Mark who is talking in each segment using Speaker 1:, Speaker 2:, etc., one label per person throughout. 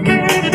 Speaker 1: Thank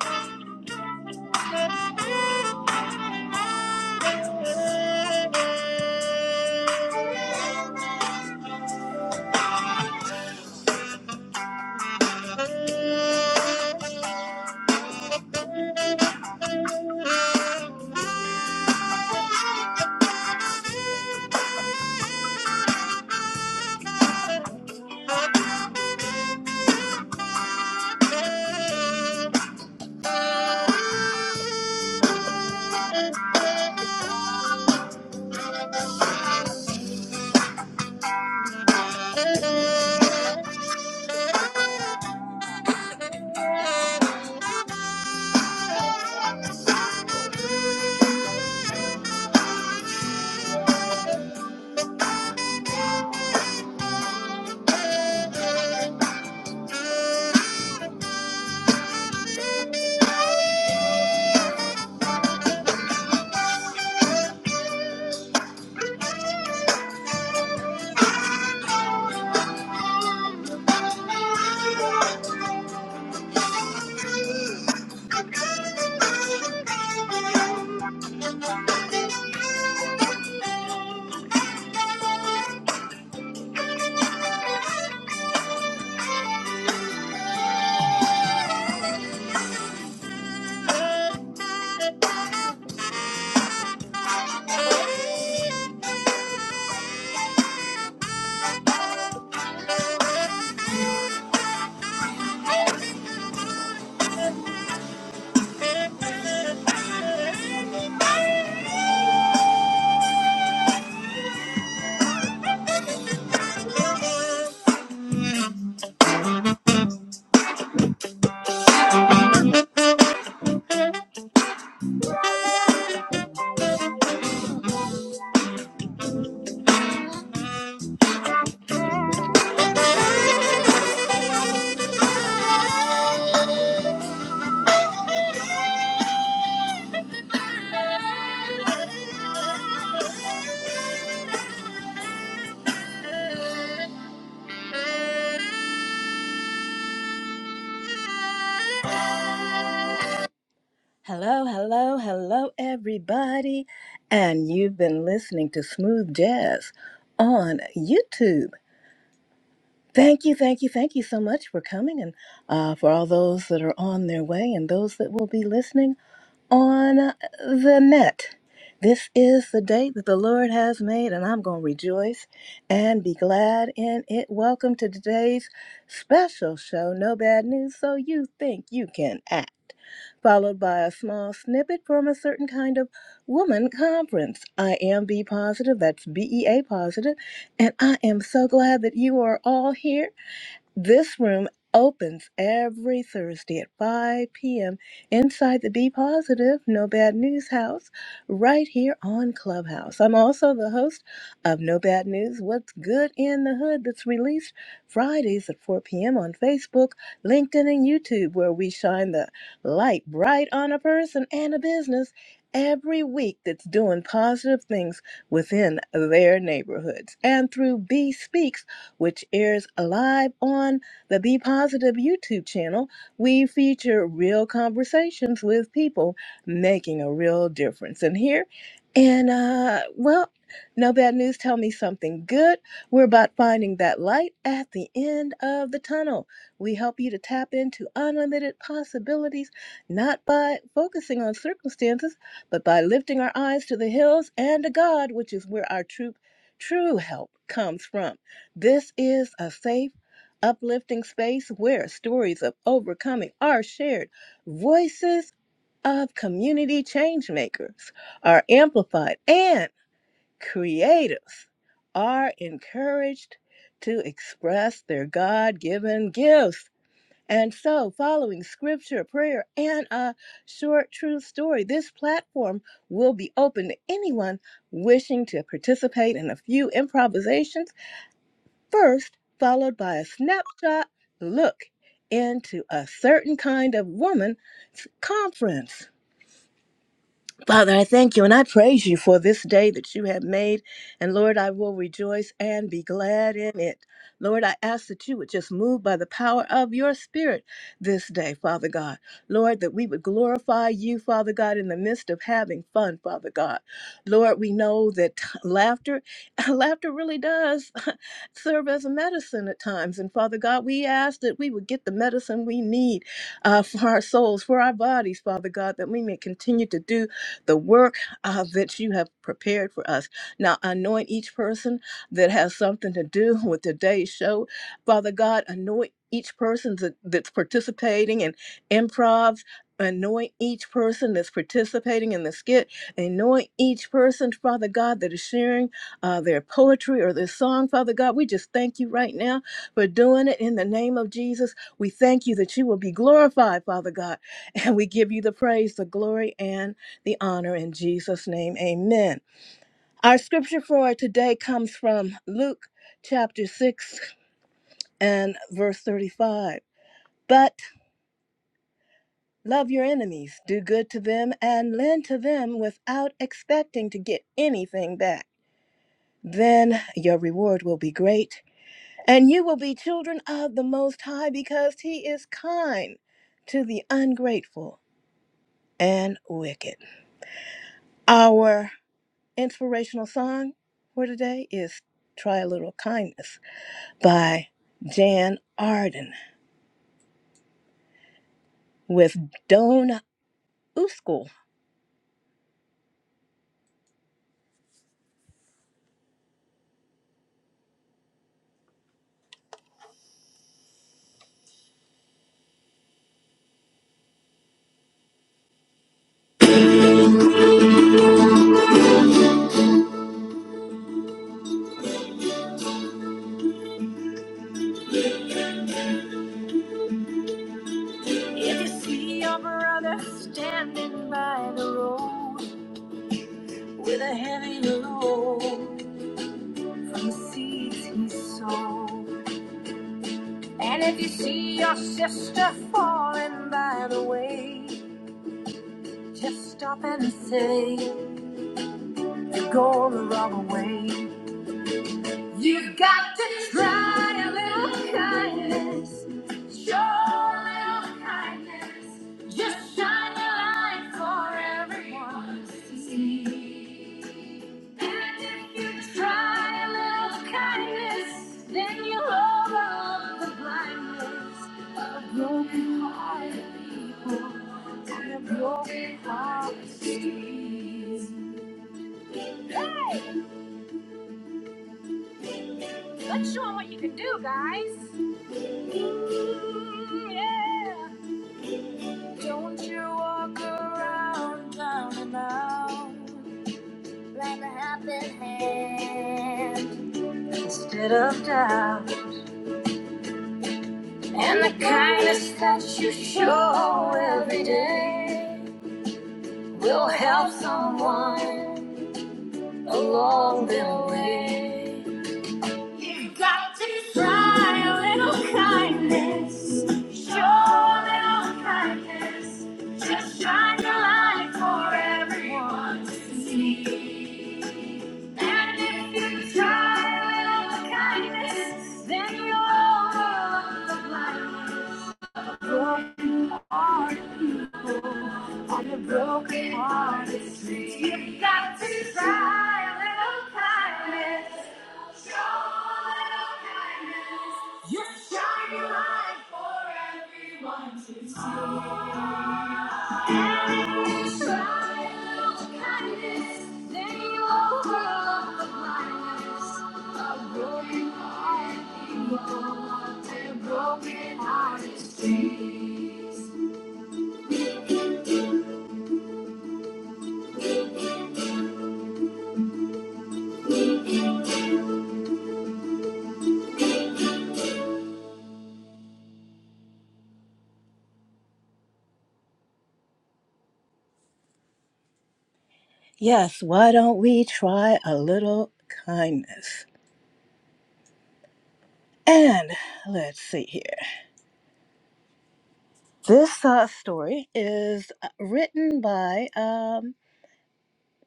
Speaker 1: you. Thank you. Thank you. Hello, hello, hello, everybody. And you've been listening to Smooth Jazz on YouTube. Thank you, thank you, thank you so much for coming and uh, for all those that are on their way and those that will be listening. on uh, the net. This is the day that the Lord has made, and I'm going to rejoice and be glad in it. Welcome to today's special show, No Bad News So You Think You Can Act, followed by a small snippet from a certain kind of woman conference. I am B positive, that's B E A positive, and I am so glad that you are all here. This room opens every Thursday at 5 p.m. inside the Be Positive, No Bad News House, right here on Clubhouse. I'm also the host of No Bad News What's Good in the Hood, that's released Fridays at 4 p.m. on Facebook, LinkedIn, and YouTube, where we shine the light bright on a person and a business every week that's doing positive things within their neighborhoods. And through Be Speaks, which airs live on the Be Positive YouTube channel. We feature real conversations with people making a real difference. And here, and uh, well, no bad news, tell me something good. We're about finding that light at the end of the tunnel. We help you to tap into unlimited possibilities, not by focusing on circumstances, but by lifting our eyes to the hills and to God, which is where our true, true help comes from. This is a safe, uplifting space where stories of overcoming are shared. Voices of community change makers are amplified and creatives are encouraged to express their God given gifts. And so, following scripture, prayer, and a short truth story, this platform will be open to anyone wishing to participate in a few improvisations first followed by a snapshot look into a certain kind of woman's conference. Father, I thank you and I praise you for this day that you have made. And Lord, I will rejoice and be glad in it. Lord, I ask that you would just move by the power of your spirit this day, Father God. Lord, that we would glorify you, Father God, in the midst of having fun, Father God. Lord, we know that laughter, laughter really does serve as a medicine at times. And Father God, we ask that we would get the medicine we need uh, for our souls, for our bodies, Father God, that we may continue to do the work uh, that you have prepared for us. Now, anoint each person that has something to do with today's show. Father God, anoint each person that, that's participating in improvs. Anoint each person that's participating in the skit. Anoint each person, Father God, that is sharing uh, their poetry or their song, Father God. We just thank you right now for doing it in the name of Jesus. We thank you that you will be glorified, Father God. And we give you the praise, the glory, and the honor in Jesus' name. Amen. Our scripture for today comes from Luke chapter 6 and verse 35. But love your enemies, do good to them, and lend to them without expecting to get anything back. Then your reward will be great, and you will be children of the Most High because He is kind to the ungrateful and wicked. Our Inspirational song for today is Try a Little Kindness by Jan Arden with Dona Uskul. If you see your brother standing by the road with a heavy load from the seeds he sowed, and if you see your sister falling by the way, just stop and say you're going the wrong way. You've got to try a little kindness. Show a little kindness. Just shine your light for everyone to see. And if you try a little kindness, then you'll overcome the blindness of a broken hearted people and a broken heart. Hey, let's show 'em what you can do, guys. Yeah. Don't you walk around down and out like a happy hand instead of doubt. And the kindness that you show every day will help someone along the way. You have got to try a little kindness. Show a little kindness. Just shine your light for everyone to see. And if you try a little kindness, then you'll love life. Broken hearted people on a broken hearted street. You have got to try a little kindness. Yes, why don't we try a little kindness? And let's see here. This uh, story is uh, written by um,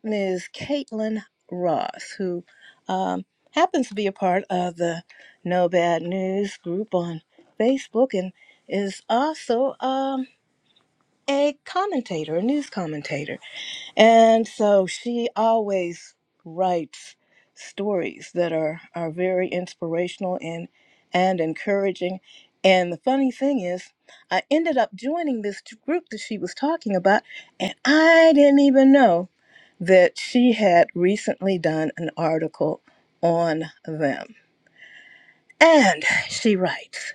Speaker 1: Ms. Caitlin Ross, who um, happens to be a part of the No Bad News group on Facebook and is also. um, a commentator, a news commentator. And so she always writes stories that are, are very inspirational and, and encouraging. And the funny thing is, I ended up joining this group that she was talking about, and I didn't even know that she had recently done an article on them. And she writes,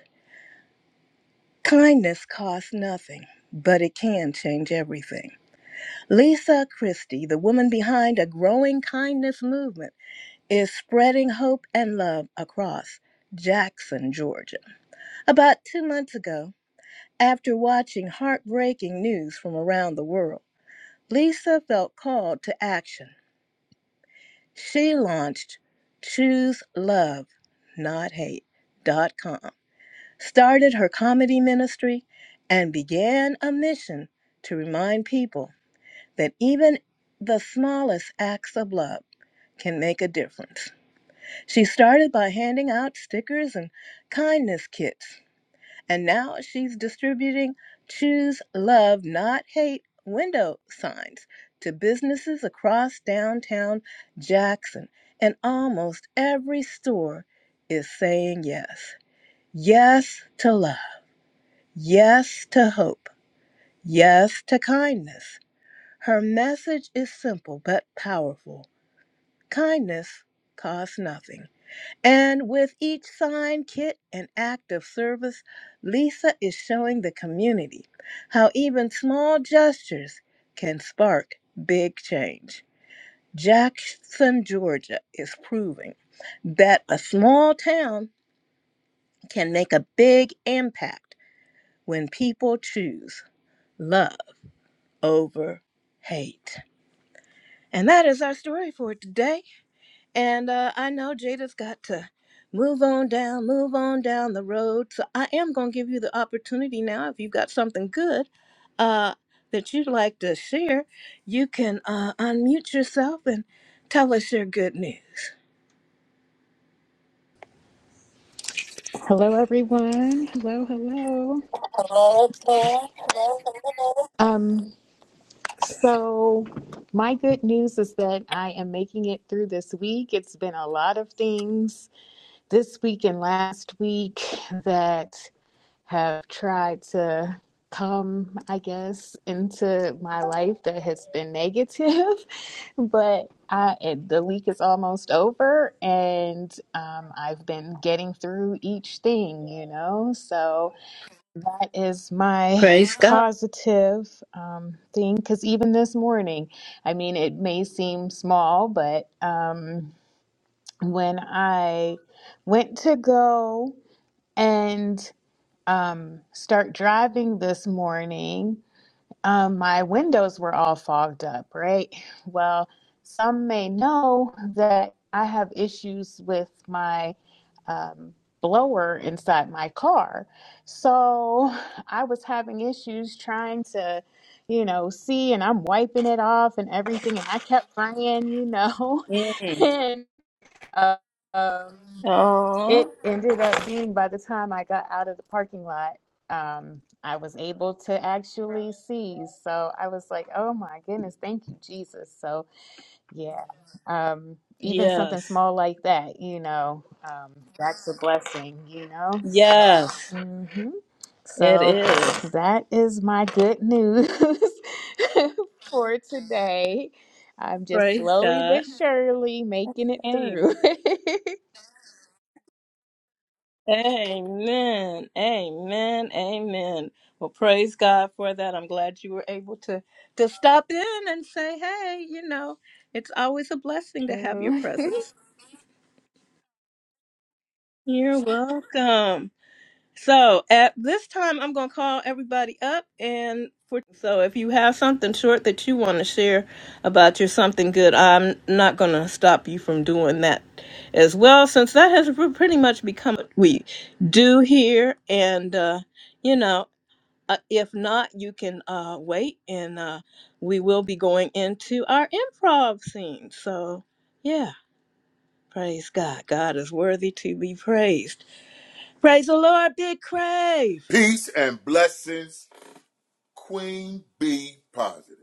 Speaker 1: Kindness costs nothing, but it can change everything. Lisa Christie, the woman behind a growing kindness movement, is spreading hope and love across Jackson, Georgia. About two months ago, after watching heartbreaking news from around the world, Lisa felt called to action. She launched Choose Love, Not Hate.com, started her comedy ministry, and began a mission to remind people. that even the smallest acts of love can make a difference. She started by handing out stickers and kindness kits, and now she's distributing Choose Love Not Hate window signs to businesses across downtown Jackson, and almost every store is saying yes. Yes to love, yes to hope, yes to kindness. Her message is simple but powerful Kindness costs nothing. And with each sign, kit, and act of service, Lisa is showing the community how even small gestures can spark big change. Jackson, Georgia is proving that a small town can make a big impact when people choose love over hate. And that is our story for today. And uh, I know Jada's got to move on down, move on down the road. So I am going to give you the opportunity now. If you've got something good uh, that you'd like to share, you can uh, unmute yourself and tell us your good news.
Speaker 2: Hello, everyone. Hello, hello. Um, so my good news is that I am making it through this week. It's been a lot of things this week and last week that have tried to come, I guess, into my life that has been negative. but I, it, the week is almost over, and um, I've been getting through each thing, you know. So That is my
Speaker 1: Praise God.
Speaker 2: positive um, thing because even this morning, I mean, it may seem small, but um, when I went to go and um, start driving this morning, um, my windows were all fogged up, right? Well, some may know that I have issues with my um, blower inside my car. So I was having issues trying to, you know, see, and I'm wiping it off and everything. And I kept crying, you know,
Speaker 1: Mm.
Speaker 2: and. uh, Um, it
Speaker 1: Oh,
Speaker 2: ended up being by the time I got out of the parking lot, um, I was able to actually see. So I was like, oh my goodness, thank you, Jesus. So yeah, um, even something
Speaker 1: yes.
Speaker 2: small like that, you know, um, that's a blessing, you know? So,
Speaker 1: Yes,
Speaker 2: hmm
Speaker 1: it
Speaker 2: so
Speaker 1: is.
Speaker 2: that is my good news for today. I'm just
Speaker 1: Praise
Speaker 2: slowly
Speaker 1: God.
Speaker 2: but surely making it through.
Speaker 1: Amen. Amen. Amen. Well, praise God for that. I'm glad you were able to to stop in and say, "Hey, you know, it's always a blessing to have your presence." You're welcome. So at this time, I'm going to call everybody up. And for, so if you have something short that you want to share about your something good, I'm not going to stop you from doing that as well, since that has pre- pretty much become what we do here. And, uh, you know, uh, if not, you can uh, wait and uh, we will be going into our improv scene. So, yeah, praise God. God is worthy to be praised. Praise the Lord, Big Crave.
Speaker 3: Peace and blessings, Queen B positive.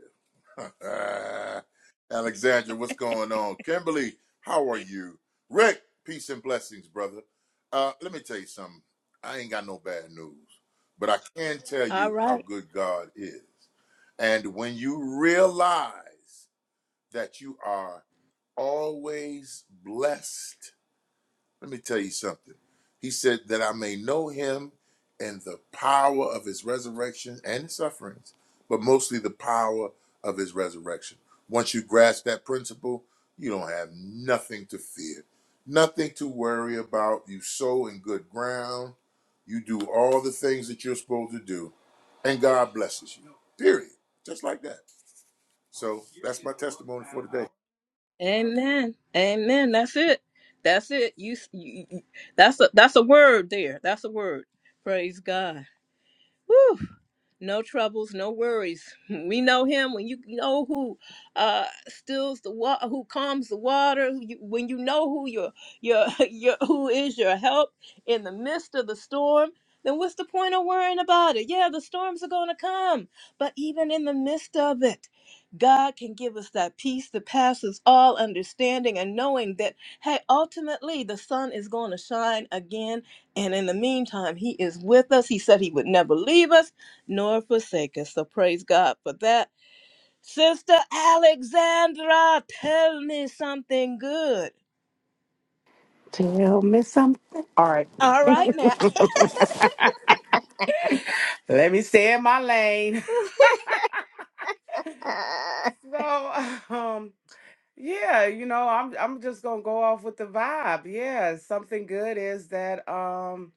Speaker 3: Alexandra, what's going on? Kimberly, how are you? Rick, peace and blessings, brother. Uh, let me tell you something. I ain't got no bad news, but I can tell
Speaker 1: All
Speaker 3: you how
Speaker 1: right.
Speaker 3: good God is. And when you realize that you are always blessed, let me tell you something. He said, That I may know him and the power of his resurrection and his sufferings, but mostly the power of his resurrection. Once you grasp that principle, you don't have nothing to fear, nothing to worry about. You sow in good ground, you do all the things that you're supposed to do, and God blesses you. Period. Just like that. So that's my testimony for today.
Speaker 1: Amen. Amen. That's it. That's it. You, you you- that's a that's a word there. That's a word. Praise God. Woo. no troubles, no worries. We know him when you know who uh, stills the water, who calms the water. you- When you know who your your your who is your help in the midst of the storm, then what's the point of worrying about it? Yeah, the storms are going to come, but even in the midst of it, God can give us that peace that passes all understanding, and knowing that hey, ultimately the sun is going to shine again, and in the meantime, He is with us. He said He would never leave us nor forsake us. So praise God for that. Sister Alexandra, tell me something good.
Speaker 4: Tell me something. All right.
Speaker 1: All right now.
Speaker 4: Let me stay in my lane. So, um, yeah, you know, I'm I'm just gonna go off with the vibe. Yeah, something good is that um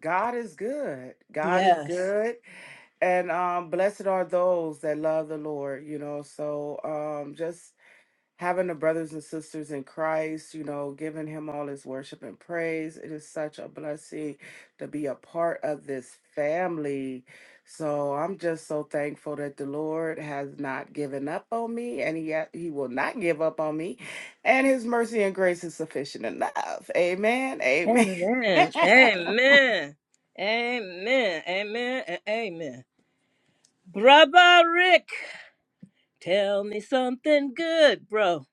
Speaker 4: God is good. God is
Speaker 1: Yes.
Speaker 4: good. And um blessed are those that love the Lord, you know. So um just having the brothers and sisters in Christ, you know, giving him all his worship and praise. It is such a blessing to be a part of this family. So I'm just so thankful that the Lord has not given up on me and he ha- he will not give up on me and his mercy and grace is sufficient enough. Amen. Amen.
Speaker 1: Amen. Amen. Amen. Amen. and Amen. Brother Rick, tell me something good, bro.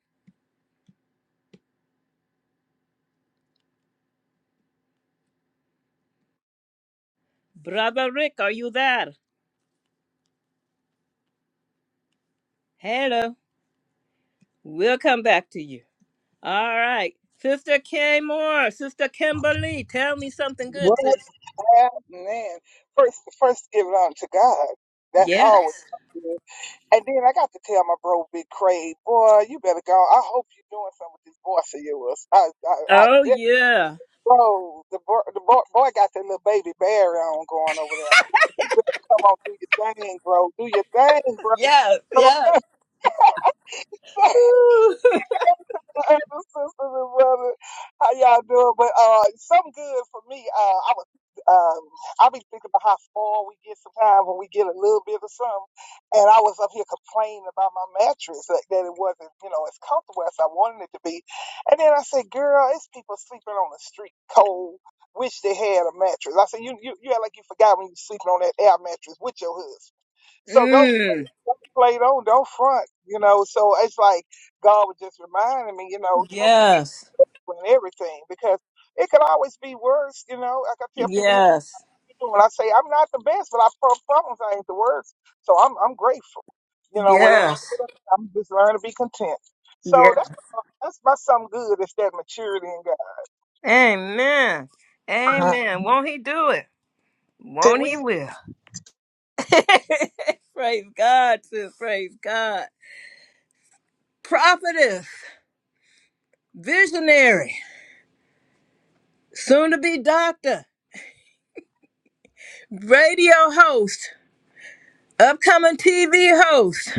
Speaker 1: Brother Rick, are you there? Hello. We'll come back to you. All right. Sister Kay Moore, Sister Kimberly, tell me something good,
Speaker 5: What
Speaker 1: sis.
Speaker 5: man? First, first give it on to God. That's
Speaker 1: Yes.
Speaker 5: always. good. And then I got to tell my bro, Big Craig, boy, you better go. I hope you're doing something with this voice of yours. I, I, I
Speaker 1: Oh
Speaker 5: did.
Speaker 1: yeah.
Speaker 5: Bro, the boy, the boy, boy got that little baby Barry on going over there. You better come on, do your thing, bro. Do your thing, bro.
Speaker 1: Yes, yes. Woo.
Speaker 5: Hey, sisters and brothers, how y'all doing? But uh, something good for me. Uh, I was um, I be thinking about how spoiled we get sometimes when we get a little bit of something. And I was up here complaining about my mattress that, that it wasn't, you know, as comfortable as I wanted it to be. And then I said, "Girl, it's people sleeping on the street, cold. Wish they had a mattress." I said, "You you you act like you forgot when you sleeping on that air mattress with your husband. So don't
Speaker 1: Mm.
Speaker 5: play, don't don't front, you know." So it's like. God was just reminding me, you know, you know, be
Speaker 1: Yes.
Speaker 5: and everything because it could always be worse. You know, like I tell people, now, what
Speaker 1: Yes.
Speaker 5: you doing? I say I'm not the best, but I pro- problems I ain't the worst. So I'm I'm grateful. You know, whatever.
Speaker 1: Yes.
Speaker 5: I'm just learning to be content. So that's
Speaker 1: Yes.
Speaker 5: that's my something good. It's that maturity in God.
Speaker 1: Amen.
Speaker 5: Uh-huh.
Speaker 1: Amen. Won't he do it?
Speaker 5: See,
Speaker 1: Won't he
Speaker 5: we
Speaker 1: will? Praise God, sis. Praise God. Prophetess, visionary, soon to be doctor, radio host, upcoming TV host,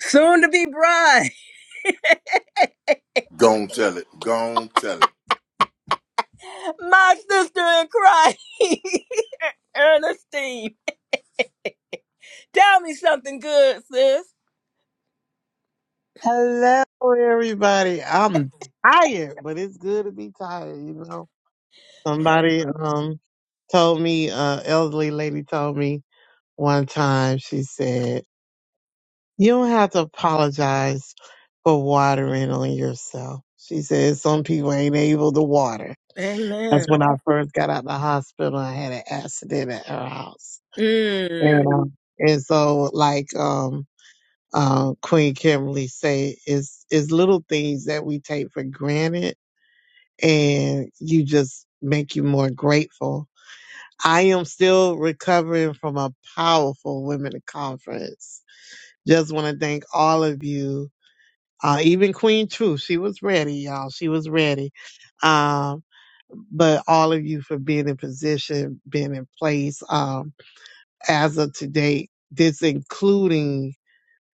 Speaker 1: soon to be bride,
Speaker 3: Go on, tell it. Go on, tell it.
Speaker 1: my sister in Christ, Ernestine. Tell me something good, sis.
Speaker 6: Hello, everybody. I'm tired, but it's good to be tired, you know. Somebody um told me, uh, elderly lady told me one time, she said, You don't have to apologize for watering on yourself. She said, Some people ain't able to water. That's
Speaker 1: Amen.
Speaker 6: when I first got out of the hospital. I had an accident at her house.
Speaker 1: Mm.
Speaker 6: And, um, and so, like, um, uh, Queen Kimberly say is is little things that we take for granted, and you just make you more grateful. I am still recovering from a powerful women conference. Just want to thank all of you, uh, even Queen Truth. She was ready, y'all. She was ready. Um, but all of you for being in position, being in place. Um, as of today, this including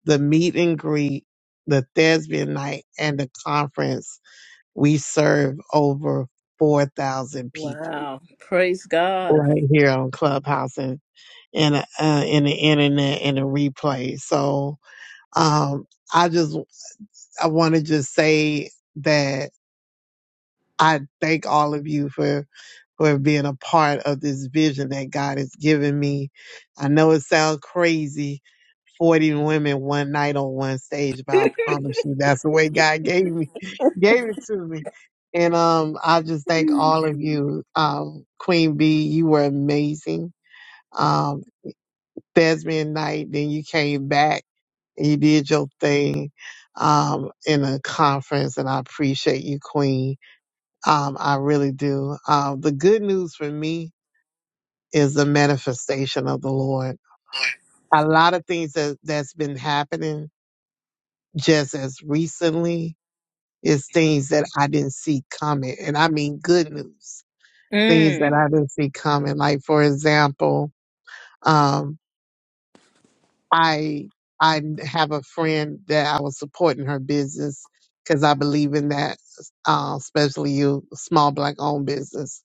Speaker 6: the meet and greet, the thespian night, and the conference, we serve over 4,000 people
Speaker 1: Wow. Praise God.
Speaker 6: right here on Clubhouse and and uh, in the internet and the replay. So um, I just I want to just say that I thank all of you for for being a part of this vision that God has given me. I know it sounds crazy, 40 women one night on one stage, but I promise you that's the way God gave me, gave it to me. And um, I just thank
Speaker 1: Mm.
Speaker 6: all of you. Um, Queen B, you were amazing. Um, Thespian night, then you came back and you did your thing um in a conference and I appreciate you, Queen. Um, I really do. Um, the good news for me is the manifestation of the Lord. A lot of things that, that's been happening just as recently is things that I didn't see coming. And I mean good news, things that I didn't see coming. Like for example, um, I I have a friend that I was supporting her business because I believe in that, uh, especially you small black owned business.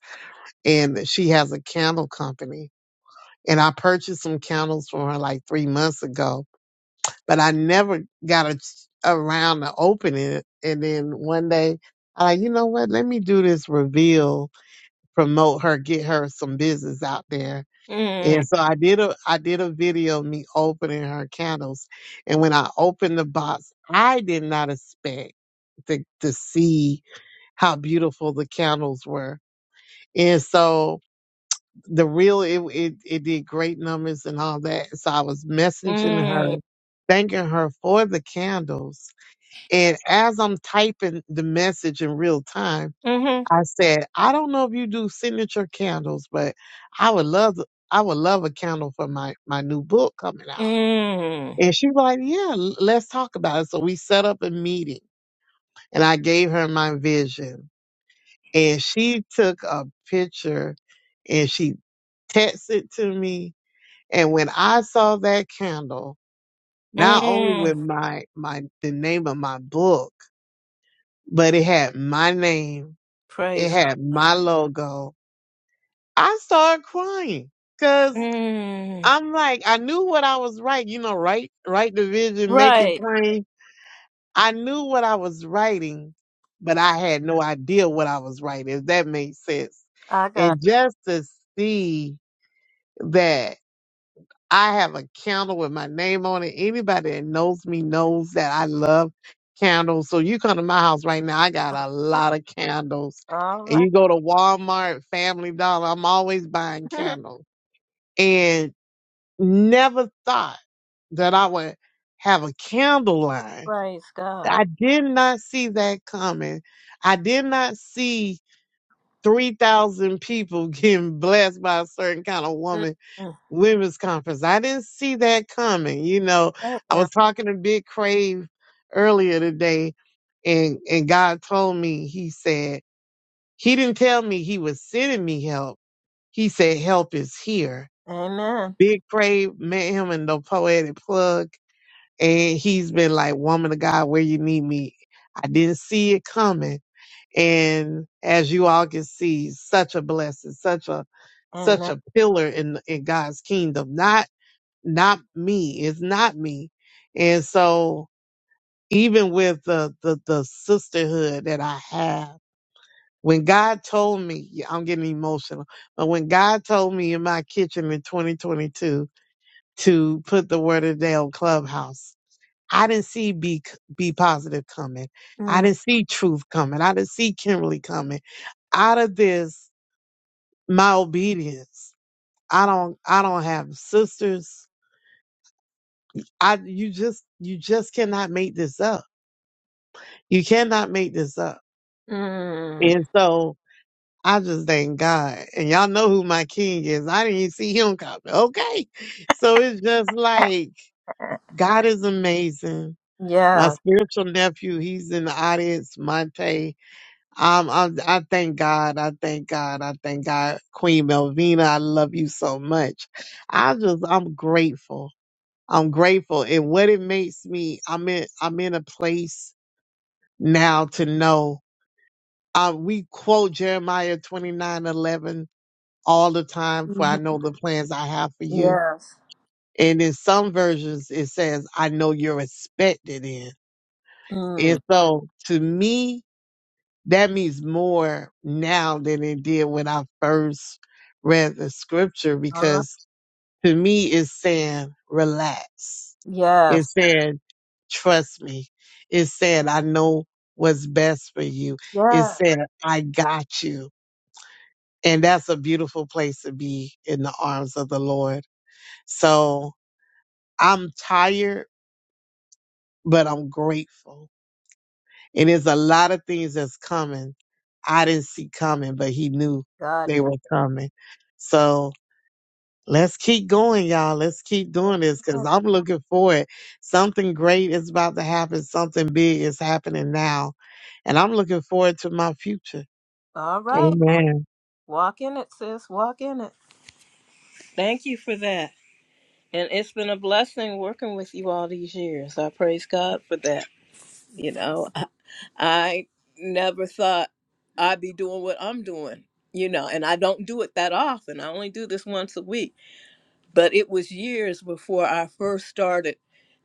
Speaker 6: And she has a candle company. And I purchased some candles from her like three months ago but I never got a, around to opening it. And then one day, I like, you know what? Let me do this reveal, promote her, get her some business out there.
Speaker 1: Mm.
Speaker 6: And so I did a I did a video of me opening her candles, and when I opened the box, I did not expect to to see how beautiful the candles were. And so the real it, it it did great numbers and all that. So I was messaging her,
Speaker 1: Mm.
Speaker 6: thanking her for the candles And as I'm typing the message in real time,
Speaker 1: Mm-hmm.
Speaker 6: I said, I don't know if you do signature candles, but I would love I would love a candle for my my new book coming out.
Speaker 1: Mm.
Speaker 6: And she was like, Yeah, l- let's talk about it. So we set up a meeting and I gave her my vision. And she took a picture and she texted to me. And when I saw that candle, not only with
Speaker 1: Mm.
Speaker 6: my my the name of my book, but it had my name It
Speaker 1: Praise God.
Speaker 6: had my logo. I started crying because
Speaker 1: Mm.
Speaker 6: I'm like, I knew what I was writing. You know, write, write the vision, make it
Speaker 1: Right.
Speaker 6: plain. I knew what I was writing, but I had no idea what I was writing, if that makes sense.
Speaker 1: I got
Speaker 6: And just to see that I have a candle with my name on it. Anybody that knows me knows that I love candles. So you come to my house right now, I got a
Speaker 1: that.
Speaker 6: lot of candles.
Speaker 1: All
Speaker 6: And
Speaker 1: right.
Speaker 6: you go to Walmart, Family Dollar, I'm always buying candles. And never thought that I would have a candle line.
Speaker 1: Praise God.
Speaker 6: I did not see that coming. I did not see 3,000 people getting blessed by a certain kind of
Speaker 1: Mm.
Speaker 6: woman women's conference. I didn't see that coming. You know,
Speaker 1: Right
Speaker 6: I
Speaker 1: now.
Speaker 6: was talking to Big Crave earlier today, and and God told me. He said He didn't tell me He was sending me help. He said help is here.
Speaker 1: Amen.
Speaker 6: Big Crave met him in the poetic plug, and he's been like, "Woman of God, where you need me." I didn't see it coming, and as you all can see, such a blessing, such a such
Speaker 1: Amen.
Speaker 6: a pillar in in God's kingdom. Not not me. It's not me. And so even with the, the, the sisterhood that I have, when God told me, yeah, I'm getting emotional, but when God told me in my kitchen in 2022 to put the word of the day on Clubhouse, I didn't see be, be positive coming. I
Speaker 1: Mm.
Speaker 6: didn't see truth coming. I didn't see Kimberly coming out of this. My obedience. I don't, I don't have sisters. I, you just, you just cannot make this up You cannot make this up.
Speaker 1: Mm.
Speaker 6: And so I just thank God. And y'all know who my king is. I didn't even see him coming. Okay. So it's just like God is amazing. My
Speaker 1: Yes.
Speaker 6: spiritual nephew, he's in the audience, Monte. Um, I, I thank God. I thank God. I thank God. Queen Melvina, I love you so much. I just, I'm grateful. I'm grateful. And what it makes me, I'm in, I'm in a place now to know Uh, we quote Jeremiah twenty nine eleven all the time, for I
Speaker 1: Mhm.
Speaker 6: know the plans I have for you.
Speaker 1: Yes.
Speaker 6: And in some versions, it says, I know you're expected in. And
Speaker 1: Mm.
Speaker 6: so to me, that means more now than it did when I first read the scripture,
Speaker 1: All right.
Speaker 6: because to me, it's saying, relax.
Speaker 1: Yes.
Speaker 6: It's saying, trust me. It's saying, I know what's best for you. It's
Speaker 1: Yes.
Speaker 6: saying, I got you And that's a beautiful place to be in the arms of the Lord. So I'm tired, but I'm grateful. And there's a lot of things that's coming. I didn't see coming, but he knew
Speaker 1: God.
Speaker 6: they were
Speaker 1: knows.
Speaker 6: coming. So let's keep going, y'all. Let's keep doing this because I'm looking forward. Something great is about to happen. Something big is happening now. And I'm looking forward to my future.
Speaker 1: All right.
Speaker 6: Amen.
Speaker 1: Walk in it, sis. Walk in it. Thank you for that. And it's been a blessing working with you all these years. I praise God for that. You know, I never thought I'd be doing what I'm doing, you know, and I don't do it that often. I only do this once a week but it was years before I first started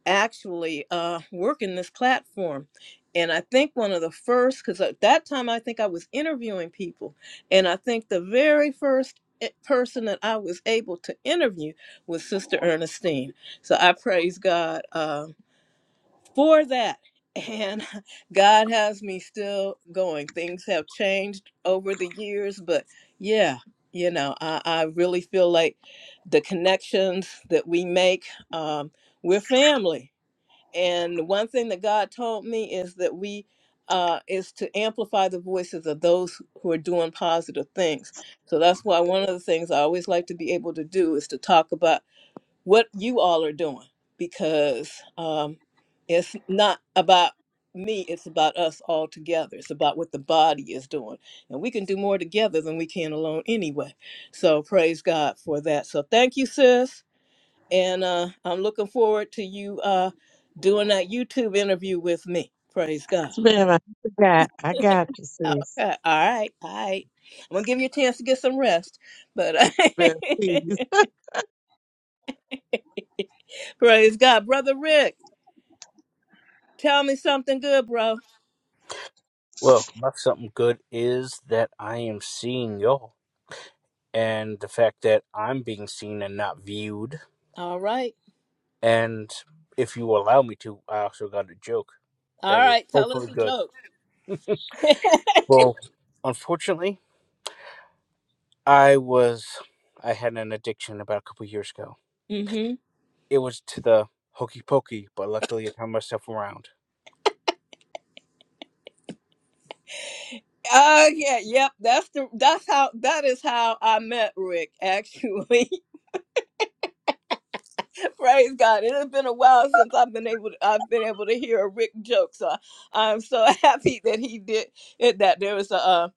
Speaker 1: actually uh, working this platform. And I think one of the first, because at that time I think I was interviewing people, and I think the very first i- person that I was able to interview was Sister Ernestine. So I praise God Um, for that. And God has me still going. Things have changed over the years, but yeah, you know, I, I really feel like the connections that we make, um, we're family. And one thing that God told me is that we uh, is to amplify the voices of those who are doing positive things. So that's why one of the things I always like to be able to do is to talk about what you all are doing because um, it's not about me, it's about us all together. It's about what the body is doing. And we can do more together than we can alone anyway. So praise God for that. So thank you, sis. And uh, I'm looking forward to you uh, doing that YouTube interview with me. Praise God.
Speaker 6: It's been, I got, I got you, sis.
Speaker 1: Okay. All right. All right. I'm going to give you a chance to get some rest. But
Speaker 6: Been, peace.
Speaker 1: praise God. Brother Rick, tell me something good, bro.
Speaker 7: Well, that's something good is that I am seeing y'all, and the fact that I'm being seen and not viewed.
Speaker 1: All right.
Speaker 7: And if you allow me to, I also got a joke
Speaker 1: All
Speaker 7: that is
Speaker 1: right. Tell
Speaker 7: hopefully
Speaker 1: us a
Speaker 7: good.
Speaker 1: joke.
Speaker 7: Well, unfortunately, I was I had an addiction about a couple years ago,
Speaker 1: Mm-hmm.
Speaker 7: it was to the hokey pokey, but luckily I turned myself around.
Speaker 1: Oh yeah, yep. That's the that's how that is how I met Rick actually. Praise God. It has been a while since I've been able to, I've been able to hear a Rick joke. So I'm so happy that he did it that there was a uh,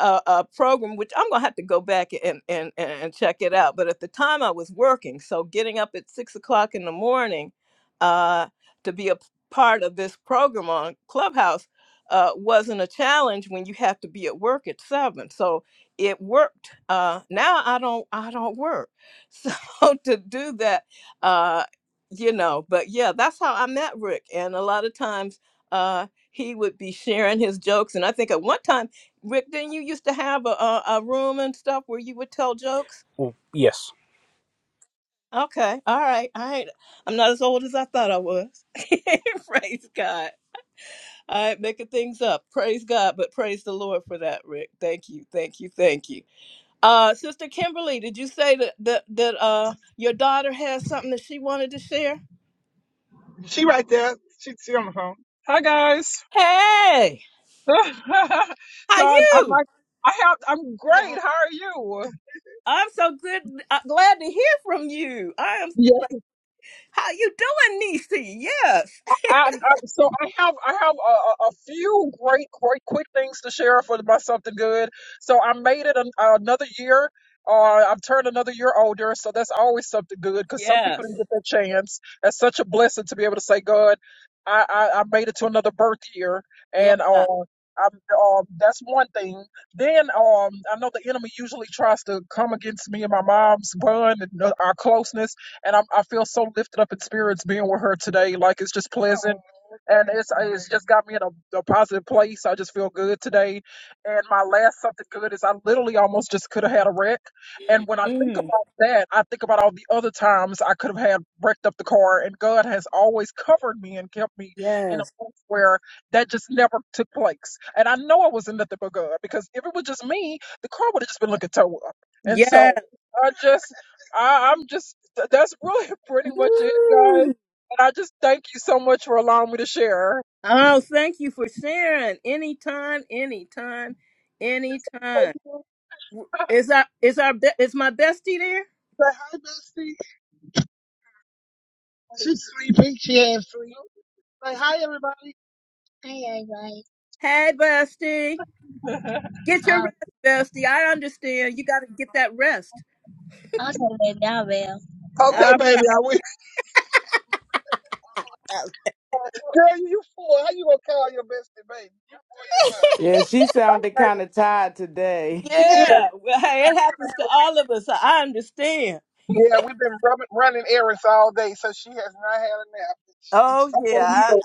Speaker 1: a, a program which I'm gonna have to go back and, and and and check it out. But at the time I was working, so getting up at six o'clock in the morning uh, to be a p- part of this program on Clubhouse uh, wasn't a challenge when you have to be at work at seven. So it worked. Uh, now I don't I don't work, so to do that uh you know but yeah that's how i met rick and a lot of times uh he would be sharing his jokes and i think at one time rick didn't you used to have a, a, a room and stuff where you would tell jokes
Speaker 7: Ooh, yes.
Speaker 1: okay all right i i'm not as old as i thought i was praise god all right making things up praise god but praise the lord for that rick thank you thank you thank you uh sister kimberly did you say that that, that uh your daughter has something that she wanted to share
Speaker 5: she right there. She she on the phone. Hi guys.
Speaker 1: hey How
Speaker 5: so I, I'm
Speaker 1: you?
Speaker 5: like I have I'm great. How are
Speaker 1: I'm so good. uh glad to hear from you. I am.
Speaker 5: you?
Speaker 1: How you doing, Nisi? Yes.
Speaker 5: I, I so I have I have a, a a few great great quick things to share for my something good. So I made it an, another year. Uh, I've turned another year older, so that's always something good because some people
Speaker 1: Yes.
Speaker 5: didn't get that chance. That's such a blessing to be able to say, God, I I, I made it to another birth year, and uh,
Speaker 1: Yeah.
Speaker 5: I'm, um, that's one thing. Then um, I know the enemy usually tries to come against me and my mom's bond and uh, our closeness and I'm, I feel so lifted up in spirits being with her today. Like it's just pleasant, and it's it's just got me in a, a positive place. I just feel good today. And my last something good is I literally almost just could have had a wreck. And when I think about
Speaker 1: Mm.
Speaker 5: that, I think about all the other times I could have had wrecked up the car, and God has always covered me and kept me in a
Speaker 1: Yes.
Speaker 5: place where that just never took place. And I know it wasn't nothing but God because if it was just me, the car would have just been looking toe up. And so
Speaker 1: Yes.
Speaker 5: I just I, I'm just, th- that's really pretty much it, guys.
Speaker 1: Woo.
Speaker 5: And I just thank you so much for allowing me to share.
Speaker 1: Oh, thank you for sharing. Anytime, anytime,
Speaker 5: Thank
Speaker 1: anytime.
Speaker 5: you.
Speaker 1: W- Is our is our be- is my bestie there?
Speaker 5: Say hi, bestie. She's sleeping. She has sleep. Say hi, everybody. Hey, everybody.
Speaker 1: Hey, bestie, get your
Speaker 5: I'll,
Speaker 1: rest, bestie. I understand. You got to get that rest.
Speaker 5: I'll tell you now, Bill.
Speaker 1: Uh,
Speaker 5: Girl, you fool. How you gonna call your bestie, baby? You four years old.
Speaker 4: yeah, she sounded kind of tired today.
Speaker 5: She has
Speaker 1: yeah. Well, hey, it
Speaker 5: not given
Speaker 1: happens to
Speaker 5: her a
Speaker 1: all of us. I understand.
Speaker 5: Yeah, we've been rubbing, running errands all day, so she has not had a nap. It's- it's-
Speaker 1: Oh
Speaker 5: I don't
Speaker 1: yeah, I,
Speaker 5: know.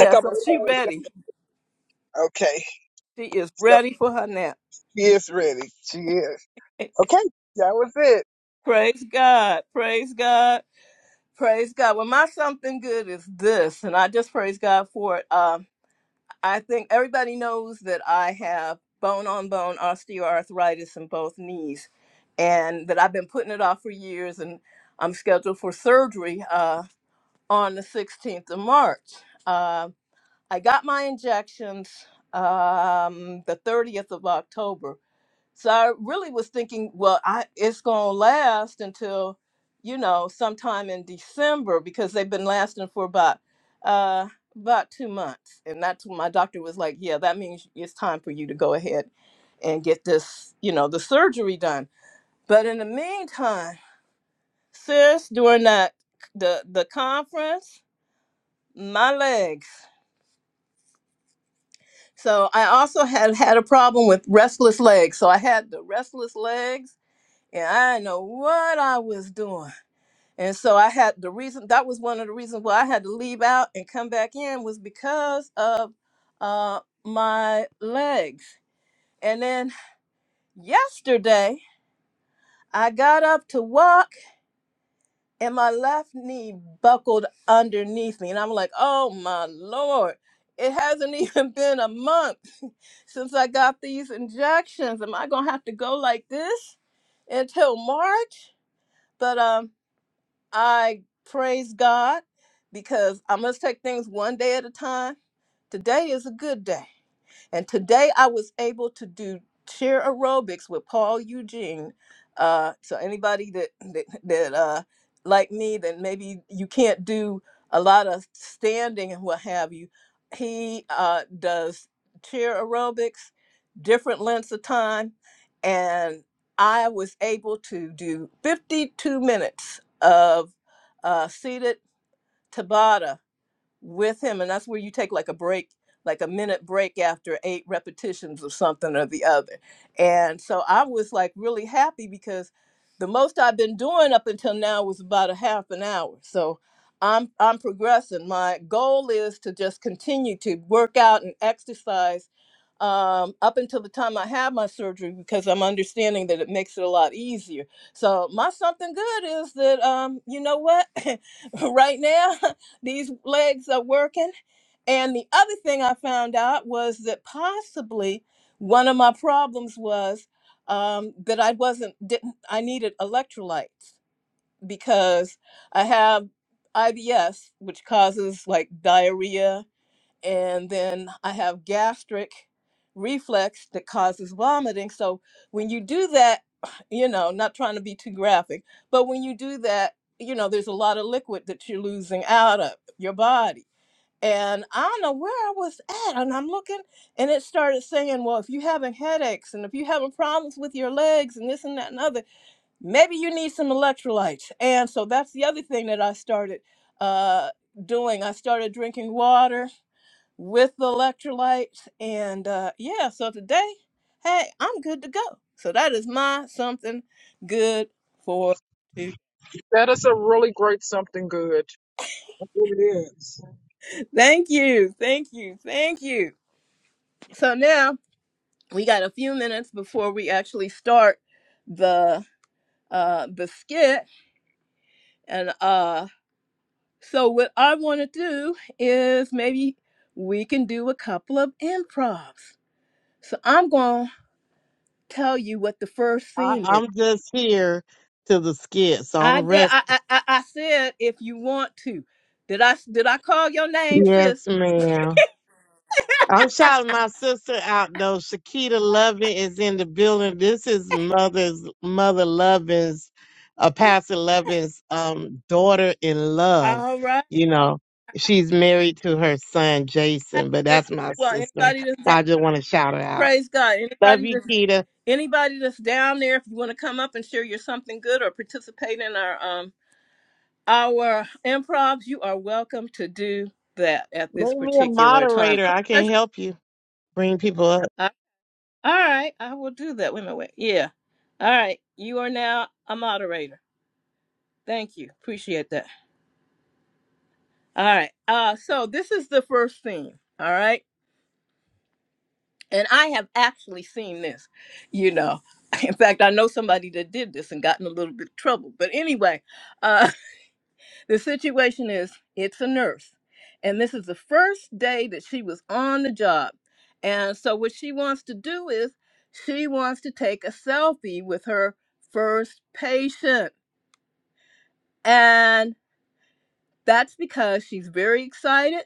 Speaker 5: I got my
Speaker 1: So she
Speaker 5: phone.
Speaker 1: ready.
Speaker 5: down. Okay,
Speaker 1: She is
Speaker 5: so
Speaker 1: ready for her nap.
Speaker 5: she is ready. She is. Okay, that was it.
Speaker 1: Praise God. Praise God. Praise God. Well, my something good is this, and I just praise God for it. Um, I think everybody knows that I have bone on bone osteoarthritis in both knees, and that I've been putting it off for years, and I'm scheduled for surgery uh, on the 16th of March. Uh, I got my injections um, the 30th of October So I really was thinking, well, I it's gonna last until, you know, sometime in December because they've been lasting for about uh about two months. And that's when my doctor was like, Yeah, that means it's time for you to go ahead and get this, you know, the surgery done. But in the meantime, sis, during that the the conference, my legs. So I also had had a problem with restless legs. So I had the restless legs and I didn't know what I was doing. And so I had the reason that was one of the reasons why I had to leave out and come back in was because of uh, my legs. And then yesterday I got up to walk and my left knee buckled underneath me, and I'm like, oh my lord. It hasn't even been a month since I got these injections. Am I gonna have to go like this until March? But um, I praise God because I must take things one day at a time. Today is a good day. And today I was able to do chair aerobics with Paul Eugene. Uh, so anybody that that, that uh, like me, that maybe you can't do a lot of standing and what have you, he uh, does chair aerobics, different lengths of time, and I was able to do 52 minutes of uh, seated Tabata with him and that's where you take like a break like a minute break after eight repetitions of something or the other and so i was like really happy because the most i've been doing up until now was about a half an hour so i'm i'm progressing my goal is to just continue to work out and exercise um, up until the time I had my surgery because I'm understanding that it makes it a lot easier. So my something good is that um, you know what, right now these legs are working. And the other thing I found out was that possibly one of my problems was um, that I wasn't didn't I needed electrolytes because I have IBS, which causes like diarrhea and then I have gastric reflex that causes vomiting. So when you do that, you know, not trying to be too graphic, but when you do that, you know, there's a lot of liquid that you're losing out of your body. And I don't know where I was at, and I'm looking, and it started saying, Well, if you're having headaches and if you're having problems with your legs and this and that and other, maybe you need some electrolytes. And so that's the other thing that I started uh, doing. I started drinking water with the electrolytes. And uh, yeah, so today, hey, I'm good to go. So that is my something good for you.
Speaker 5: That is a really great something good. That's what it really is.
Speaker 1: Thank you. Thank you. Thank you. So now we got a few minutes before we actually start the uh, the skit. And uh, so what I want to do is maybe we can do a couple of improvs. So I'm going to tell you what the first
Speaker 6: I,
Speaker 1: scene is.
Speaker 6: I'm just here to the skit, so
Speaker 1: I
Speaker 6: I'm
Speaker 1: did.
Speaker 6: rest.
Speaker 1: I, I I I said if you want to. Did I did I call your name,
Speaker 6: Yes,
Speaker 1: sis?
Speaker 6: ma'am. I'm shouting my sister out though. Shakita Lovin is in the building. This is mother's mother Lovin's, uh, Pastor Lovin's um daughter in love.
Speaker 1: All right.
Speaker 6: You know, she's married to her son Jason, but
Speaker 1: If-
Speaker 6: that's my
Speaker 1: Well,
Speaker 6: sister.
Speaker 1: anybody that's that,
Speaker 6: I just want to shout her out.
Speaker 1: praise God.
Speaker 6: Love
Speaker 1: Anybody
Speaker 6: you,
Speaker 1: that's
Speaker 6: Kita.
Speaker 1: anybody that's down there, if you want to come up and share your something good or participate in our um our improvs, you are welcome to do that at this
Speaker 6: Make me a
Speaker 1: particular time.
Speaker 6: moderator. I can
Speaker 1: Otherwise,
Speaker 6: help you bring people up.
Speaker 1: I- all right, I will do that. Wait a minute. Wait. Yeah. All right. You are now a moderator. Thank you. Appreciate that. All right. Uh, so this is the first scene. All right. And I have actually seen this, you know. In fact, I know somebody that did this and got in a little bit of trouble. But anyway, uh, the situation is it's a nurse. And this is the first day that she was on the job. And so what she wants to do is she wants to take a selfie with her first patient. And that's because she's very excited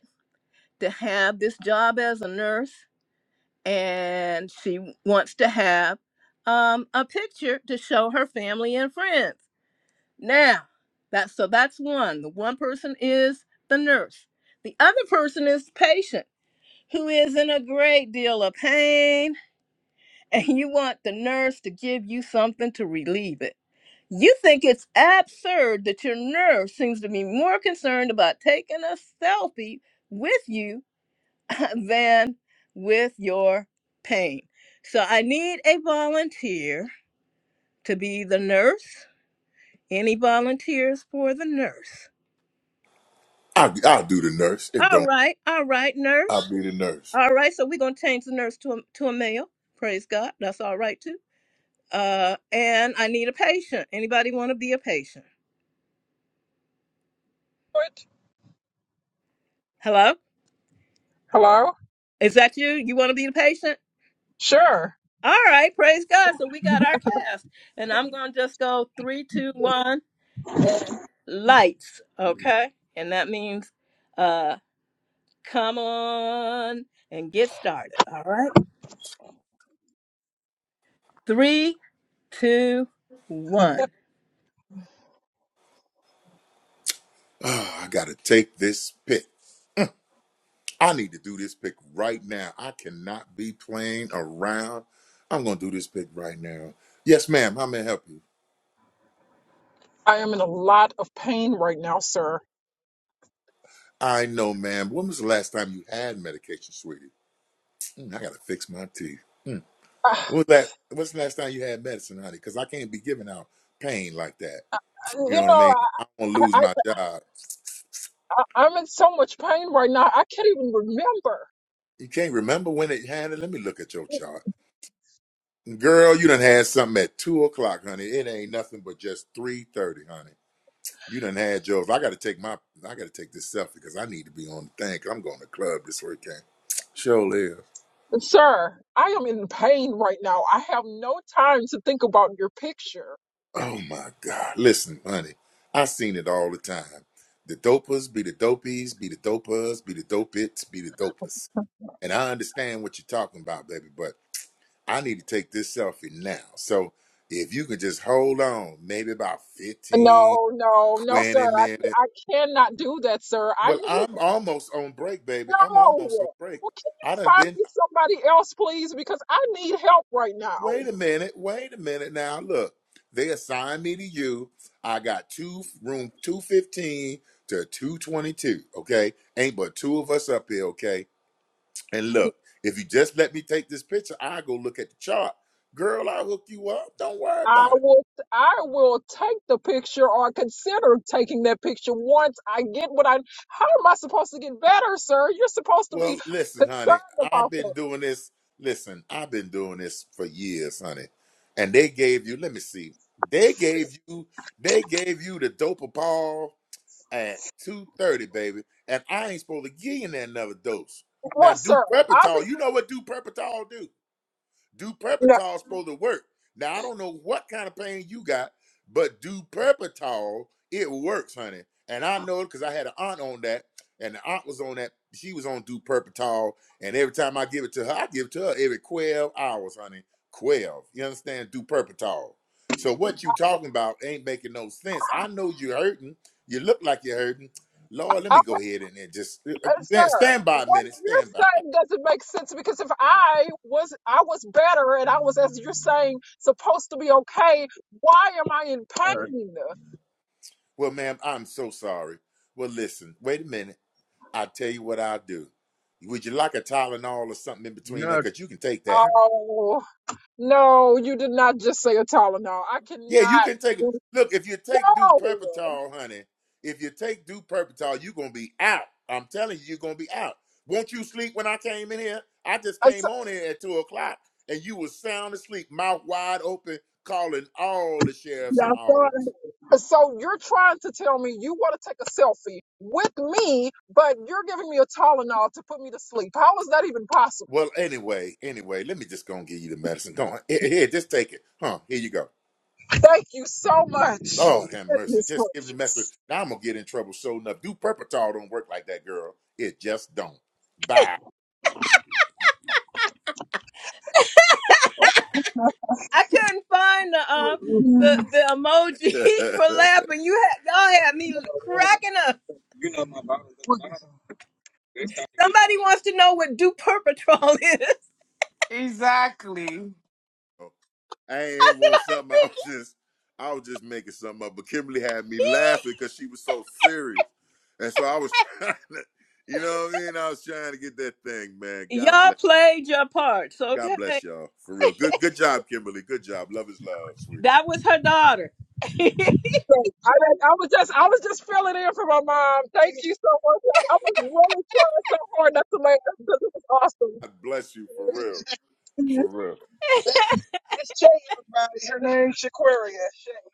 Speaker 1: to have this job as a nurse and she wants to have um, a picture to show her family and friends. Now, that's so that's one. The one person is the nurse. The other person is the patient who is in a great deal of pain, and you want the nurse to give you something to relieve it. You think it's absurd that your nurse seems to be more concerned about taking a selfie with you than with your pain. So I need a volunteer to be the nurse. Any volunteers for the nurse?
Speaker 3: I, I'll do the nurse. It don't
Speaker 1: All right, all right,
Speaker 3: I'll
Speaker 1: nurse.
Speaker 3: be the nurse.
Speaker 1: All right, so we're gonna change the nurse to a, to a male. Praise God, that's all right too. Uh, and I need a patient. Anybody want to be a patient?
Speaker 5: What?
Speaker 1: Hello,
Speaker 5: Hello?
Speaker 1: is that you? You want to be the patient?
Speaker 5: Sure.
Speaker 1: All right, praise God. So we got our cast, and I'm gonna just go three, two, one. lights, okay? And that means uh come on and get started. All right. Three, two, one.
Speaker 3: Oh, I gotta take this pick. I need to do this pick right now. I cannot be playing around. I'm gonna do this pick right now. Yes, ma'am. How may I help you?
Speaker 5: I am in a lot of pain right now, sir.
Speaker 3: I know, ma'am. When was the last time you had medication, sweetie? Mm, I gotta fix my teeth. Mm.
Speaker 5: Uh,
Speaker 3: When was that? What's the last time you had medicine, honey? Because I can't be giving out pain like that. You
Speaker 5: you
Speaker 3: know what I
Speaker 5: know,
Speaker 3: mean? I'm gonna
Speaker 5: I,
Speaker 3: lose
Speaker 5: I,
Speaker 3: my job.
Speaker 5: I, I'm in so much pain right now, I can't even remember.
Speaker 3: You can't remember when it had it. Let me look at your chart. Girl, you done had something at two o'clock, honey. It ain't nothing but just three thirty, honey. You done had yours. I gotta take my I gotta take this selfie because I need to be on the thing. 'cause I'm going to the club this weekend. Show live.
Speaker 5: Sir, I am in pain right now. I have no time to think about your picture.
Speaker 3: Oh my God. Listen, honey. I seen it all the time. The dopers be the dopies, be the dopers, be the dopits, be the dopers. And I understand what you're talking about, baby, but I need to take this selfie now. So if you could just hold on, maybe about 15,
Speaker 5: No, no, no, sir.
Speaker 3: 20 minutes.
Speaker 5: I, I cannot do that, sir.
Speaker 3: Well,
Speaker 5: I
Speaker 3: I'm almost on break, baby. I'm
Speaker 5: No.
Speaker 3: almost on break.
Speaker 5: Well, can you
Speaker 3: I done
Speaker 5: find
Speaker 3: been.
Speaker 5: me somebody else, please? Because I need help right now.
Speaker 3: Wait a minute. Wait a minute. Now look, they assigned me to you. I got two room two fifteen to two twenty two. Okay, ain't but two of us up here. Okay, and look, if you just let me take this picture, I go look at the chart. Girl, I'll hook you up. Don't worry
Speaker 5: I
Speaker 3: about it.
Speaker 5: will I will take the picture or consider taking that picture once I get what I how am I supposed to get better, sir? You're supposed to be
Speaker 3: Well, listen, honey,
Speaker 5: concerned
Speaker 3: I've
Speaker 5: about
Speaker 3: been
Speaker 5: that.
Speaker 3: doing this. Listen, I've been doing this for years, honey. And they gave you, let me see, they gave you, they gave you the dope ball at 2.30, baby. And I ain't supposed to give you that another dose. Now,
Speaker 5: Well,
Speaker 3: do
Speaker 5: sir,
Speaker 3: Prepital, you
Speaker 5: obviously
Speaker 3: know what do Prepital do?
Speaker 5: no.
Speaker 3: Duperpitol is supposed to work. Now I don't know what kind of pain you got, but Duperpitol it works, honey. And I know it because I had an aunt on that, and the aunt was on that. She was on Duperpitol, and every time I give it to her, I give it to her every twelve hours, honey. Twelve. You understand? Duperpitol. So what you talking about ain't making no sense. I know you're hurting. You look like you're hurting. Lord, let me go ahead and just uh,
Speaker 5: Uh, sir,
Speaker 3: uh, stand by a
Speaker 5: what
Speaker 3: minute.
Speaker 5: you're
Speaker 3: Stand by.
Speaker 5: saying doesn't make sense because if I was I was better and I was as you're saying supposed to be okay, why am I in
Speaker 8: uh,
Speaker 5: pain?
Speaker 3: Well, ma'am, I'm so sorry. Well, listen, wait a minute. I'll tell you what I'll do. Would you like a Tylenol or something in between that?
Speaker 8: no,
Speaker 3: Because you can take that.
Speaker 5: Oh no, you did not just say a Tylenol. I
Speaker 3: Yeah, you
Speaker 5: cannot.
Speaker 3: can take it. Look, if you take
Speaker 5: No.
Speaker 3: duperpitol, honey, if you take duperpitol, you're going to be out. I'm telling you, you're going to be out. Won't you sleep when I came in here? I just
Speaker 5: Uh, So,
Speaker 3: came on here at 2 o'clock, and you was sound asleep, mouth wide open, calling all the sheriffs and hogs.
Speaker 5: uh, so you're trying to tell me you want to take a selfie with me, but you're giving me a Tylenol to put me to sleep. How is that even possible?
Speaker 3: Well, anyway, anyway, let me just go and give you the medicine. Go on. Here, here, just take it. Huh, here you go.
Speaker 5: Thank you so much.
Speaker 3: Lord have mercy.
Speaker 5: Goodness
Speaker 3: Just give the message.
Speaker 5: gracious.
Speaker 3: Now I'm gonna get in trouble. So enough. Do purpatol don't work like that, girl. It just don't. Bye.
Speaker 1: I couldn't find the um the, the
Speaker 3: I
Speaker 1: emoji for laughing. You had y'all had me cracking up.
Speaker 5: You know my Bible is What loud. is it? It's
Speaker 1: Somebody wants to know what due perpetrol is.
Speaker 4: Exactly.
Speaker 3: ain't want something. I was just, I was just making something up. But Kimberly had me laughing because she was so serious, and so I was trying to, you know what I mean? I was trying to get that thing, man. God
Speaker 1: Y'all
Speaker 3: bless,
Speaker 1: played your parts,
Speaker 3: God
Speaker 1: okay?
Speaker 3: bless y'all for real. Good, good job, Kimberly. Good job. Love is love, sweetie.
Speaker 1: That was her daughter.
Speaker 5: I, didn't- I was just I was just filling in for my mom. Thank you so much. I was really trying so hard not to let because it was awesome.
Speaker 3: God bless you for real, for
Speaker 5: That, that's Shay, everybody. Her name's Shaquaria. Shay.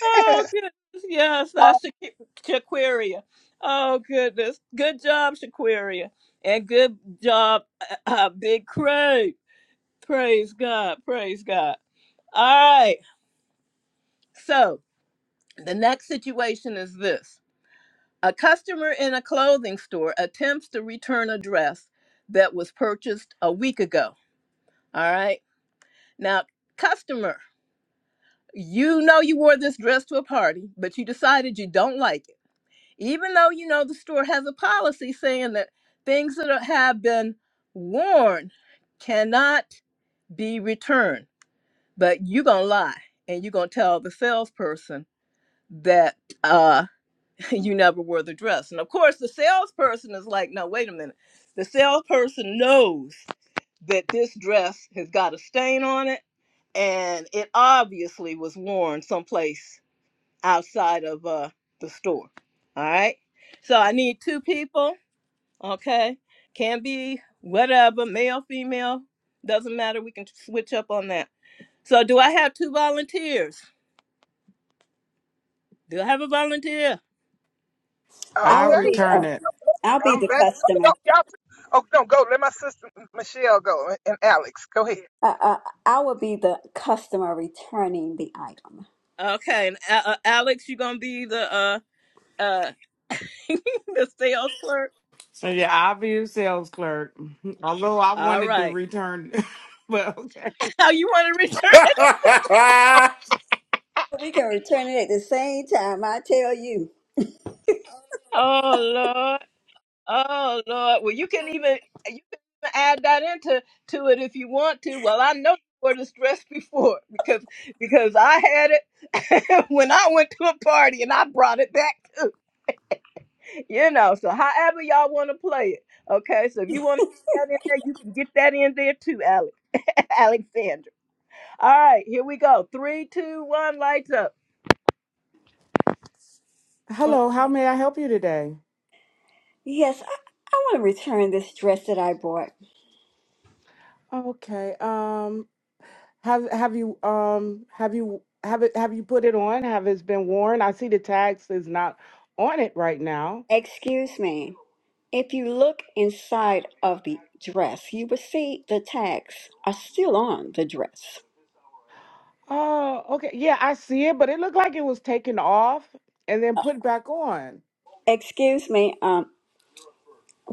Speaker 1: Oh goodness, yes,
Speaker 5: Oh,
Speaker 1: that's Shaq- Shaquaria. Oh goodness, good job, Shaquaria, and good job, uh, Big Craig. Praise God, praise God. All right, so the next situation is this: a customer in a clothing store attempts to return a dress that was purchased a week ago. All right, now customer, you know you wore this dress to a party, but you decided you don't like it. even though you know the store has a policy saying that things that are- have been worn cannot be returned but you're gonna lie and you're gonna tell the salesperson that uh you never wore the dress and of course the salesperson is like no wait a minute the salesperson knows that this dress has got a stain on it and it obviously was worn someplace outside of uh the store. All right. So I need two people. Okay. Can be whatever, male, female, doesn't matter. We can switch up on that. So do I have two volunteers? Do I have a volunteer?
Speaker 9: I
Speaker 4: I
Speaker 9: would
Speaker 5: okay,
Speaker 9: be.
Speaker 4: return
Speaker 9: Uh,
Speaker 4: it.
Speaker 9: I'll be
Speaker 5: I'm
Speaker 9: the
Speaker 5: back. Oh,
Speaker 9: customer.
Speaker 5: Y'all- y'all- Oh no, go. Let my sister Michelle go and Alex. Go ahead.
Speaker 9: Uh, uh, I will be the customer returning the item.
Speaker 1: Okay. And uh, uh, Alex, you're gonna be the uh uh the sales clerk.
Speaker 4: So yeah, I'll be a sales clerk. Although I
Speaker 1: All
Speaker 4: wanted to
Speaker 1: right.
Speaker 4: return, but okay.
Speaker 1: How you want to return it?
Speaker 3: real.
Speaker 9: We can return it at the same time. I tell you.
Speaker 1: Oh Oh Lord, well you can even you can even add that into to it if you want to. Well, I know you were distressed before because because I had it when I went to a party and I brought it back too. You know, so however y'all want to play it, okay. So if you want to get that in there, you can get that in there too, Alex Alexander. All right, here we go. Three, two, one, lights up.
Speaker 9: Uh,
Speaker 4: Hello, how may I help you today?
Speaker 9: Yes, I want to return this dress that I bought.
Speaker 4: Okay. Um, have have you um have you have it have you put it on? Have it been worn? I see the tags is not on it right now.
Speaker 9: Excuse me. If you look inside of the dress, you will see the tags are still on the dress.
Speaker 4: Oh, okay. Yeah, I see it, but it looked like it was taken off and then put back on.
Speaker 9: Excuse me. Um,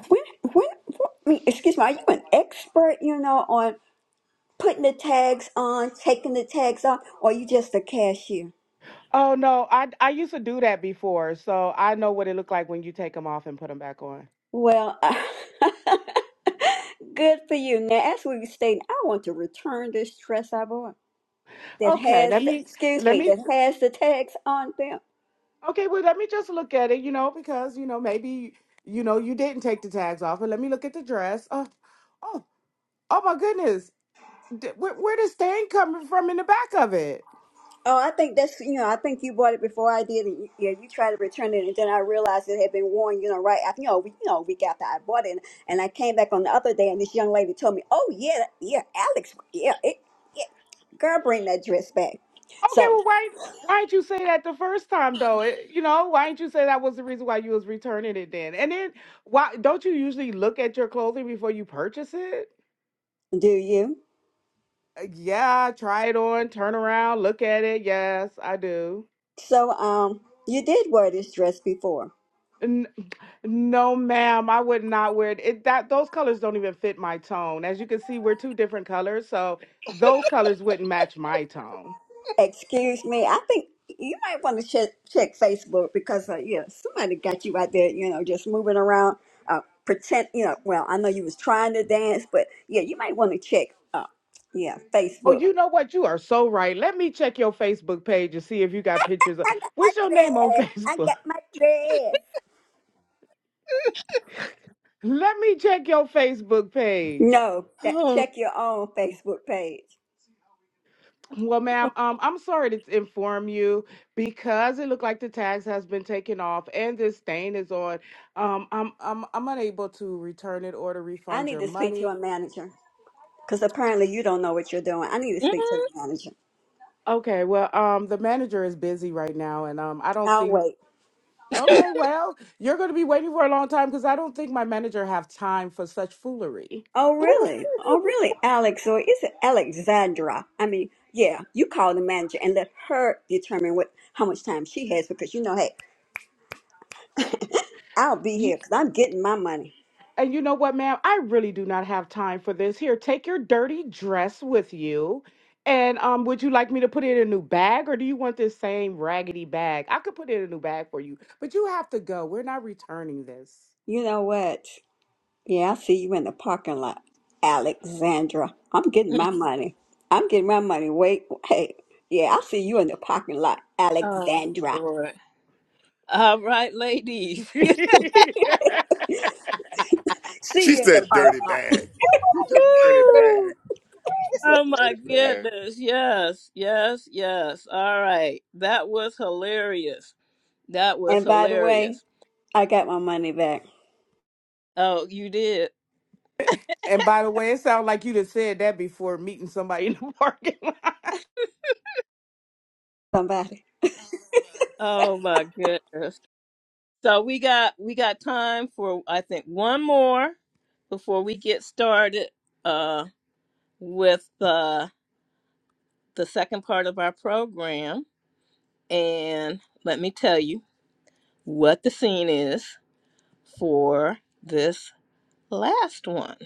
Speaker 9: when, when, what, I mean, excuse me. Are you an expert? You know, on putting the tags on, taking the tags off, or are you just a cashier?
Speaker 4: Oh no, I I used to do that before, so I know what it looked like when you take them off and put them back on.
Speaker 9: Well, good for you. Now, as we were stating, I want to return this dress I bought that
Speaker 4: Okay,
Speaker 9: has,
Speaker 4: let me
Speaker 9: excuse
Speaker 4: let
Speaker 9: me,
Speaker 4: me
Speaker 9: that has the tags on them.
Speaker 4: Okay, well, let me just look at it, you know, because, you know, maybe, you know, you didn't take the tags off. But let me look at the dress. Oh, oh, oh my goodness. D- where, where the stain coming from in the back of it?
Speaker 9: Oh, I think that's, you know, I think you bought it before I did, and you, yeah, you tried to return it, and then I realized it had been worn, you know, right after, you know, we, you know, week after I bought it, and, and I came back on the other day, and this young lady told me, oh, yeah, yeah, Alex, yeah, it, yeah, girl, bring that dress back.
Speaker 4: Okay,
Speaker 9: So,
Speaker 4: well, why why didn't you say that the first time though? It, you know, why didn't you say that was the reason why you was returning it then? And then why don't you usually look at your clothing before you purchase it?
Speaker 9: do you?
Speaker 4: Uh, Yeah, try it on, turn around, look at it. Yes, I do.
Speaker 9: So, um, you did wear this dress before.
Speaker 4: N- No, ma'am, I would not wear it. it. That those colors don't even fit my tone. As you can see, we're two different colors, so those colors wouldn't match my tone.
Speaker 9: Excuse me. I think you might want to check check Facebook because uh, yeah, somebody got you out there. You know, just moving around, uh, pretend. You know, well, I know you was trying to dance, but yeah, you might want to check. Uh, yeah,
Speaker 4: Oh,
Speaker 9: Facebook.
Speaker 4: you know what? You are so right. Let me check your Facebook page and see if you got pictures of
Speaker 9: I got my
Speaker 4: what's your name on
Speaker 9: dress. I
Speaker 4: Facebook.
Speaker 9: got my dress.
Speaker 4: Let me check your Facebook page.
Speaker 9: No, that,
Speaker 1: Oh,
Speaker 9: check your own Facebook page.
Speaker 4: Well, ma'am, um, I'm sorry to inform you because it looked like the tags has been taken off and this stain is on. Um, I'm I'm I'm unable to return it or to
Speaker 9: I
Speaker 4: refund
Speaker 9: need
Speaker 4: your
Speaker 9: to speak to a
Speaker 4: money.
Speaker 9: manager because apparently you don't know what you're doing. I need to
Speaker 1: mm,
Speaker 9: speak to the manager.
Speaker 4: Okay, well, um, the manager is busy right now, and um, I don't
Speaker 9: I'll
Speaker 4: think.
Speaker 9: wait.
Speaker 4: Okay, well, you're going to be waiting for a long time because I don't think my manager have time for such foolery.
Speaker 9: Oh, really? Oh, really, Alex? So it's Alexandra. I mean, yeah, you call the manager and let her determine what how much time she has because you know, hey, I'll be
Speaker 4: You
Speaker 9: here because I'm getting my money.
Speaker 4: And you know what, ma'am? I really do not have time for this. Here, take your dirty dress with you. And um, would you like me to put it in a new bag or do you want this same raggedy bag? I could put it in a new bag for you, but you have to go. We're not returning this.
Speaker 9: You know what? Yeah, I see you in the parking lot, Alexandra. I'm getting
Speaker 1: mm.
Speaker 9: my money. I'm getting my money. Wait, hey, yeah, I see you in the parking lot,
Speaker 1: oh
Speaker 9: Alexandra.
Speaker 1: Lord. All right, ladies.
Speaker 9: See
Speaker 3: She
Speaker 9: you in the
Speaker 3: said
Speaker 9: parking
Speaker 3: dirty
Speaker 9: lot.
Speaker 3: bag. You your dirty
Speaker 1: Woo.
Speaker 3: bag. She said
Speaker 1: Oh my
Speaker 3: dirty bag.
Speaker 1: goodness. Yes, yes, yes. All right. That was hilarious. That was
Speaker 9: And by the way,
Speaker 1: hilarious.
Speaker 9: I got my money back.
Speaker 1: Oh, you did.
Speaker 4: And by the way, it sounds like you just said that before meeting somebody in the parking lot.
Speaker 9: Somebody.
Speaker 1: Oh my goodness. So we got we got time for I think one more before we get started uh with uh the second part of our program and let me tell you what the scene is for this last one.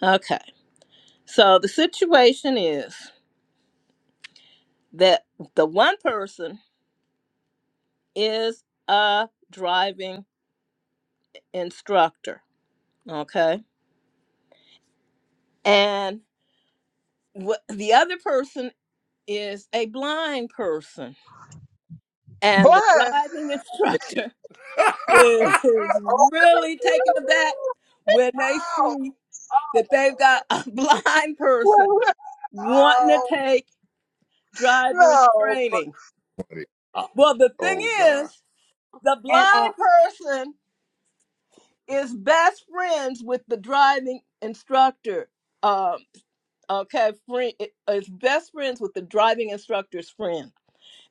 Speaker 1: Okay. So the situation is that the one person is a driving instructor, okay? And wh- the other person is a blind person,
Speaker 5: Bless.
Speaker 1: and the driving instructor is really taken aback when they see
Speaker 5: Oh,
Speaker 1: that they've got a blind
Speaker 5: wow. Oh,
Speaker 1: person wanting to take driver's
Speaker 5: wow. Oh, no.
Speaker 1: training.
Speaker 3: Funny. I-
Speaker 1: Well, the thing
Speaker 3: oh God.
Speaker 1: is, the
Speaker 9: And uh,
Speaker 1: blind person is best friends with the driving instructor. Um, okay, friend is best friends with the driving instructor's friend,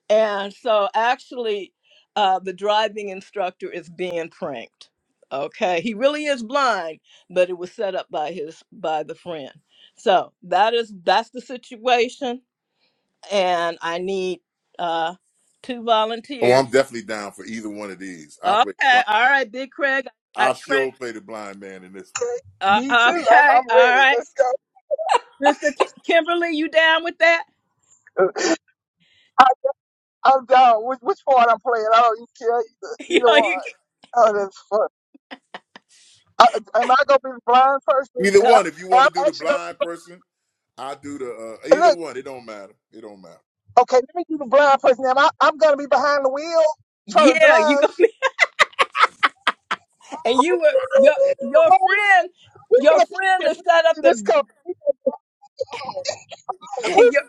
Speaker 1: and so actually, uh, the driving instructor is being pranked. Okay, he really is blind, but it was set up by his by the friend. So that is that's the situation, and I need uh, two
Speaker 3: Oh,
Speaker 1: volunteers.
Speaker 3: I'm definitely down for either one of these. I play
Speaker 1: Okay,
Speaker 3: blind.
Speaker 1: all right, Big Craig. I,
Speaker 3: I
Speaker 1: Craig.
Speaker 3: sure play the blind man in this
Speaker 1: Uh,
Speaker 5: Me too. I'm,
Speaker 1: okay,
Speaker 5: I'm
Speaker 1: all
Speaker 5: ready.
Speaker 1: right.
Speaker 5: Let's
Speaker 1: Sister Ki- Kimberly, you down with that?
Speaker 5: go. I'm down. Which, which part I'm playing? I don't even care either,
Speaker 1: you
Speaker 5: either
Speaker 1: know,
Speaker 5: one.
Speaker 1: you,
Speaker 5: Oh, that's fun. I, am I gonna be the blind person?
Speaker 3: one. Either
Speaker 5: And
Speaker 1: uh,
Speaker 5: I'm,
Speaker 3: one. If you
Speaker 5: and
Speaker 3: want to do
Speaker 5: I'm
Speaker 3: the
Speaker 5: actually gonna
Speaker 3: blind person, I do the uh,
Speaker 5: and
Speaker 3: either
Speaker 5: look.
Speaker 3: one. It don't matter. It don't matter.
Speaker 5: Okay, let me do the blind person. Am I? I'm gonna be behind the wheel trying to
Speaker 1: yeah, you
Speaker 5: drive.
Speaker 1: gonna be, and you were your your friend,
Speaker 5: we
Speaker 1: your
Speaker 5: finna
Speaker 1: friend has set up
Speaker 5: get this
Speaker 1: the
Speaker 5: car. We finna-
Speaker 9: uh,
Speaker 5: we
Speaker 1: your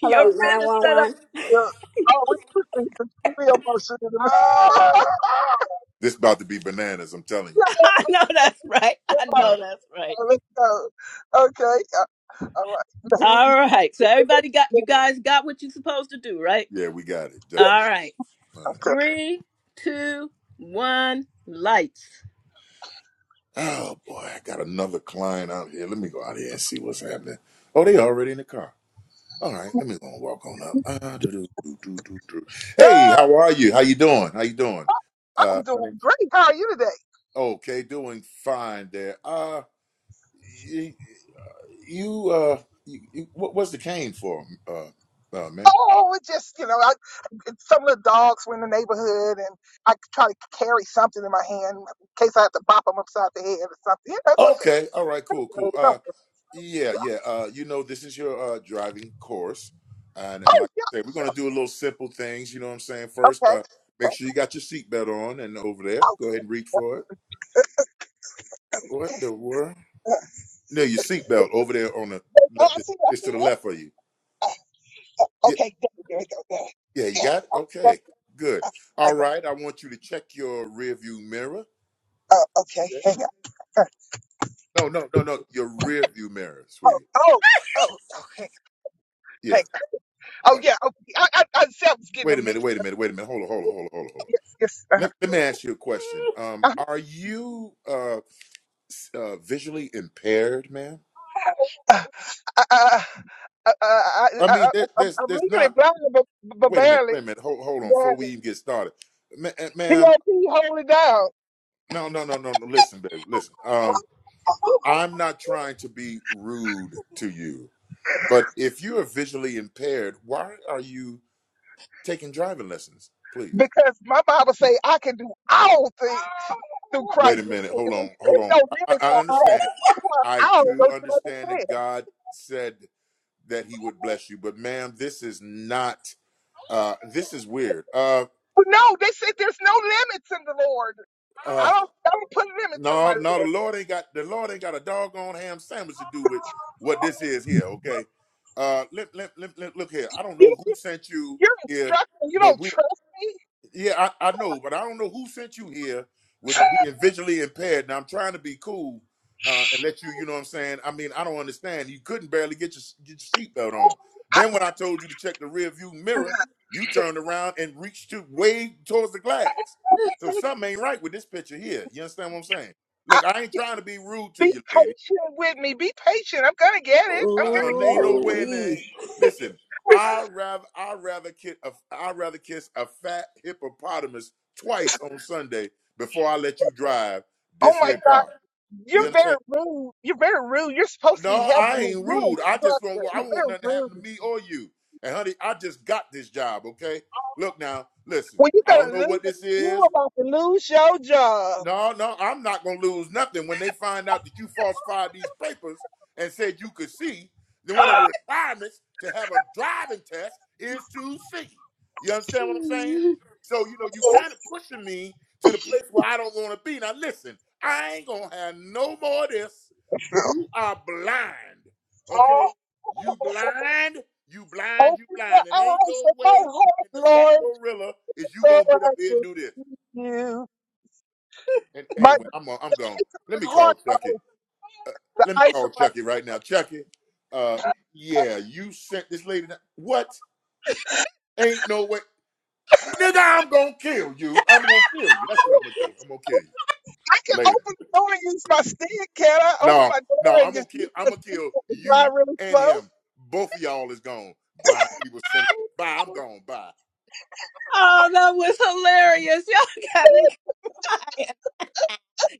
Speaker 1: your
Speaker 9: hello,
Speaker 5: finna-
Speaker 1: friend
Speaker 9: nine
Speaker 1: has
Speaker 9: one
Speaker 1: set up.
Speaker 9: one.
Speaker 5: yeah. Oh, we finna get the two wheel motion in the
Speaker 3: This about to be bananas. I'm telling you.
Speaker 5: Yeah,
Speaker 1: I know that's right. I
Speaker 3: All
Speaker 1: know
Speaker 3: right.
Speaker 1: that's right.
Speaker 5: Let's go. Okay. Uh, all right. Now,
Speaker 1: All right, so everybody got you
Speaker 5: we-
Speaker 1: guys got what you're supposed to do, right?
Speaker 3: Yeah, we got it.
Speaker 5: Yes.
Speaker 3: Definitely.
Speaker 1: All right,
Speaker 3: All right.
Speaker 5: Okay.
Speaker 1: three, two, one, lights.
Speaker 3: Oh boy, I got another client out here. Let me go out here and see what's happening. Oh, they already in the car. All right, let me go and walk on up. Uh, do, do, do, do, do, do. Hey,
Speaker 5: Uh,
Speaker 3: how are you? How you doing? How you doing? Uh,
Speaker 5: I'm
Speaker 3: my
Speaker 5: doing
Speaker 3: name's
Speaker 5: great. How are you today?
Speaker 3: okay, doing fine there. Uh, you, you uh, you, you, what, what's the cane for, uh, uh, man?
Speaker 5: Oh, it just, you know, I, it's some of the dogs were in the neighborhood and I try to carry something in my hand in case I have to bop them upside the head or something. Yeah, that's okay.
Speaker 3: Okay, all right, cool,
Speaker 5: No,
Speaker 3: cool.
Speaker 5: no,
Speaker 3: Uh, yeah,
Speaker 5: yeah.
Speaker 3: yeah. Uh, you know, this is your uh driving course, and, and
Speaker 5: Oh,
Speaker 3: like
Speaker 5: yeah,
Speaker 3: I said, we're gonna
Speaker 5: sure.
Speaker 3: do a little simple things. You know what I'm saying? First,
Speaker 5: Okay.
Speaker 3: uh, make
Speaker 5: Okay.
Speaker 3: sure you got your seatbelt on, and over there,
Speaker 5: Oh,
Speaker 3: go ahead and reach for it. What the world?
Speaker 5: yeah.
Speaker 3: No, your seatbelt over there on the
Speaker 5: oh I
Speaker 3: left.
Speaker 5: see. I
Speaker 3: It's to
Speaker 5: see.
Speaker 3: the left of you.
Speaker 5: Oh,
Speaker 3: Yeah,
Speaker 5: Okay. There, there we go. There.
Speaker 3: yeah, you
Speaker 5: Yeah.
Speaker 3: got it.
Speaker 5: Oh, that,
Speaker 3: Okay, good.
Speaker 5: okay. I
Speaker 3: All
Speaker 5: got
Speaker 3: right, I want you to check your rear view mirror.
Speaker 5: Oh, okay.
Speaker 3: Yeah.
Speaker 5: Hang on. Uh,
Speaker 3: No, no, no, no, your rear view mirror,
Speaker 5: Oh,
Speaker 3: sweetie.
Speaker 5: oh, oh, oh, hang on.
Speaker 3: Yeah.
Speaker 5: Hang on. Oh,
Speaker 3: Uh,
Speaker 5: yeah. Okay. I, I, I, see I was getting a
Speaker 3: wait a minute.
Speaker 5: mix.
Speaker 3: Wait a minute. Wait a minute. Hold on. Hold on. Hold on. Hold on. Hold on.
Speaker 5: Yes, yes. Uh-huh.
Speaker 3: Let, let me ask you a question. Um, are you uh, s- uh visually impaired, ma'am?
Speaker 5: I, I, I, I, I,
Speaker 3: I
Speaker 5: I,
Speaker 3: mean,
Speaker 5: am
Speaker 3: there, there's
Speaker 5: I'm
Speaker 3: there's
Speaker 5: legally
Speaker 3: not.
Speaker 5: blind, but, but
Speaker 3: Wait a minute.
Speaker 5: barely,
Speaker 3: Wait a minute. Hold hold on. Before we
Speaker 5: barely.
Speaker 3: even get started, Ma- uh, ma'am.
Speaker 5: P.O.P. hold it down.
Speaker 3: No, no, no, no, no. Listen, baby. Listen. Um, I'm not trying to be rude to you, but if you are visually impaired, why are you taking driving lessons? Please.
Speaker 5: Because my Bible say I can do all things through
Speaker 3: Wait a
Speaker 5: Christ which
Speaker 3: minute. Hold
Speaker 5: strengthens me.
Speaker 3: on. Hold
Speaker 5: It's
Speaker 3: on.
Speaker 5: no
Speaker 3: I,
Speaker 5: limits
Speaker 3: I
Speaker 5: on all.
Speaker 3: understand.
Speaker 5: That's why
Speaker 3: I
Speaker 5: all
Speaker 3: do
Speaker 5: don't you
Speaker 3: understand that
Speaker 5: understand?
Speaker 3: God said that He would bless you, but ma'am, this is not. Uh, this is weird. Uh,
Speaker 5: But no, they said there's no limits in the Lord.
Speaker 3: uh,
Speaker 5: I don't, I don't put limits on
Speaker 3: no,
Speaker 5: my
Speaker 3: no. The
Speaker 5: Lord.
Speaker 3: Lord ain't got the Lord ain't got a doggone ham sandwich to do with what this is here. Okay. Uh, let, let, let, let- look here. I don't
Speaker 5: You,
Speaker 3: know who sent you
Speaker 5: you're
Speaker 3: here
Speaker 5: instructing. You
Speaker 3: but
Speaker 5: don't
Speaker 3: we
Speaker 5: trust me.
Speaker 3: Yeah, I, I know, but I don't know who sent you here with being visually impaired. Now I'm trying to be cool uh, and let you, you know what I'm saying. I mean, I don't understand. You couldn't barely get your get your seatbelt on. Then when I told you to check the rear view mirror, you
Speaker 5: I,
Speaker 3: turned around and reached to way towards the glass. So something ain't right with this picture here. You understand what I'm saying? Look, I ain't trying to be rude to
Speaker 5: Be
Speaker 3: you, lady.
Speaker 5: patient with me. Be patient. I'm gonna get it. I'm
Speaker 3: I
Speaker 5: gonna
Speaker 3: do
Speaker 5: get
Speaker 3: ain't
Speaker 5: it.
Speaker 3: no
Speaker 9: Ooh
Speaker 3: way in there.
Speaker 9: wee.
Speaker 3: Listen, I rather I rather kiss a, I rather kiss a fat hippopotamus twice on Sunday before I let you drive
Speaker 5: Oh
Speaker 3: this
Speaker 5: my
Speaker 3: here
Speaker 5: God.
Speaker 3: car. You
Speaker 5: You're very
Speaker 3: understand?
Speaker 5: rude. You're very rude. You're supposed to
Speaker 3: No,
Speaker 5: be
Speaker 3: I
Speaker 5: helping me.
Speaker 3: ain't
Speaker 5: You're an
Speaker 3: rude. I just don't.
Speaker 5: instructor.
Speaker 3: want- I
Speaker 5: You're
Speaker 3: want
Speaker 5: very
Speaker 3: nothing to happen to
Speaker 5: rude.
Speaker 3: me or you. And honey, I just got this job. Okay. Look now. Listen.
Speaker 5: When you're
Speaker 3: I don't
Speaker 5: gonna
Speaker 3: know
Speaker 5: lose
Speaker 3: what
Speaker 5: it,
Speaker 3: this
Speaker 5: you're
Speaker 3: is.
Speaker 5: about to lose your job.
Speaker 3: No, no, I'm not gonna lose nothing when they find out that you falsified these papers and said you could see. Then one of the requirements to have a driving test is to see. You understand what I'm saying?
Speaker 1: Mhm.
Speaker 3: So you know you kind of pushing me to the place where I don't want to be. Now listen, I ain't gonna have no more of this. You are blind, okay?
Speaker 5: Oh,
Speaker 3: You blind, you blind, you
Speaker 5: open the
Speaker 3: blind, and ain't
Speaker 5: eyes
Speaker 3: no
Speaker 5: of my
Speaker 3: way
Speaker 5: heart,
Speaker 3: in the fat
Speaker 5: Lord,
Speaker 3: gorilla is you
Speaker 5: so
Speaker 3: gonna get
Speaker 5: I
Speaker 3: up here and
Speaker 5: can
Speaker 3: do this.
Speaker 5: see you.
Speaker 3: And
Speaker 5: My
Speaker 3: anyway, I'm on, I'm
Speaker 5: the
Speaker 3: gone.
Speaker 5: eyes of
Speaker 3: Let me
Speaker 5: my heart,
Speaker 3: call Chucky.
Speaker 5: oh, the
Speaker 3: Let me
Speaker 5: eyes
Speaker 3: call
Speaker 5: of my
Speaker 3: Chucky right now. Chucky, uh, yeah, you sent this lady. Down. What? Ain't no way, nigga. I'm gonna kill you. I'm gonna kill you. That's what
Speaker 5: oh,
Speaker 3: I'm gonna do. I'm gonna kill you
Speaker 5: I can
Speaker 3: later.
Speaker 5: open the door and use my stick, can I? Open
Speaker 3: No,
Speaker 5: my
Speaker 3: no.
Speaker 5: door
Speaker 3: I'm
Speaker 5: and
Speaker 3: gonna
Speaker 5: just
Speaker 3: kill.
Speaker 5: use
Speaker 3: I'm
Speaker 5: my
Speaker 3: gonna
Speaker 5: stick
Speaker 3: kill
Speaker 5: to drive
Speaker 3: you
Speaker 5: really
Speaker 3: and
Speaker 5: slow.
Speaker 3: him. Both of y'all is gone. Blind people sending me.
Speaker 5: Oh
Speaker 3: Bye. I'm
Speaker 5: my God.
Speaker 3: gone. Bye.
Speaker 1: Oh, that was hilarious. Y'all got me.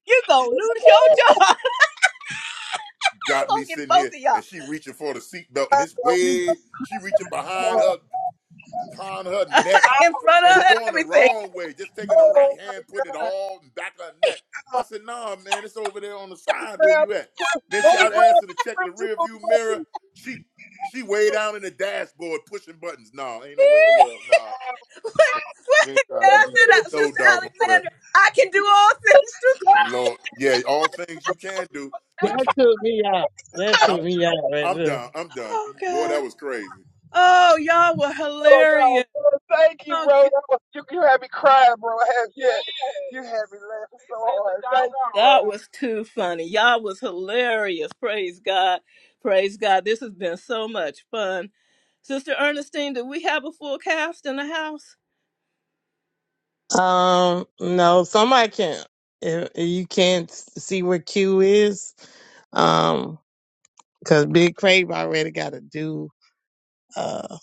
Speaker 1: You gonna lose your job. I'm
Speaker 3: Got me
Speaker 1: gonna get
Speaker 3: sitting here,
Speaker 1: both of y'all.
Speaker 3: and she reaching for the seatbelt, and it's way. She reaching behind her on her neck
Speaker 1: in front of
Speaker 3: and
Speaker 1: her,
Speaker 3: going the
Speaker 1: everything.
Speaker 3: wrong way, just taking her right
Speaker 5: Bro,
Speaker 3: hand,
Speaker 5: we
Speaker 3: putting it all in the back of her neck. I said, nah, man, it's over there on the side where
Speaker 5: grab
Speaker 3: you at. Then
Speaker 5: bro,
Speaker 3: she I
Speaker 5: we grab
Speaker 3: asked her to
Speaker 5: the
Speaker 3: check the
Speaker 5: scripture
Speaker 3: rear
Speaker 5: from
Speaker 3: view mirror.
Speaker 5: Moses.
Speaker 3: She she way down in the dashboard pushing buttons. No, ain't no way in the world. No,
Speaker 1: What?
Speaker 3: no.
Speaker 1: What?
Speaker 3: You ain't
Speaker 1: and
Speaker 3: trying with
Speaker 1: I
Speaker 3: me.
Speaker 1: said, "Uh,
Speaker 3: No
Speaker 1: Sister
Speaker 3: doggone where.
Speaker 1: Alexandra, I can do all things through.
Speaker 3: Lord. Yeah, all things you can do. But
Speaker 6: That
Speaker 3: gee,
Speaker 6: took me out. That
Speaker 3: I'm,
Speaker 6: took me out right
Speaker 3: I'm
Speaker 6: there.
Speaker 3: done. I'm done.
Speaker 1: Oh,
Speaker 3: Boy, that
Speaker 1: God.
Speaker 3: was crazy.
Speaker 1: Oh, y'all were
Speaker 5: Oh, no,
Speaker 1: hilarious.
Speaker 5: bro, thank you,
Speaker 1: Oh,
Speaker 5: bro. That
Speaker 1: good.
Speaker 5: was, you, you had me crying, bro. I have, yeah, you had me laughing so hard. Thank you,
Speaker 1: that
Speaker 5: bro.
Speaker 1: was too funny. Y'all was hilarious. Praise God. Praise God. This has been so much fun. Sister Ernestine, do we have a full cast in the house?
Speaker 6: Um, no, somebody can. If, if you can't s- see where Q is, um, because Big Crave already got to do uh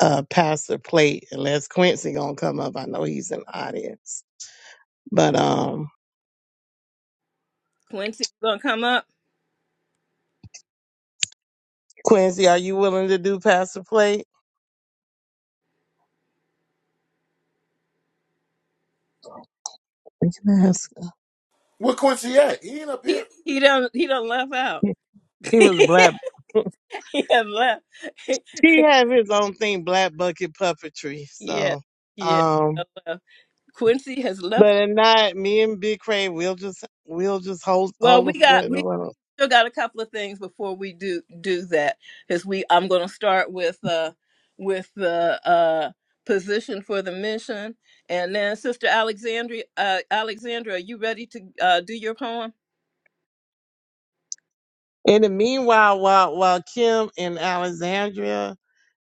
Speaker 6: uh pass the plate unless Quincy gonna come up. I know he's in the audience, but um,
Speaker 1: Quincy gonna come up.
Speaker 6: Quincy, are you willing to do pass the plate? We can ask.
Speaker 3: Where Quincy at? He ain't up
Speaker 1: He
Speaker 3: here.
Speaker 1: he don't he don't left out.
Speaker 6: He he was black.
Speaker 1: he has left.
Speaker 6: he have his own thing, black bucket puppetry.
Speaker 1: yeah,
Speaker 6: So,
Speaker 1: yeah. he
Speaker 6: um,
Speaker 1: done left. Quincy has left
Speaker 6: but if not, me and Big Crave, we'll just we'll just hold
Speaker 1: Well,
Speaker 6: hold
Speaker 1: we
Speaker 6: a fort
Speaker 1: got
Speaker 6: in the
Speaker 1: we we
Speaker 6: room.
Speaker 1: still got a couple of things before we do do that because we I'm going to start with uh with the uh position for the mission and then Sister Alexandria uh Alexandra, are you ready to uh do your poem?
Speaker 6: In the meanwhile, while while Kim and Alexandria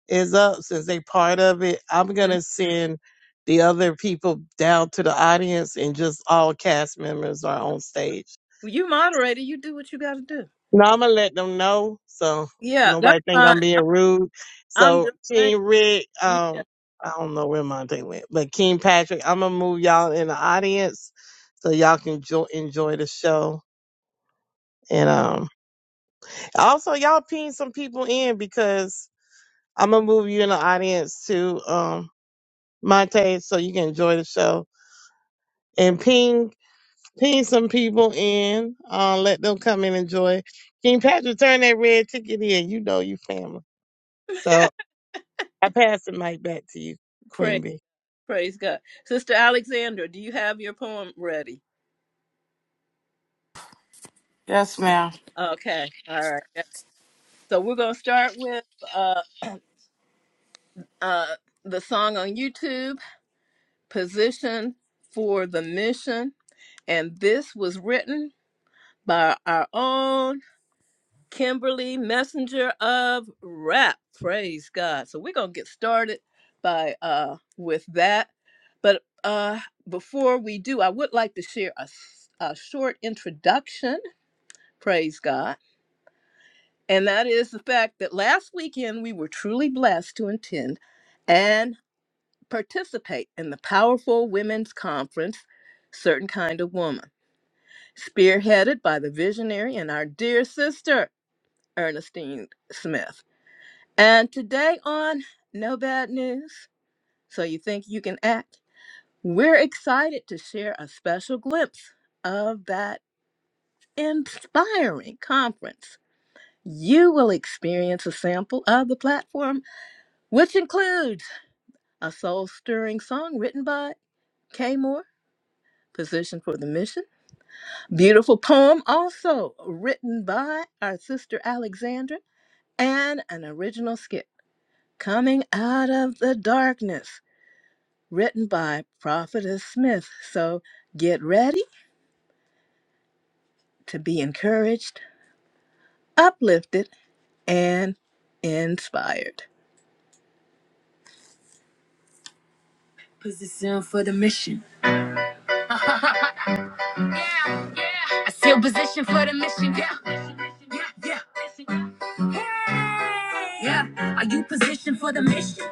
Speaker 6: is up, since they part of it, I'm
Speaker 1: Mhm.
Speaker 6: gonna send the other people down to the audience, and just all cast members are on stage.
Speaker 1: Well, you moderator, you do what you got to do.
Speaker 6: Now I'm gonna let them know so
Speaker 1: Yeah, that's
Speaker 6: nobody think I'm
Speaker 1: fine.
Speaker 6: being
Speaker 1: I'm
Speaker 6: rude.
Speaker 1: I'm
Speaker 6: So
Speaker 1: just saying.
Speaker 6: King Rick,
Speaker 1: Yeah,
Speaker 6: um, I don't know where Monte went, but King Patrick, I'm gonna move y'all in the audience so y'all can jo- enjoy the show. And um, also y'all ping some people in because I'm gonna move you in the audience to um Monte so you can enjoy the show and ping ping some people in. Uh, let them come and enjoy. King Patrick, turn that red ticket in. You know you family. So I pass the mic back to you, Queen
Speaker 1: praise
Speaker 6: B.
Speaker 1: praise God, Sister Alexandra, do you have your poem ready?
Speaker 4: Yes, ma'am.
Speaker 1: Okay, all right. So we're going to start with. uh, uh, the song on YouTube, Position for the Mission. And this was written by our own Kimberly Messenger of Rap. Praise God. So we're going to get started by uh, with that. But uh, before we do, I would like to share a a short introduction. Praise God. And that is the fact that last weekend we were truly blessed to attend an participate in the powerful women's conference, Certain Kind of Woman, spearheaded by the visionary and our dear sister, Ernestine Smith. And today on No Bad News, So You Think You Can Act, we're excited to share a special glimpse of that inspiring conference. You will experience a sample of the platform, which includes a soul stirring song written by Kay Moore, Position for the Mission Beautiful poem, also written by our sister Alexandra, and an original skit, Coming Out of the Darkness, written by Prophetess Smith. So get ready to be encouraged, uplifted, and inspired. Position for the mission. I still position for the mission. Yeah, yeah, yeah. Yeah. Are you positioned for the mission?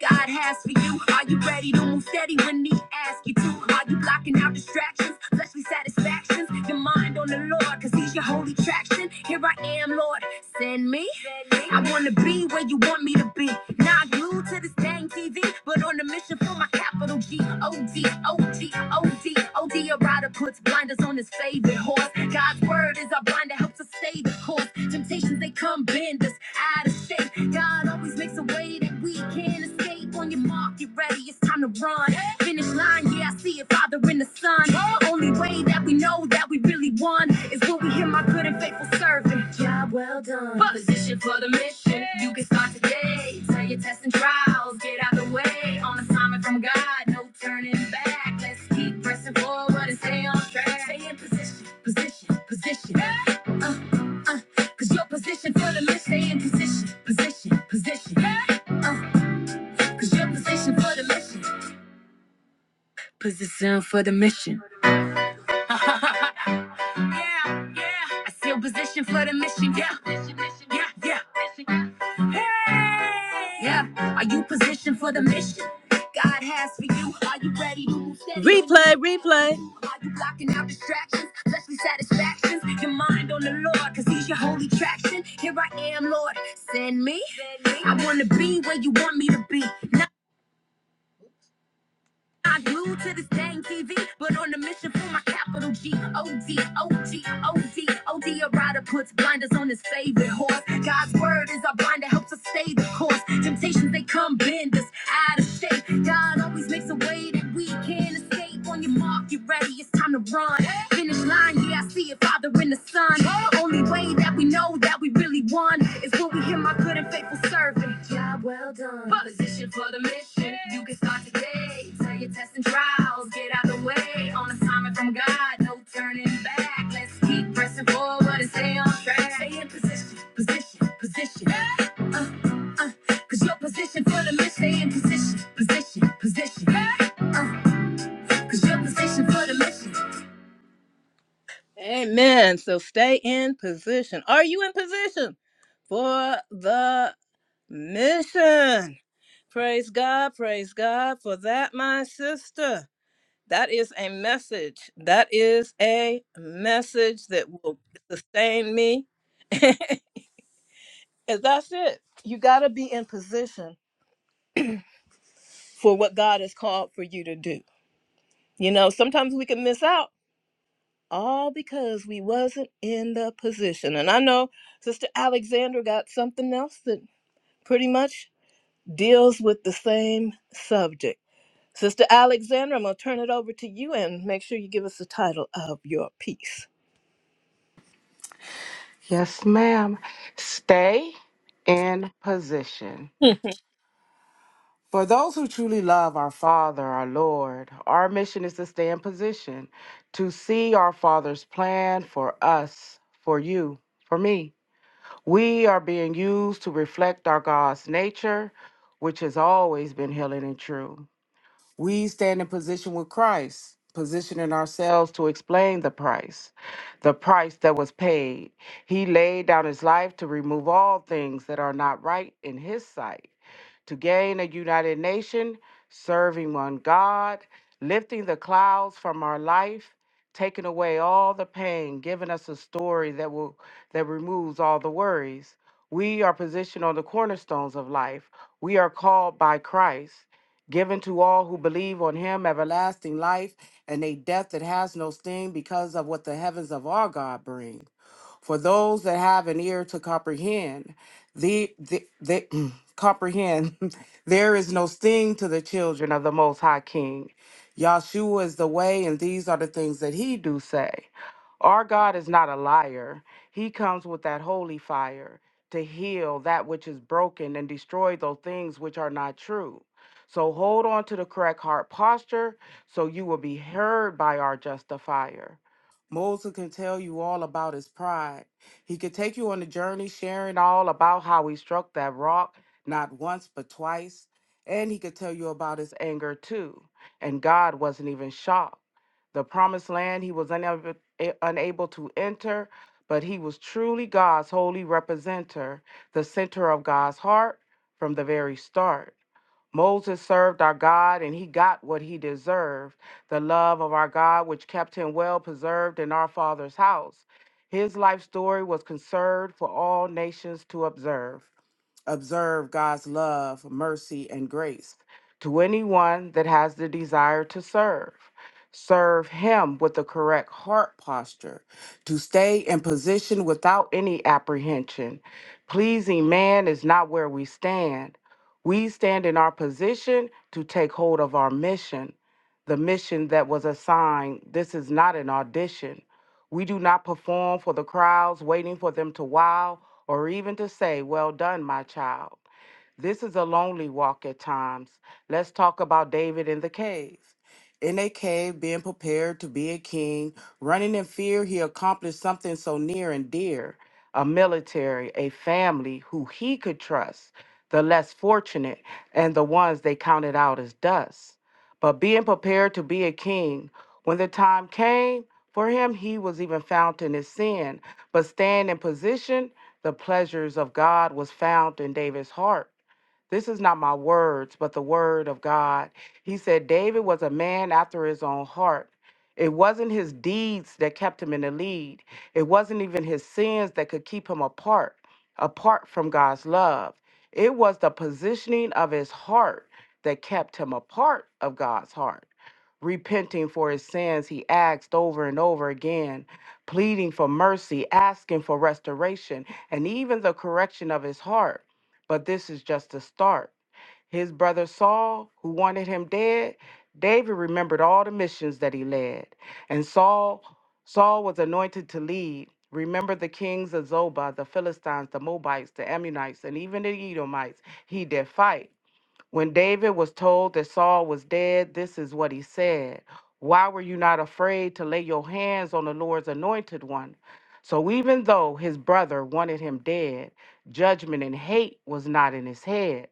Speaker 1: God has for you. Are you ready to move steady when He asks you to? Are you blocking out distractions, fleshly satisfactions? Your mind on the Lord, cause He's your holy traction. Here I am, Lord. Send me. I wanna be where you want me to be. Now I Glued to this dang TV, but on a mission for my capital G. O-D, O-D, O-D, O-D. A rider puts blinders on his favorite horse. God's word is our blind that helps us stay the course. Temptations, they come bend us out of shape. God always makes a way that we can escape. On your mark, get ready, it's time to run. Finish line, yeah, I see it, Father in the Son. The only way that we know that we really won is when we hear my good and faithful servant. Job well done. Position for the mission. You can start today. Tell your tests and trials, get out the way. On assignment from God, no turning back. Let's keep pressing forward and stay on track. Stay in position, position, position. Uh, uh, cause your position for the mission. Stay in position, position, position. Uh, cause your position for the mission. Position for the mission. Yeah, yeah. I still position for the mission. Yeah, yeah, yeah. Hey! Yeah. Are you positioned for the mission? God has for you. Are you ready to move steady? Replay, replay. Are you blocking out distractions, fleshly satisfactions? Your mind on the Lord, cause he's your holy traction. Here I am, Lord. Send me. I wanna be where you want me to be. I glued to this dang TV, but on the mission for my capital G. O-D, O-G, O-D, O-D. A rider puts blinders on his favorite horse. God's word is our blind that helps us stay the course. Temptations, they come bend us out of shape. God always makes a way that we can escape. On your mark, get ready, it's time to run. Finish line, yeah, I see it, Father in the Son. Only way that we know that we really won is when we hear my good and faithful servant. Job well done. Position for the mission. You can start today. Tell your tests and trials, get out the way. On assignment from God, no turning back. Let's keep pressing forward and stay on track. Stay in position, position, position. Uh, uh, cause your position for the mission. Stay in position, position, position. Uh, uh, cause your position for the mission. Amen. So stay in position. Are you in position for the mission? Praise God, praise God for that, my sister. That is a message. That is a message that will sustain me. And that's it. You got to be in position for what God has called for you to do. You know, sometimes we can miss out all because we wasn't in the position. And I know Sister Alexandra got something else that pretty much deals with the same subject. Sister Alexandra, I'm going to turn it over to you and make sure you give us the title of your piece.
Speaker 4: Yes, ma'am. Stay in position. For those who truly love our Father, our Lord, our mission is to stay in position to see our Father's plan for us, for you, for me. We are being used to reflect our God's nature, which has always been healing and true. We stand in position with Christ, positioning ourselves to explain the price, the price that was paid. He laid down his life to remove all things that are not right in his sight, to gain a united nation, serving one God, lifting the clouds from our life. Taking away all the pain, giving us a story that will that removes all the worries. We are positioned on the cornerstones of life. We are called by Christ given to all who believe on him everlasting life and a death that has no sting because of what the heavens of our god bring for those that have an ear to comprehend the, the, the comprehend there is no sting to the children of the most high king yahshua is the way and these are the things that he do say our God is not a liar. He comes with that holy fire to heal that which is broken and destroy those things which are not true. So hold on to the correct heart posture so you will be heard by our justifier. Moses can tell you all about his pride. He could take you on a journey sharing all about how he struck that rock not once but twice. And he could tell you about his anger too. And God wasn't even shocked the promised land he was unable, a- unable to enter, but he was truly God's holy representative, the center of God's heart from the very start. Moses served our God and he got what he deserved the love of our God, which kept him well preserved in our Father's house. His life story was conserved for all nations to observe observe God's love, mercy, and grace to anyone that has the desire to serve. Serve Him with the correct heart posture, to stay in position without any apprehension. Pleasing man is not where we stand. We stand in our position to take hold of our mission, the mission that was assigned. This is not an audition. We do not perform for the crowds, waiting for them to wow or even to say, Well done, my child. This is a lonely walk at times. Let's talk about David in the cave. In a cave, being prepared to be a king, running in fear, he accomplished something so near and dear a military, a family who he could trust, the less fortunate, and the ones they counted out as dust. But being prepared to be a king, when the time came, for him he was even found in his sin, but staying in position, the pleasures of God was found in David's heart. This is not my words, but the word of God. He said, David was a man after his own heart. It wasn't his deeds that kept him in the lead, it wasn't even his sins that could keep him apart, apart from God's love. It was the positioning of his heart that kept him apart of God's heart. Repenting for his sins, he asked over and over again, pleading for mercy, asking for restoration, and even the correction of his heart. But this is just the start. His brother Saul, who wanted him dead, David remembered all the missions that he led. And Saul, Saul was anointed to lead. Remember the kings of Zobah, the Philistines, the Moabites, the Ammonites, and even the Edomites. He did fight. When David was told that Saul was dead, this is what he said Why were you not afraid to lay your hands on the Lord's anointed one? So even though his brother wanted him dead, judgment and hate was not in his head.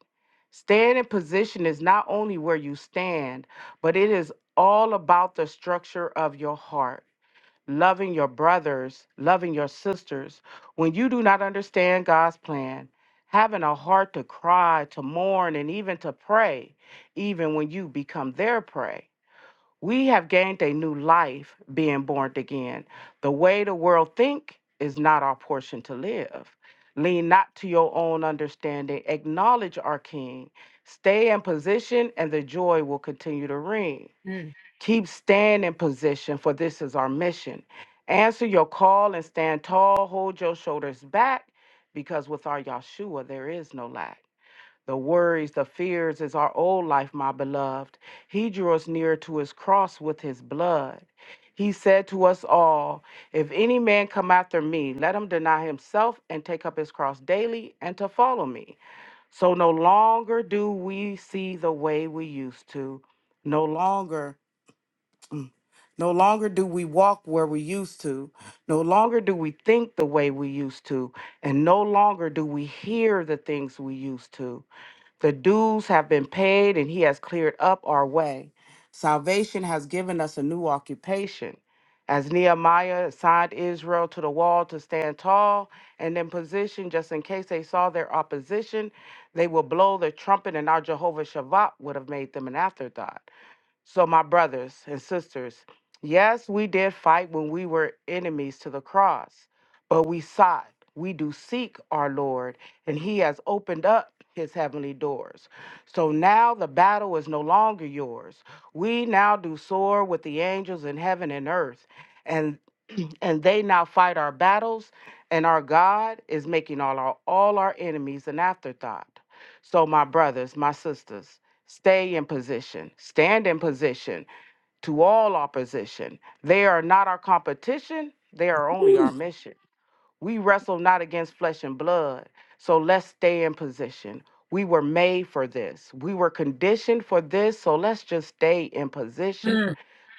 Speaker 4: Standing position is not only where you stand, but it is all about the structure of your heart loving your brothers, loving your sisters, when you do not understand God's plan, having a heart to cry, to mourn, and even to pray, even when you become their prey. We have gained a new life being born again. The way the world think is not our portion to live. Lean not to your own understanding. Acknowledge our King. Stay in position, and the joy will continue to ring. Keep standing position, for this is our mission. Answer your call and stand tall. Hold your shoulders back, because with our Yahshua, there is no lack. The worries, the fears is our old life, my beloved. He drew us near to his cross with his blood. He said to us all, If any man come after me, let him deny himself and take up his cross daily and to follow me. So no longer do we see the way we used to. No longer. mm, no longer do we walk where we used to. No longer do we think the way we used to. And no longer do we hear the things we used to. The dues have been paid and He has cleared up our way. Salvation has given us a new occupation. As Nehemiah assigned Israel to the wall to stand tall and in position, just in case they saw their opposition, they will blow the trumpet, and our Jehovah Shabbat would have made them an afterthought. So, my brothers and sisters, yes, we did fight when we were enemies to the cross, but we sought, we do seek our Lord, and He has opened up His heavenly doors. So now the battle is no longer yours. We now do soar with the angels in heaven and earth, and and they now fight our battles, and our God is making all our all our enemies an afterthought. So, my brothers, my sisters. Stay in position, stand in position to all opposition. They are not our competition, they are only our mission. We wrestle not against flesh and blood. So let's stay in position. We were made for this. We were conditioned for this. So let's just stay in position.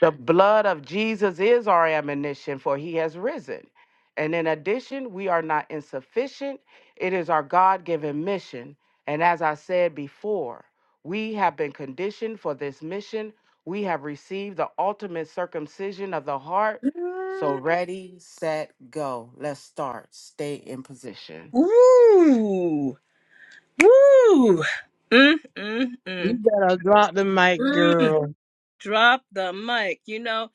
Speaker 4: The blood of Jesus is our ammunition, for he has risen. And in addition, we are not insufficient. It is our God given mission. And as I said before, we have been conditioned for this mission. We have received the ultimate circumcision of the heart
Speaker 1: Hmm.
Speaker 4: so ready, set, go. Let's start. Stay in position.
Speaker 1: Woo! Woo! Mm, mm,
Speaker 6: You
Speaker 1: mm,
Speaker 6: better drop the mic,
Speaker 1: mm.
Speaker 6: girl.
Speaker 1: Drop the mic. You know,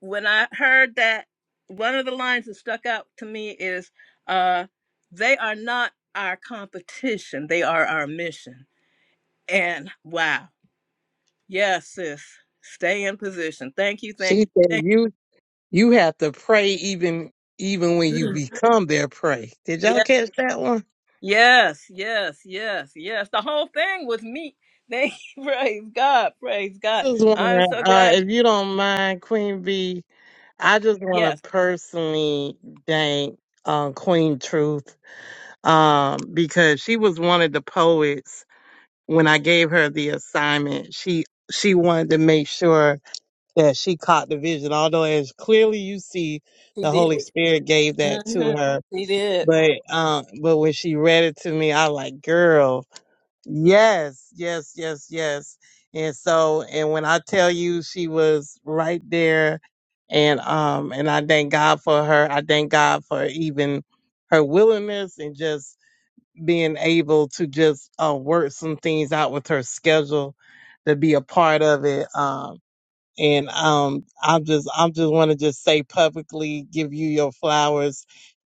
Speaker 1: when I heard that, one of the lines that stuck out to me is, uh, they are not our competition. They are our mission. And wow. Yes, sis. Stay in position. Thank you. Thank
Speaker 6: She
Speaker 1: you.
Speaker 6: said you you have to pray even even when you become their prey. Did y'all
Speaker 1: Yes,
Speaker 6: catch that one?
Speaker 1: Yes, yes, yes, yes. The whole thing was me. Thank you. Praise God. Praise God.
Speaker 6: Just
Speaker 1: I'm
Speaker 6: wondering
Speaker 1: so
Speaker 6: uh,
Speaker 1: glad.
Speaker 6: if you don't mind, Queen B. I just want to
Speaker 1: Yes,
Speaker 6: personally thank um, Queen Truth um, because she was one of the poets. When I gave her the assignment, she she wanted to make sure that she caught the vision. Although, as clearly you see,
Speaker 1: she
Speaker 6: the Holy
Speaker 1: did.
Speaker 6: Spirit gave that to
Speaker 1: hmm
Speaker 6: her.
Speaker 1: He did.
Speaker 6: But um, but when she read it to me, I like, girl. Yes, yes, yes, yes. And so, and when I tell you she was right there and um and I thank God for her. I thank God for even her willingness and just being able to just uh, work some things out with her schedule to be a part of it. Um and um I'm just I'm just want to just say publicly give you your flowers.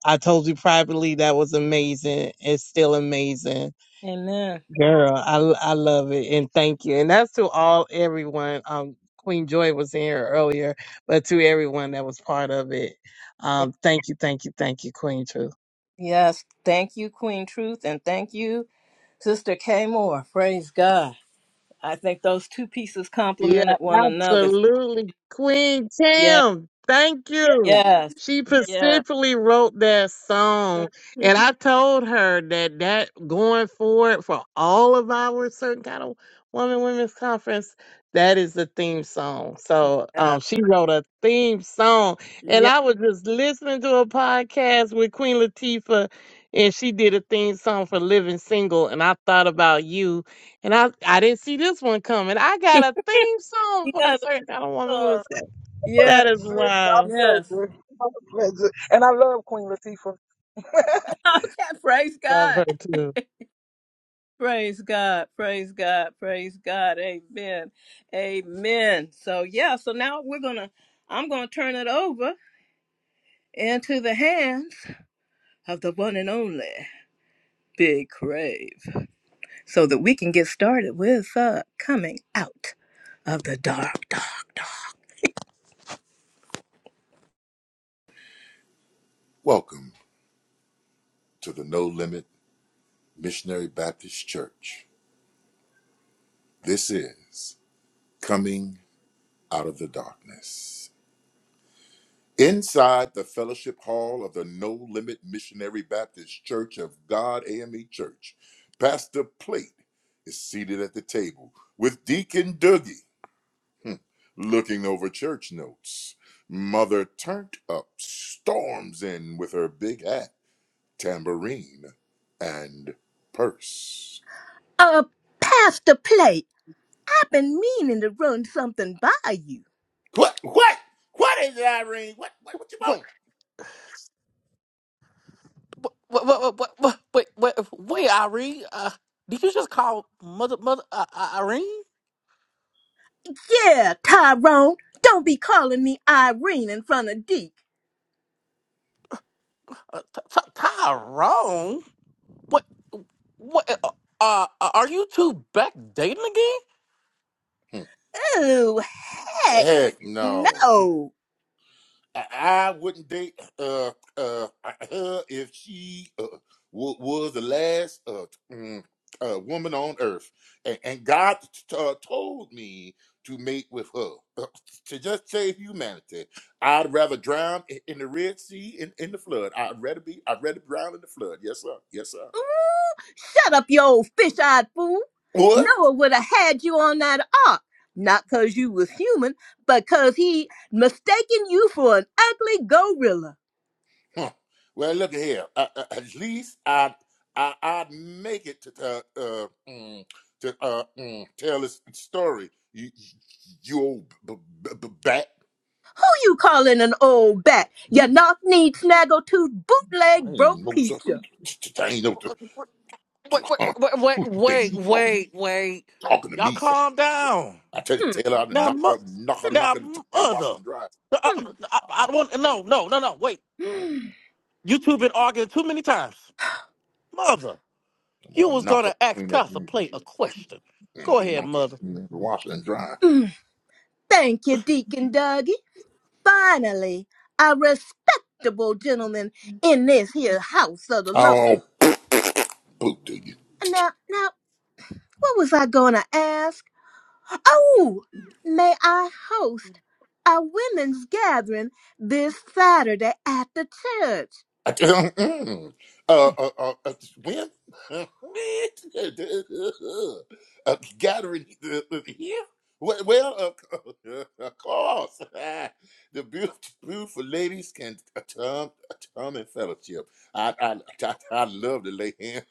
Speaker 6: I told you privately that was amazing. It's still amazing
Speaker 1: Amen.
Speaker 6: Girl, I I love it and thank you. And that's to all everyone. Um, Queen Joy was in here earlier, but to everyone that was part of it,
Speaker 1: Ye-
Speaker 6: um, thank you, thank you, thank you, Queen Tru.
Speaker 1: Yes. Thank you, Queen Truth, and thank you, Sister K Moore. Praise God. I think those two pieces
Speaker 6: Yeah,
Speaker 1: complemented one another.
Speaker 6: absolutely. Queen
Speaker 1: Yeah.
Speaker 6: Tam, thank you.
Speaker 1: Yes.
Speaker 6: She
Speaker 1: Yeah.
Speaker 6: specifically wrote that song. And
Speaker 1: Mhm.
Speaker 6: I told her that that going forward for all of our certain kind of woman women's conference, that is the theme song. So
Speaker 1: Yeah.
Speaker 6: um, she wrote a theme song. And
Speaker 1: Yeah.
Speaker 6: I was just listening to a podcast with Queen Latifah and she did a theme song for Living Single. And I thought about you and I I didn't see this one coming. I got a theme song
Speaker 1: You
Speaker 6: for the
Speaker 1: got it.
Speaker 6: certain kind of woman who is
Speaker 1: uh, Yeah.
Speaker 6: that is
Speaker 5: Sis, my
Speaker 6: wild.
Speaker 1: Yes.
Speaker 5: pleasure. My pleasure. And I love Queen Latifah.
Speaker 1: Okay. Praise
Speaker 6: Love
Speaker 1: God.
Speaker 6: her too.
Speaker 1: Praise God. Praise God. Praise God. Amen. Amen. So yeah. So now we're gonna. I'm gonna turn it over into the hands. of the one and only Big Crave so that we can get started with uh, coming out of the dark, dark, dark.
Speaker 3: Welcome to the No Limit Missionary Baptist Church. This is Coming Out of the Darkness. Inside the fellowship hall of the No Limit Missionary Baptist Church of God AME Church, Pastor Plate is seated at the table with Deacon Doogie, hmm, looking over church notes. Mother Turned Up storms in with her big hat, tambourine, and purse.
Speaker 1: Uh, Pastor Play, I've been meaning to run something by you.
Speaker 3: What? What? What is it, Irene? What? What? What you
Speaker 10: What?
Speaker 3: want?
Speaker 10: What? What? What? What? What? Wait, wait, wait, Irene. Uh, did you just call mother, mother, uh, uh, Irene?
Speaker 1: Yeah, Tyrone, don't be calling me Irene in front of Deke.
Speaker 10: Uh, t- t- Tyrone? What? What? Uh, uh, are you two back dating
Speaker 3: Hmm.
Speaker 1: Oh, heck
Speaker 3: Heck no.
Speaker 1: no.
Speaker 3: I, I wouldn't date uh, uh, her if she uh, w- was the last uh, mm, uh, woman on earth. And, and God t- uh, told me to mate with her uh, to just save humanity. I'd rather drown i- in the Red Sea in, in the flood. I'd rather be. I'd rather drown in the flood. Yes, sir. Yes, sir.
Speaker 1: Shut up, you old fish-eyed fool.
Speaker 3: What?
Speaker 1: Noah would have had you on that ark. Not 'cause you was human, but 'cause he mistaken you for an ugly gorilla.
Speaker 3: Huh. Well, look at here. Uh, uh, at least I, I I make it to uh, uh, mm, to uh, mm, tell this story. You, you old b- b- b- bat.
Speaker 1: you calling an old bat, you
Speaker 3: You.
Speaker 1: knock-kneed, snaggletooth,
Speaker 3: I
Speaker 1: bootleg, broke
Speaker 3: ain't know something.
Speaker 1: preacher.
Speaker 3: I ain't know the.
Speaker 10: again? Wait, wait,
Speaker 3: Huh.
Speaker 10: wait, wait,
Speaker 3: Who you think
Speaker 10: wait,
Speaker 3: she talking
Speaker 10: wait, wait.
Speaker 3: talking to
Speaker 10: Y'all
Speaker 3: me? So
Speaker 10: calm down.
Speaker 3: I tell you, tell her to
Speaker 10: Now,
Speaker 3: knock
Speaker 10: mo-
Speaker 3: her knock her knock
Speaker 10: now,
Speaker 3: her between that wash
Speaker 10: mother.
Speaker 3: and dry.
Speaker 10: I, I, I don't want. No, no, no, no. Wait. You two been arguing too many times, mother.
Speaker 3: I'm gonna
Speaker 10: You was
Speaker 3: knock her
Speaker 10: gonna ask
Speaker 3: between that
Speaker 10: Pastor
Speaker 3: mm,
Speaker 10: Play a question. Go
Speaker 3: mm,
Speaker 10: ahead,
Speaker 3: knock her
Speaker 10: mother.
Speaker 3: between that wash and dry.
Speaker 1: Mm, Thank you, Deacon Dougie. Finally, a respectable gentleman in this here house of the Lord.
Speaker 3: Oh, boot
Speaker 1: Now, now, what was I gonna ask? Oh, may I host a women's gathering this Saturday at the church?
Speaker 3: I, can't- mm, uh, uh, uh, uh, when a gathering uh, uh, here? Well, well, uh, of course, the beautiful, beautiful ladies can come, come in fellowship. I, I, I, I love to lay hands.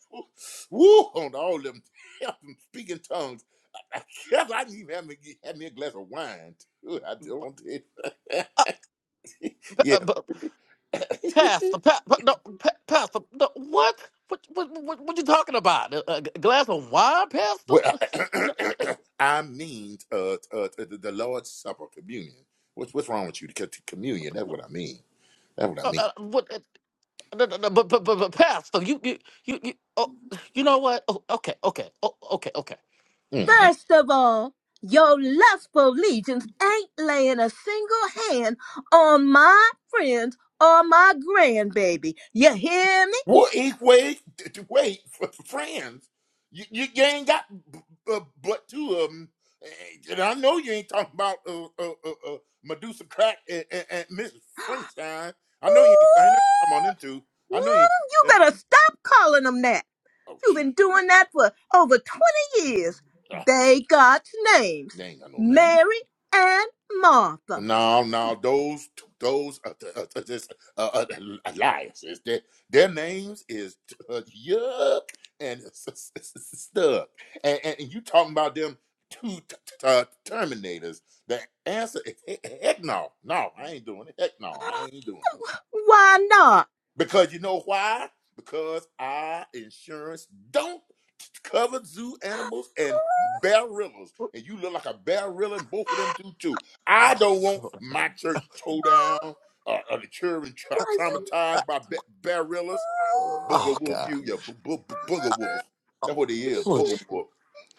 Speaker 3: Woo, on all them, them speaking tongues. I, I, I not even have me, have me a glass of wine. Too. I don't.
Speaker 10: Uh, pa- uh,
Speaker 3: Yeah.
Speaker 10: but Pastor, pa- pa- no, pa- Pastor, no, what? What, what, what, what you talking about? A, a g- glass of wine, Pastor?
Speaker 3: Well,
Speaker 10: No,
Speaker 3: I mean uh, uh, uh, the, the Lord's Supper, communion. What's what's wrong with you? To, to communion. That's what I mean. That's what I
Speaker 10: uh,
Speaker 3: mean.
Speaker 10: uh, what? Uh, no, no, no, but, but, but, but, Pastor, you, you, you, you, oh, you know what? Oh, okay, okay, oh, okay, okay.
Speaker 3: Mhm.
Speaker 1: First of all, your lustful legions ain't laying a single hand on my friends or my grandbaby. You hear me?
Speaker 3: Well, eat, wait, d- d- wait, f- f- friends. You, you you ain't got b- b- but two of them. And I know you ain't talking about uh, uh, uh, uh, Medusa Crack and, and, and Mrs. Frankenstein. I
Speaker 1: Ooh,
Speaker 3: know you ain't. I know you ain't talking about them two.
Speaker 1: ooh,
Speaker 3: I know you ain't talking
Speaker 1: you
Speaker 3: about them two.
Speaker 1: better stop calling them that.
Speaker 3: Oh
Speaker 1: You've
Speaker 3: shoot,
Speaker 1: been doing that for over 20 years.
Speaker 3: Ah,
Speaker 1: They got names
Speaker 3: they ain't got no name.
Speaker 1: Mary and Martha.
Speaker 3: No, no, those those uh, uh, uh, this, uh, uh, alliances. Their their names is uh, Yuck and S- S- S- Stuck, and, and and you talking about them two t- t- uh, Terminators? The answer is he- heck no, no, I ain't doing it. Heck no, I ain't doing it.
Speaker 1: Why not?
Speaker 3: Because you know why? Because our insurance don't cover zoo animals and barrillas. And you look like a barilla and both of them do too. I
Speaker 10: Oh,
Speaker 3: don't want
Speaker 10: Lord.
Speaker 3: my church towed down or, or the children tra-
Speaker 10: Uh, uh,
Speaker 3: traumatized by ba- barillas. Or
Speaker 10: oh,
Speaker 3: booger wolf,
Speaker 10: God.
Speaker 3: you, you bo- bo- bo- booger wolf. That's what he is,
Speaker 10: Oh, Je-
Speaker 3: booger wolf.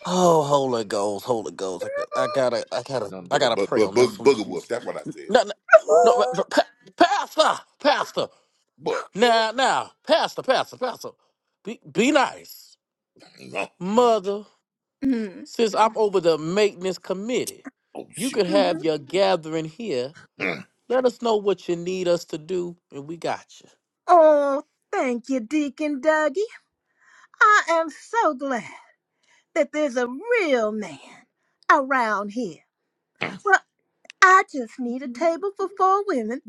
Speaker 10: oh, Holy Ghost, Holy Ghost. I, got- I gotta, I gotta,
Speaker 3: Nothing
Speaker 10: I
Speaker 3: but a
Speaker 10: gotta
Speaker 3: bu-
Speaker 10: pray
Speaker 3: bu-
Speaker 10: on
Speaker 3: bu-
Speaker 10: this one,
Speaker 3: booger wolf.
Speaker 10: Jesus.
Speaker 3: That's what I said.
Speaker 10: No, no, no, but, but, Pa- Pastor, Pastor.
Speaker 3: But,
Speaker 10: Now, now, Pastor, Pastor, Pastor, be, be nice.
Speaker 3: you know,
Speaker 10: Mother,
Speaker 1: Mm.
Speaker 10: since I'm over the maintenance committee,
Speaker 3: oh
Speaker 10: you
Speaker 3: shoot.
Speaker 10: could
Speaker 1: Mhm.
Speaker 10: have your gathering here.
Speaker 3: Mm,
Speaker 10: Let us know what you need us to do, and we got you.
Speaker 1: Oh, thank you, Deacon Dougie. I am so glad. that there's a real man around here.
Speaker 3: mm.
Speaker 1: Well, I just need a table for four women.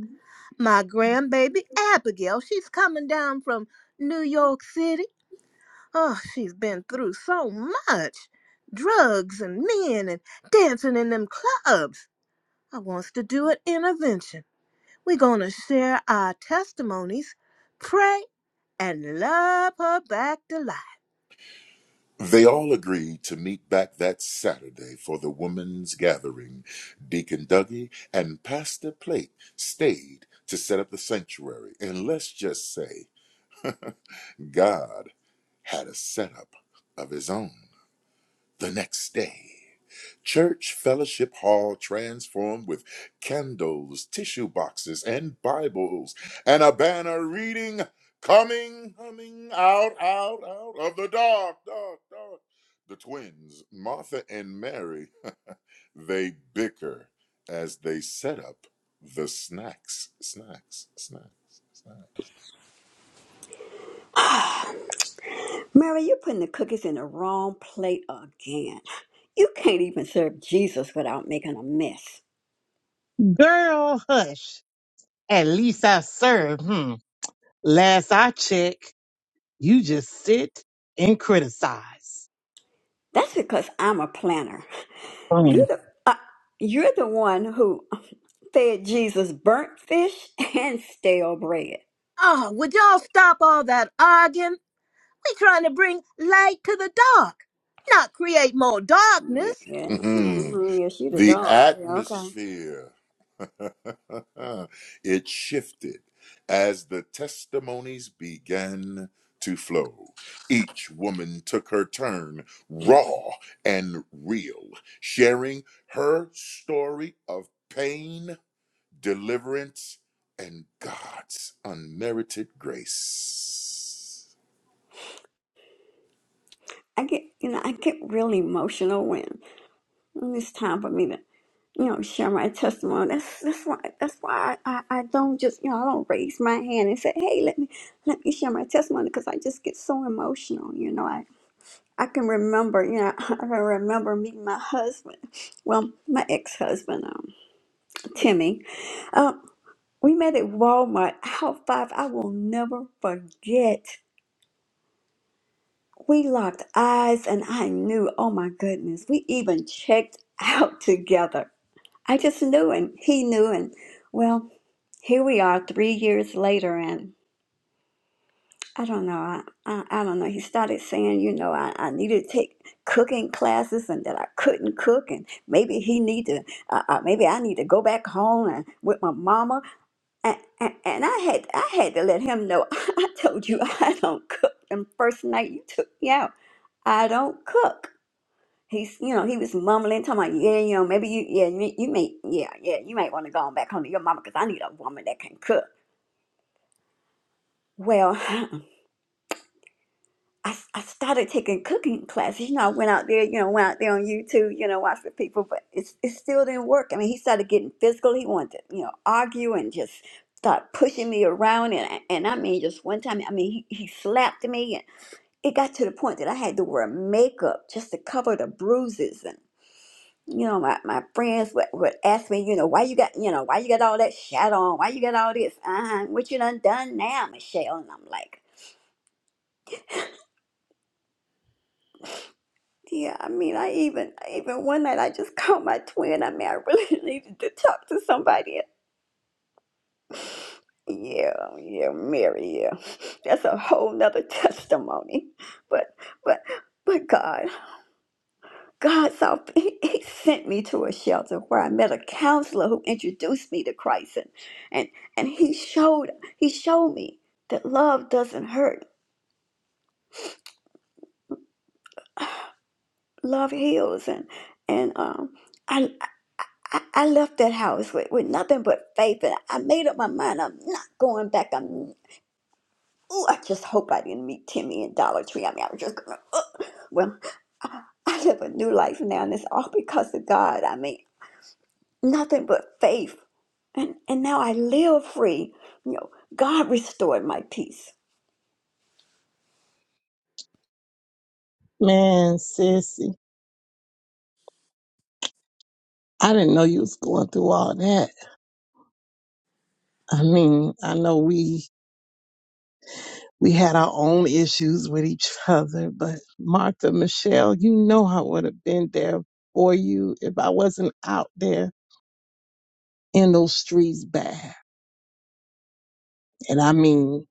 Speaker 1: My grandbaby Abigail, she's coming down from New York City. Oh, she's been through so much drugs and men and dancing in them clubs. I wants to do an intervention. We're going to share our testimonies, pray, and love her back to life.
Speaker 3: They all agreed to meet back that Saturday for the women's gathering. Deacon Dougie and Pastor Plate stayed to set up the sanctuary, and let's just say God had a setup of his own the next day. Church fellowship hall transformed with candles, tissue boxes, and Bibles, and a banner reading, Coming, coming out, out, out of the dark, dark, dark. The twins, Martha and Mary, they bicker as they set up the snacks, snacks, snacks, snacks.
Speaker 9: Mary, you're putting the cookies in the wrong plate again. You can't even serve Jesus without making a mess.
Speaker 6: Girl hush. At least I serve. Hmm. Last I check, you just sit and criticize.
Speaker 9: That's because I'm a planner.
Speaker 6: Mm.
Speaker 9: You're the uh, you're the one who fed Jesus burnt fish and stale bread.
Speaker 1: Oh, would y'all stop all that arguing? We're trying to bring light to the dark, not create more
Speaker 9: Yeah,
Speaker 1: darkness.
Speaker 9: yeah,
Speaker 3: Mhm.
Speaker 9: mhm, yeah, she the
Speaker 3: The
Speaker 9: dog. Yeah, okay.
Speaker 3: atmosphere, it shifted as the testimonies began to flow. Each woman took her turn, raw and real, sharing her story of pain, deliverance, and God's unmerited grace.
Speaker 9: I get, you know, I get really emotional when when it's time for me to you know, share my testimony. That's that's why that's why I, I, I don't just you know I don't raise my hand and say, hey, let me let me share my testimony because I just get so emotional. You know, I I can remember you know I can remember meeting my husband, well my ex husband, um, Timmy. Um, we met at Walmart. How five I will never forget. We locked eyes and I knew. Oh my goodness, we even checked out together. I just knew and he knew and well. here we are three years later and i don't know i, I, I don't know he started saying you know I, I needed to take cooking classes and that i couldn't cook and maybe he need to uh, uh, maybe i need to go back home and with my mama and, and, and i had i had to let him know i told you i don't cook and first night you took me out i don't cook He's, you know, he was mumbling, talking about, yeah, you know, maybe you, yeah, you, you may, yeah, yeah, you might want to go on back home to your mama because I need a woman that can cook. Well, I, I started taking cooking classes. You know, I went out there, you know, went out there on YouTube, you know, watched the people, but it's, it still didn't work. I mean, he started getting physical. He wanted to, you know, argue and just start pushing me around. And, I- and I mean, just one time, I mean, he, he slapped me. And it got to the point that I had to wear makeup just to cover the bruises. And, you know, my, my friends would, would ask me, you know, why you got, you know, why you got all that shadow on? Why you got all this? Uh-huh. What you done done now, Michelle? And I'm like, Yeah, I mean, I even even one night I just called my twin. I mean, I really needed to talk to somebody. Yeah, yeah, Mary, yeah. That's a whole nother testimony. But but but God, God saw he, he sent me to a shelter where I met a counselor who introduced me to Christ and and, and he showed he showed me that love doesn't hurt. Love heals and and um I. I, I left that house with, with nothing but faith, and I made up my mind I'm not going back. I'm, ooh, I just hope I didn't meet Timmy in Dollar Tree. I mean, I was just gonna, uh, well, I live a new life now, and it's all because of God. I mean, nothing but faith, and and now I live free. You know, God restored my peace.
Speaker 6: Man, sissy. I didn't know you was going through all that. I mean, I know we we had our own issues with each other, but Martha, Michelle, you know I would have been there for you if I wasn't out there in those streets bad. And I mean,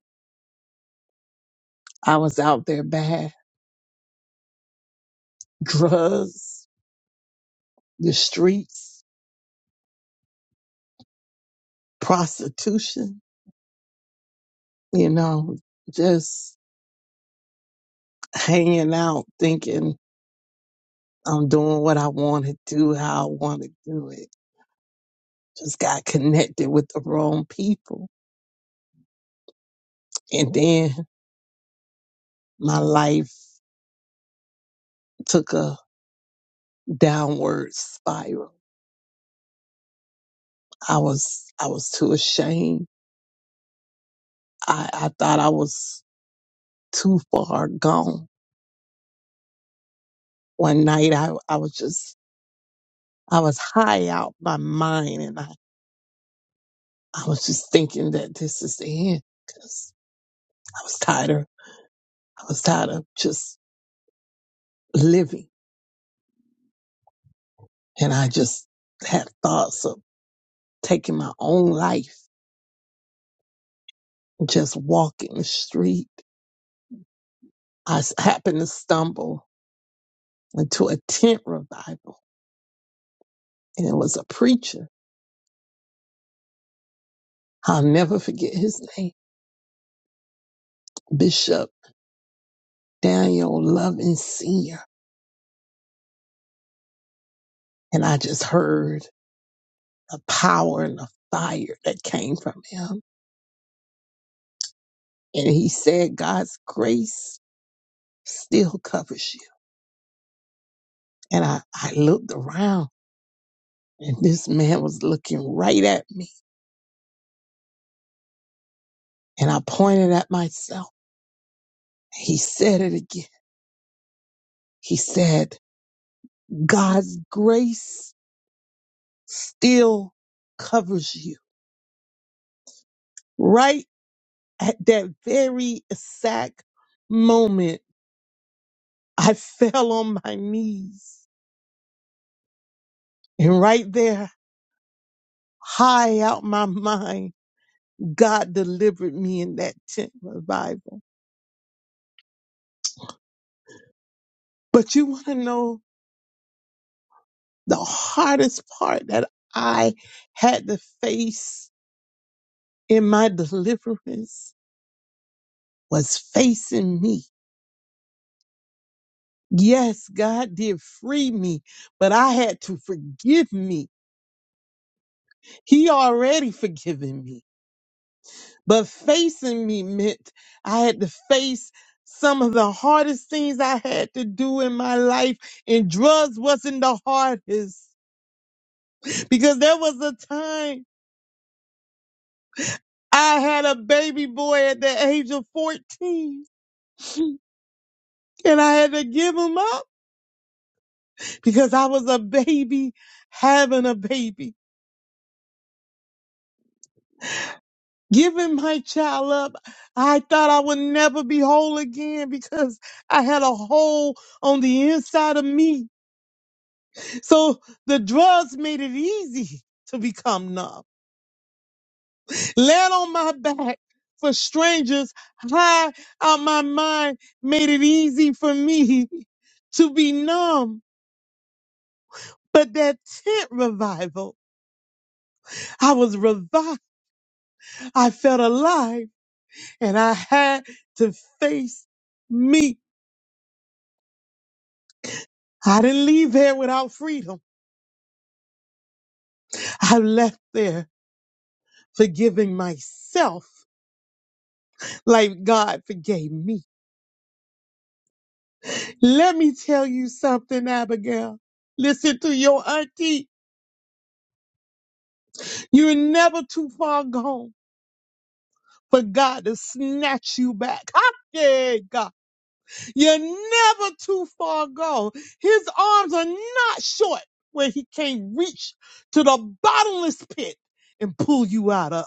Speaker 6: I was out there bad. Drugs, the streets, prostitution, you know, just hanging out thinking I'm doing what I want to do, how I want to do it. Just got connected with the wrong people. And then my life took a downward spiral. I was I was too ashamed. I, I thought I was too far gone. One night I, I was just I was high out my mind and I, I was just thinking that this is the end because I was tired of I was tired of just living and I just had thoughts of taking my own life, just walking the street. I s- happened to stumble into a tent revival and it was a preacher I'll never forget his name, Bishop Daniel Loving Sr. And I just heard the power and the fire that came from him. And he said, God's grace still covers you. And I, I looked around and this man was looking right at me. And I pointed at myself. He said it again. He said, God's grace still covers you. Right at that very exact moment I fell on my knees. And right there, high out my mind, God delivered me in that tent revival. But you want to know the hardest part that I had to face in my deliverance was facing me. Yes, God did free me, but I had to forgive me. He already forgiven me. But facing me meant I had to face some of the hardest things I had to do in my life, and drugs wasn't the hardest because there was a time I had a baby boy at the age of 14 and I had to give him up because I was a baby having a baby. Giving my child up, I thought I would never be whole again because I had a hole on the inside of me So the drugs made it easy to become numb. Land on my back for strangers, high out my mind, made it easy for me to be numb. But that tent revival, I was revived. I felt alive and I had to face me. I didn't leave there without freedom. I left there forgiving myself like God forgave me. Let me tell you something, Abigail. Listen to your auntie. You're never too far gone for God to snatch you back. Ah, Yeah, God. You're never too far gone. His arms are not short where he can't reach to the bottomless pit and pull you out of.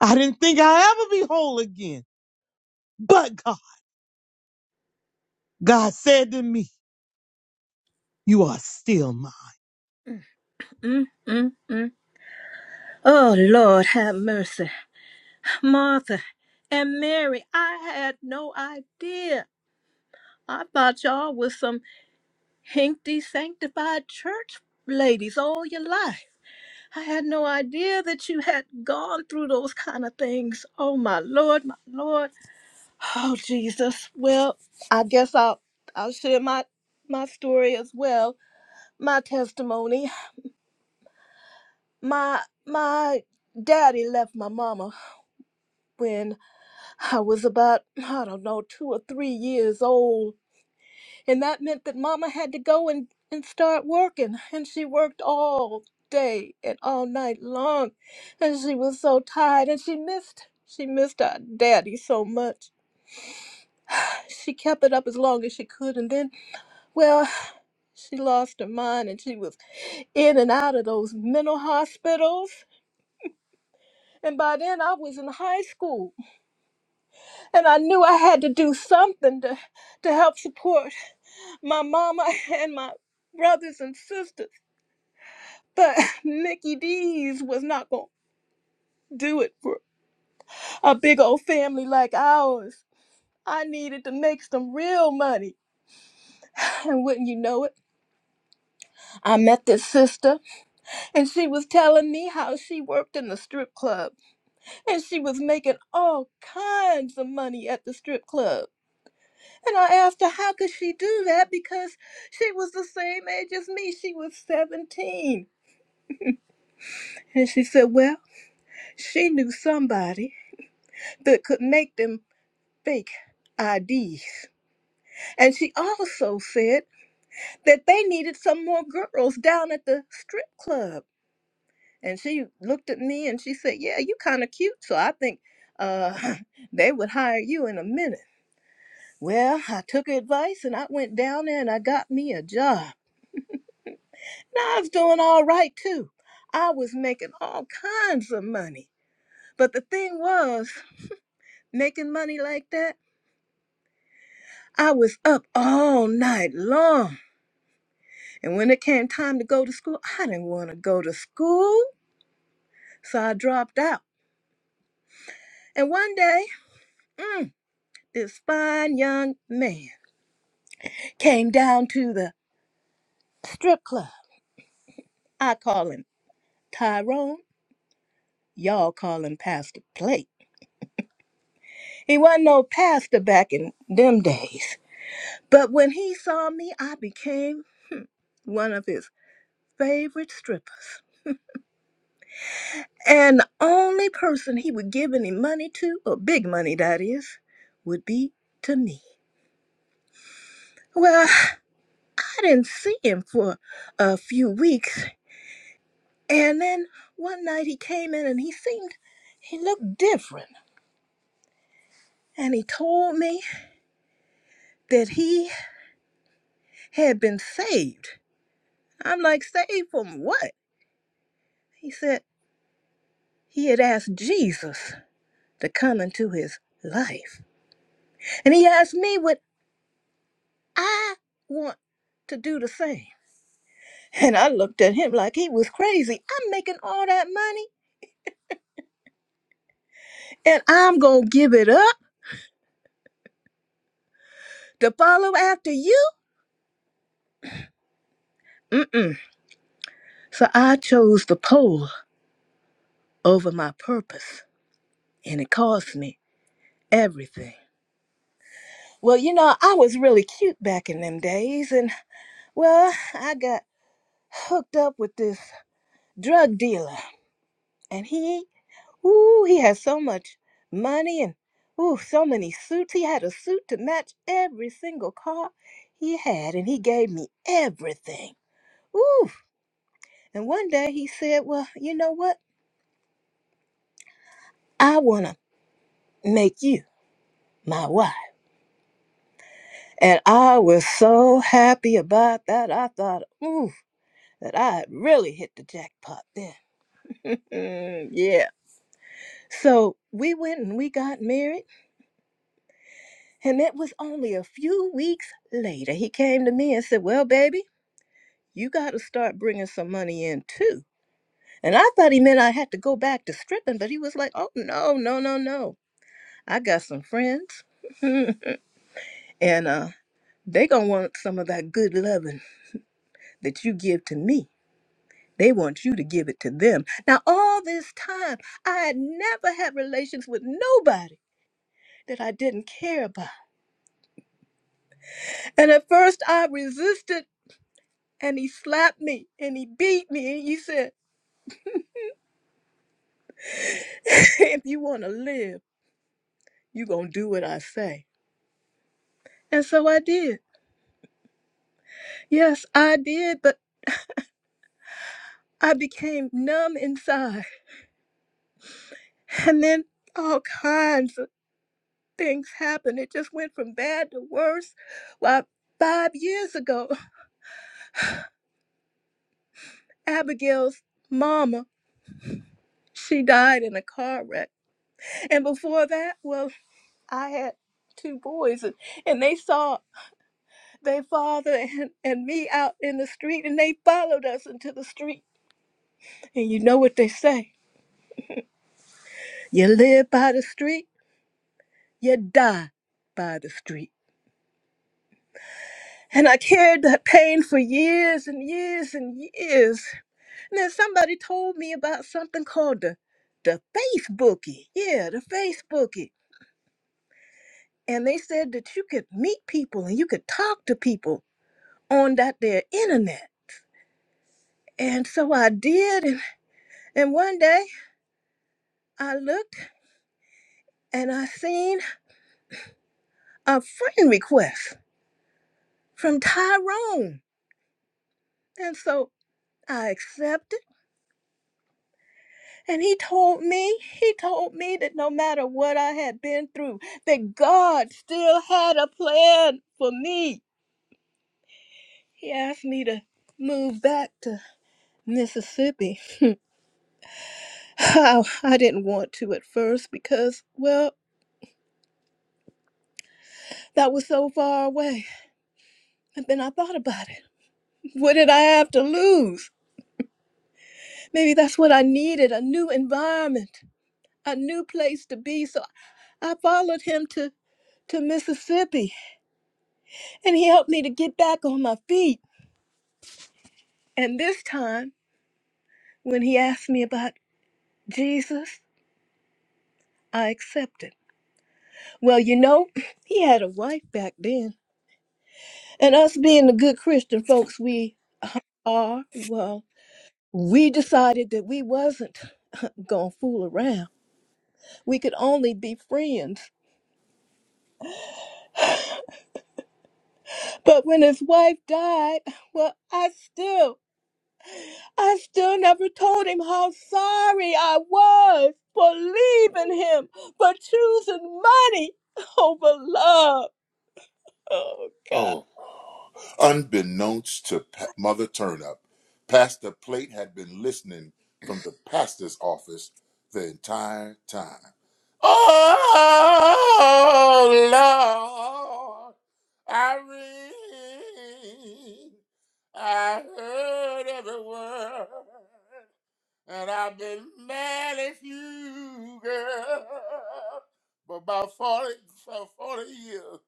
Speaker 6: I didn't think I'd ever be whole again. But God, God said to me, you are still mine.
Speaker 1: Mm, mm, mm. Oh, Lord, have mercy. Martha and Mary, I had no idea. I thought y'all was some hinkty sanctified church ladies all your life. I had no idea that you had gone through those kind of things. Oh my Lord, my Lord. Oh Jesus. Well, I guess I'll I'll share my my story as well. my testimony my my daddy left my mama when i was about i don't know two or three years old and that meant that mama had to go and, and start working and she worked all day and all night long and she was so tired and she missed she missed our daddy so much she kept it up as long as she could and then well she lost her mind and she was in and out of those mental hospitals And by then I was in high school and I knew I had to do something to, to help support my mama and my brothers and sisters. But Mickey D's was not going to do it for a big old family like ours. I needed to make some real money. And wouldn't you know it, I met this sister and she was telling me how she worked in the strip club and she was making all kinds of money at the strip club. And I asked her, how could she do that? Because she was the same age as me. She was 17. And she said, well, she knew somebody that could make them fake IDs. And she also said that they needed some more girls down at the strip club. And she looked at me and she said, yeah, you kind of cute. So I think uh, they would hire you in a minute. Well, I took her advice and I went down there and I got me a job. Now I was doing all right too. I was making all kinds of money. But the thing was, making money like that, I was up all night long. And when it came time to go to school, I didn't want to go to school. So I dropped out. And one day, this fine young man came down to the strip club. I call him Tyrone. Y'all call him Pastor Plate. He wasn't no pastor back in them days. But when he saw me, I became one of his favorite strippers. And the only person he would give any money to, or big money that is, would be to me. Well, I didn't see him for a few weeks. And then one night he came in and he seemed, he looked different. And he told me that he had been saved. I'm like, saved from what? He said he had asked Jesus to come into his life. And he asked me, Would I want to do the same? And I looked at him like he was crazy. I'm making all that money and I'm going to give it up to follow after you? Mm-mm. So I chose the pole over my purpose and it cost me everything. Well, you know, I was really cute back in them days and, well, I got hooked up with this drug dealer and he Ooh, he has so much money and ooh, so many suits. He had a suit to match every single car he had, and he gave me everything. Ooh. And one day he said, Well, you know what? I wanna make you my wife. And I was so happy about that. I thought, ooh, that I had really hit the jackpot then. Mm, yeah. So we went and we got married And it was only a few weeks later he came to me and said, Well, baby, you got to start bringing some money in too. And I thought he meant I had to go back to stripping, but he was like, Oh, no, no, no, no. I got some friends, and uh, they going to want some of that good loving that you give to me. They want you to give it to them. Now, all this time, I had never had relations with nobody that I didn't care about. And at first, I resisted and he slapped me and he beat me and he said, If you want to live, you going to do what I say. And so I did. Yes, I did, but I became numb inside. And then all kinds of things happened. It just went from bad to worse. Why, five years ago, Abigail's mama, she died in a car wreck. And before that, well, I had two boys and, and they saw their father and, and me out in the street and they followed us into the street. And you know what they say. You live by the street, you die by the street. And I carried that pain for years and years and years. And then somebody told me about something called the the Facebookie. Yeah, the Facebookie. And they said that you could meet people and you could talk to people on that there internet. And so I did and, and one day I looked and I seen a friend request from Tyrone. And so I accepted. And he told me, he told me that no matter what I had been through, that God still had a plan for me. He asked me to move back to Mississippi. I didn't want to at first because, well, that was so far away. But then I thought about it. What did I have to lose? Maybe that's what I needed a new environment a new place to be. So I followed him to to Mississippi, and he helped me to get back on my feet. And this time, when he asked me about Jesus, I accepted. Well, you know, he had a wife back then, and us being the good Christian folks we are, well, we decided that we wasn't gonna fool around. We could only be friends. But when his wife died, well, I still I still never told him how sorry I was for leaving him, for choosing money over love. Oh God.
Speaker 3: Oh, Unbeknownst to Pa- Mother Turnup, Pastor Plate had been listening from the pastor's office the entire time. Oh, Lord, I read, I heard every word. And I've been mad at you, girl, for about 40, for 40 years.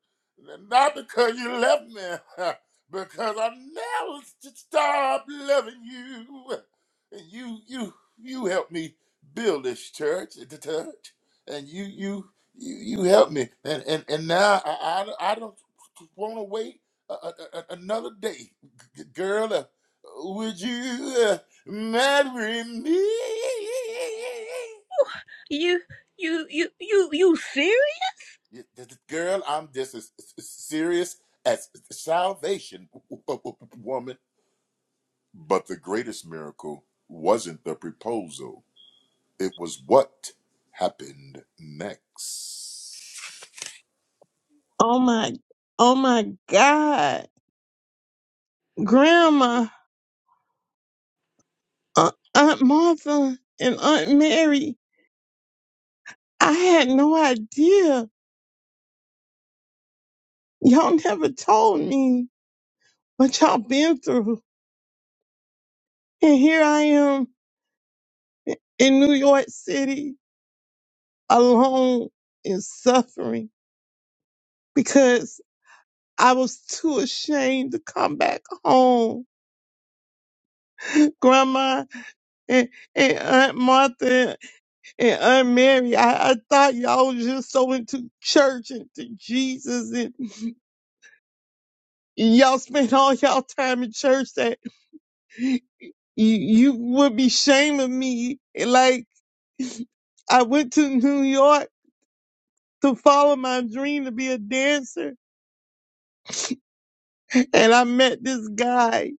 Speaker 3: Not because you left me, because I never stopped loving you. And you, you, you helped me build this church, the church. And you, you, you, you helped me. And and, and now I, I, I don't want to wait a, a, a- another day, G- girl. uh, Would you? uh, Marry me.
Speaker 1: You you you you you serious?
Speaker 3: Girl, I'm just as serious as salvation, woman. But the greatest miracle wasn't the proposal, it was what happened next.
Speaker 6: Oh my, oh my God. Grandma. uh, Aunt Martha and Aunt Mary, I had no idea. Y'all never told me what y'all been through. And here I am in New York City alone and suffering because I was too ashamed to come back home. Grandma and, and Aunt Martha and Aunt Mary, I, I thought y'all was just so into church and to Jesus and y'all spent all y'all time in church that. you you would be shaming me. Like I went to New York to follow my dream to be a dancer, and I met this guy.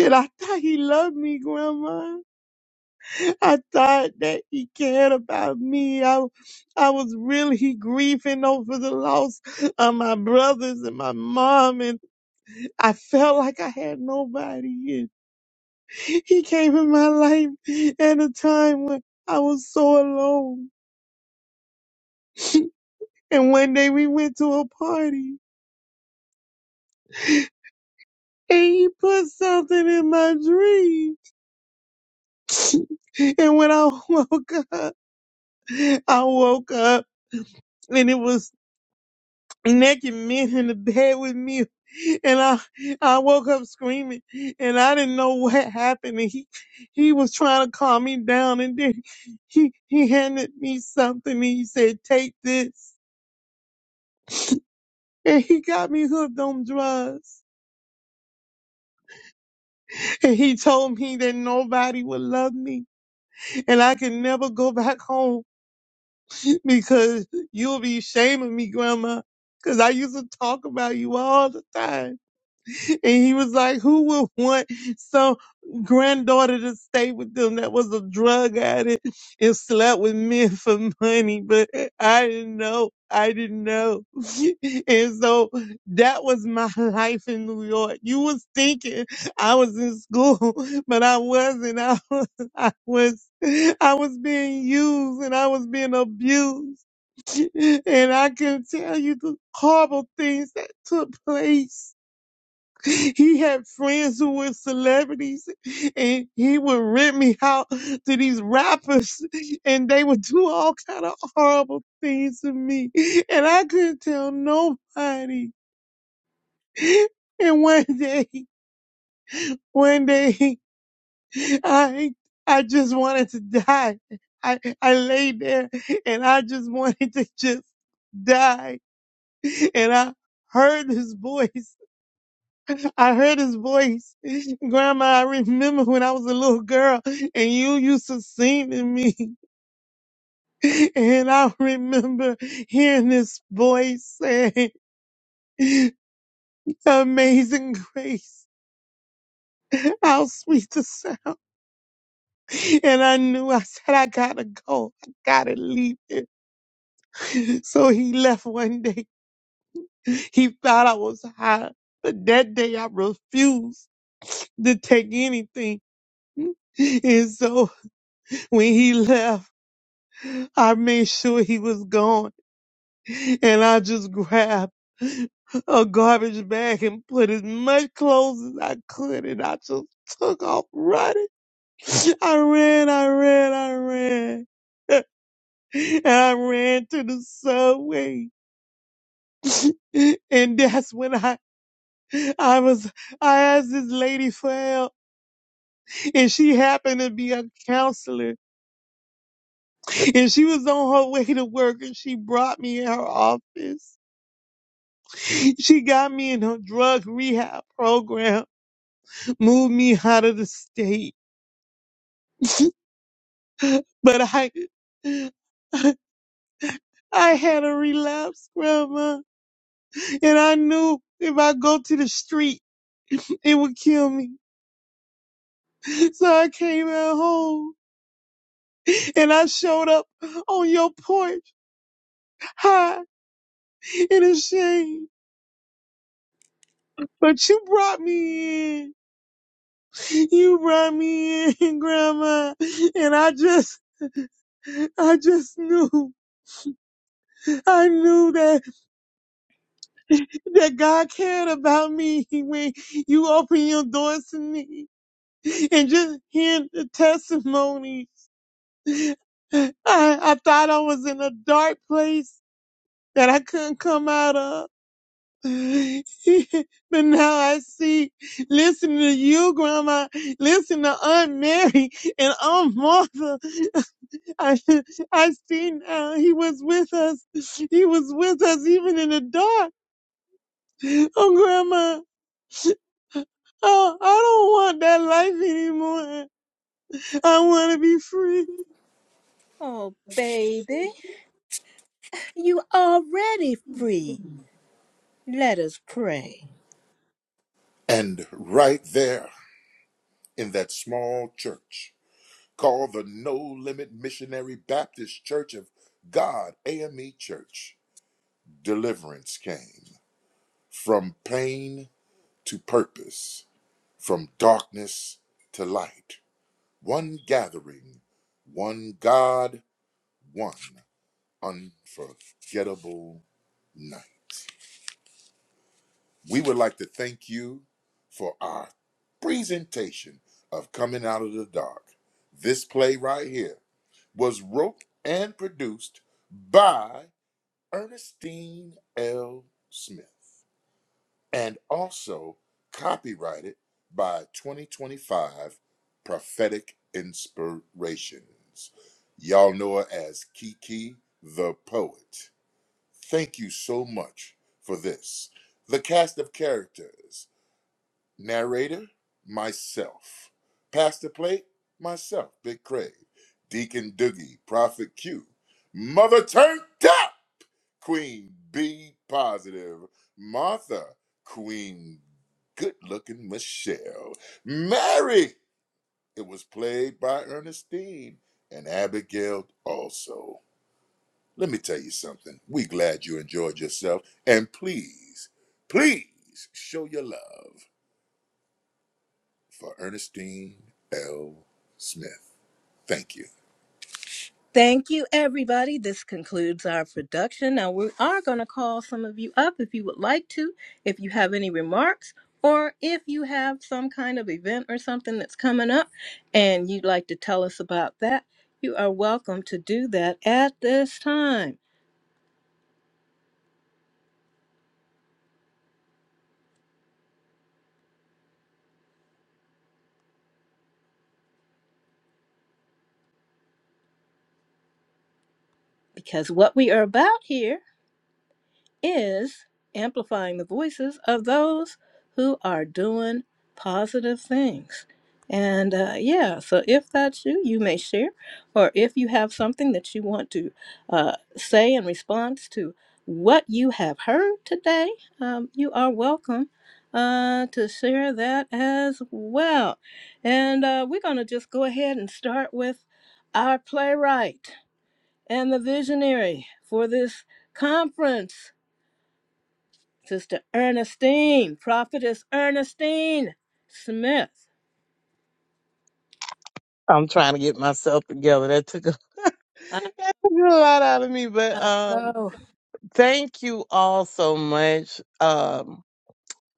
Speaker 6: And I thought he loved me, Grandma. I thought that he cared about me. I, I was really grieving over the loss of my brothers and my mom, and I felt like I had nobody. And he came in my life at a time when I was so alone. And one day we went to a party and he put something in my dream. and when I woke up, I woke up and it was naked men in the bed with me. And I, I woke up screaming and I didn't know what happened. And he, he was trying to calm me down and then he, he handed me something and he said, take this. And he got me hooked on drugs. And he told me that nobody would love me and I can never go back home because you'll be shaming me, Grandma, because I used to talk about you all the time. And he was like, who would want some granddaughter to stay with them that was a drug addict and slept with men for money? But I didn't know. I didn't know. And so that was my life in New York. You was thinking I was in school, but I wasn't. I was, I was, I was being used and I was being abused. And I can tell you the horrible things that took place he had friends who were celebrities and he would rent me out to these rappers and they would do all kind of horrible things to me. And I couldn't tell nobody. And one day, one day, I, I just wanted to die. I, I laid there and I just wanted to just die. And I heard this voice I heard his voice. Grandma, I remember when I was a little girl and you used to sing to me. And I remember hearing this voice saying, Amazing grace. How sweet the sound. And I knew I said, I gotta go. I gotta leave it. So he left one day. He thought I was high. But that day I refused to take anything. And so when he left, I made sure he was gone and I just grabbed a garbage bag and put as much clothes as I could and I just took off running. I ran, I ran, I ran. and I ran to the subway. And that's when I I was I asked this lady for help and she happened to be a counselor and she was on her way to work and she brought me in her office She got me in her drug rehab program, moved me out of the state. But I, I had a relapse, Grandma, and I knew if I go to the street, it would kill me. So I came at home and I showed up on your porch, high and ashamed. But you brought me in. You brought me in, Grandma. And I just, I just knew. I knew that that God cared about me when you open your doors to me. And just hearing the testimonies, I, I thought I was in a dark place that I couldn't come out of. but now I see, listening to you, Grandma, listen to Aunt Mary and Aunt Martha. I, I see now he was with us. He was with us even in the dark. Oh, Grandma. Oh, I don't want that life anymore. I want to be free.
Speaker 1: Oh baby, you already free. Let us pray.
Speaker 3: And right there in that small church called the No Limit Missionary Baptist Church of God, AME Church, deliverance came from pain to purpose, from darkness to light. One gathering, one God, one unforgettable night. We would like to thank you for our presentation of Coming Out of the Dark. This play right here was wrote and produced by Ernestine L. Smith. and also copyrighted by 2025 Prophetic Inspirations. Y'all know her as Kiki the Poet. Thank you so much for this. The cast of characters narrator, myself. Pastor Plate, myself, Big Craig. Deacon Doogie, Prophet Q. Mother Turned Up! Queen B positive, Martha, Queen good looking Michelle, Mary. It was played by Ernestine and Abigail also. Let me tell you something. We glad you enjoyed yourself, and please, please show your love for Ernestine L. Smith. Thank you.
Speaker 1: Thank you, everybody. This concludes our production. Now, we are going to call some of you up if you would like to, if you have any remarks, or if you have some kind of event or something that's coming up and you'd like to tell us about that, you are welcome to do that at this time because what we are about here. is amplifying the voices of those who are doing positive things. And uh, yeah, so if that's you, you may share, or if you have something that you want to uh, say in response to what you have heard today, um, you are welcome uh, to share that as well. And uh, we're going to just go ahead and start with our playwright and the visionary for this conference. Sister Ernestine, Prophetess Ernestine Smith.
Speaker 6: I'm trying to get myself together. That took a,
Speaker 1: I
Speaker 6: that took a lot out of me, but um,
Speaker 1: know.
Speaker 6: thank you all so much um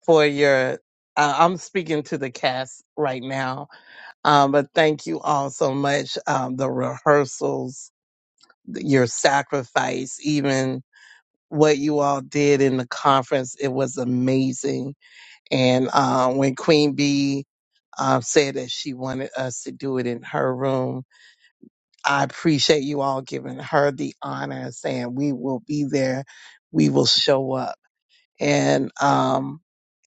Speaker 6: for your. Uh, I'm speaking to the cast right now, um, but thank you all so much. Um, the rehearsals, your sacrifice, even what you all did in the conference, it was amazing And uh, when Queen Bee uh, said that she wanted us to do it in her room, I appreciate you all giving her the honor of saying we will be there, we will show up. And um,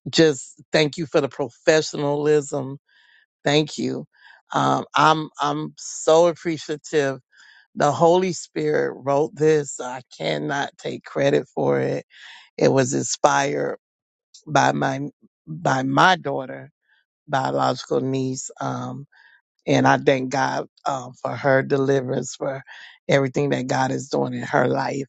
Speaker 6: just thank you for the professionalism. Thank you. Um, I'm I'm so appreciative. The Holy Spirit wrote this. so I cannot take credit for it. It was inspired by my by my daughter biological niece. Um, and I thank God um, for her deliverance, for everything that God is doing in her life,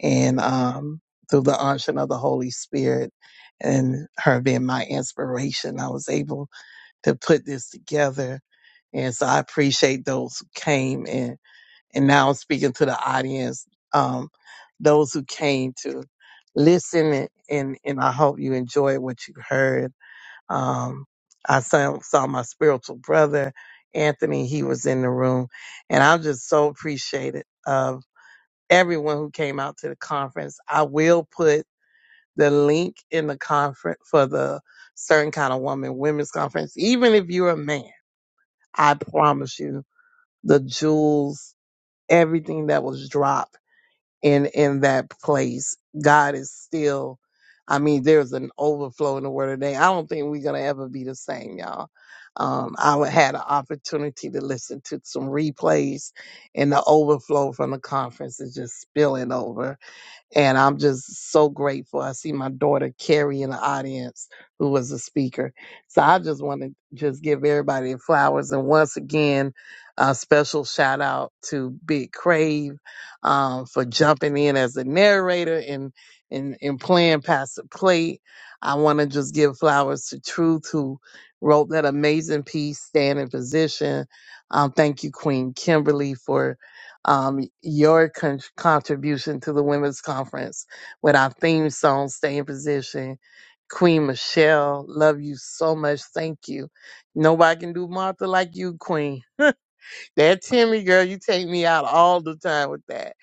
Speaker 6: and um, through the unction of the Holy Spirit and her being my inspiration, I was able to put this together. And so I appreciate those who came and and now I'm speaking to the audience, um, those who came to listen and, and I hope you enjoyed what you heard um, I saw, saw my spiritual brother, Anthony. He was in the room. And I'm just so appreciative of everyone who came out to the conference. I will put the link in the conference for the Certain Kind of Woman Women's Conference. Even if you're a man, I promise you the jewels, everything that was dropped in in that place. God is still I mean, there's an overflow in the word today. I don't think we're gonna ever be the same, y'all. Um, I wa- had an opportunity to listen to some replays and the overflow from the conference is just spilling over and I'm just so grateful. I see my daughter Carrie in the audience who was a speaker. So I just want to just give everybody their flowers. And once again, a special shout out to Big Crave um, for jumping in as the narrator and, and, and playing pastor plate. I want to just give flowers to Truth who wrote that amazing piece, Stand in Position. Um, thank you, Queen Kimberly, for um, your con- contribution to the women's conference with our theme song, Stay in Position. Queen Michelle, love you so much. Thank you. Nobody can do Martha like you, Queen. That Timmy girl, you take me out all the time with that.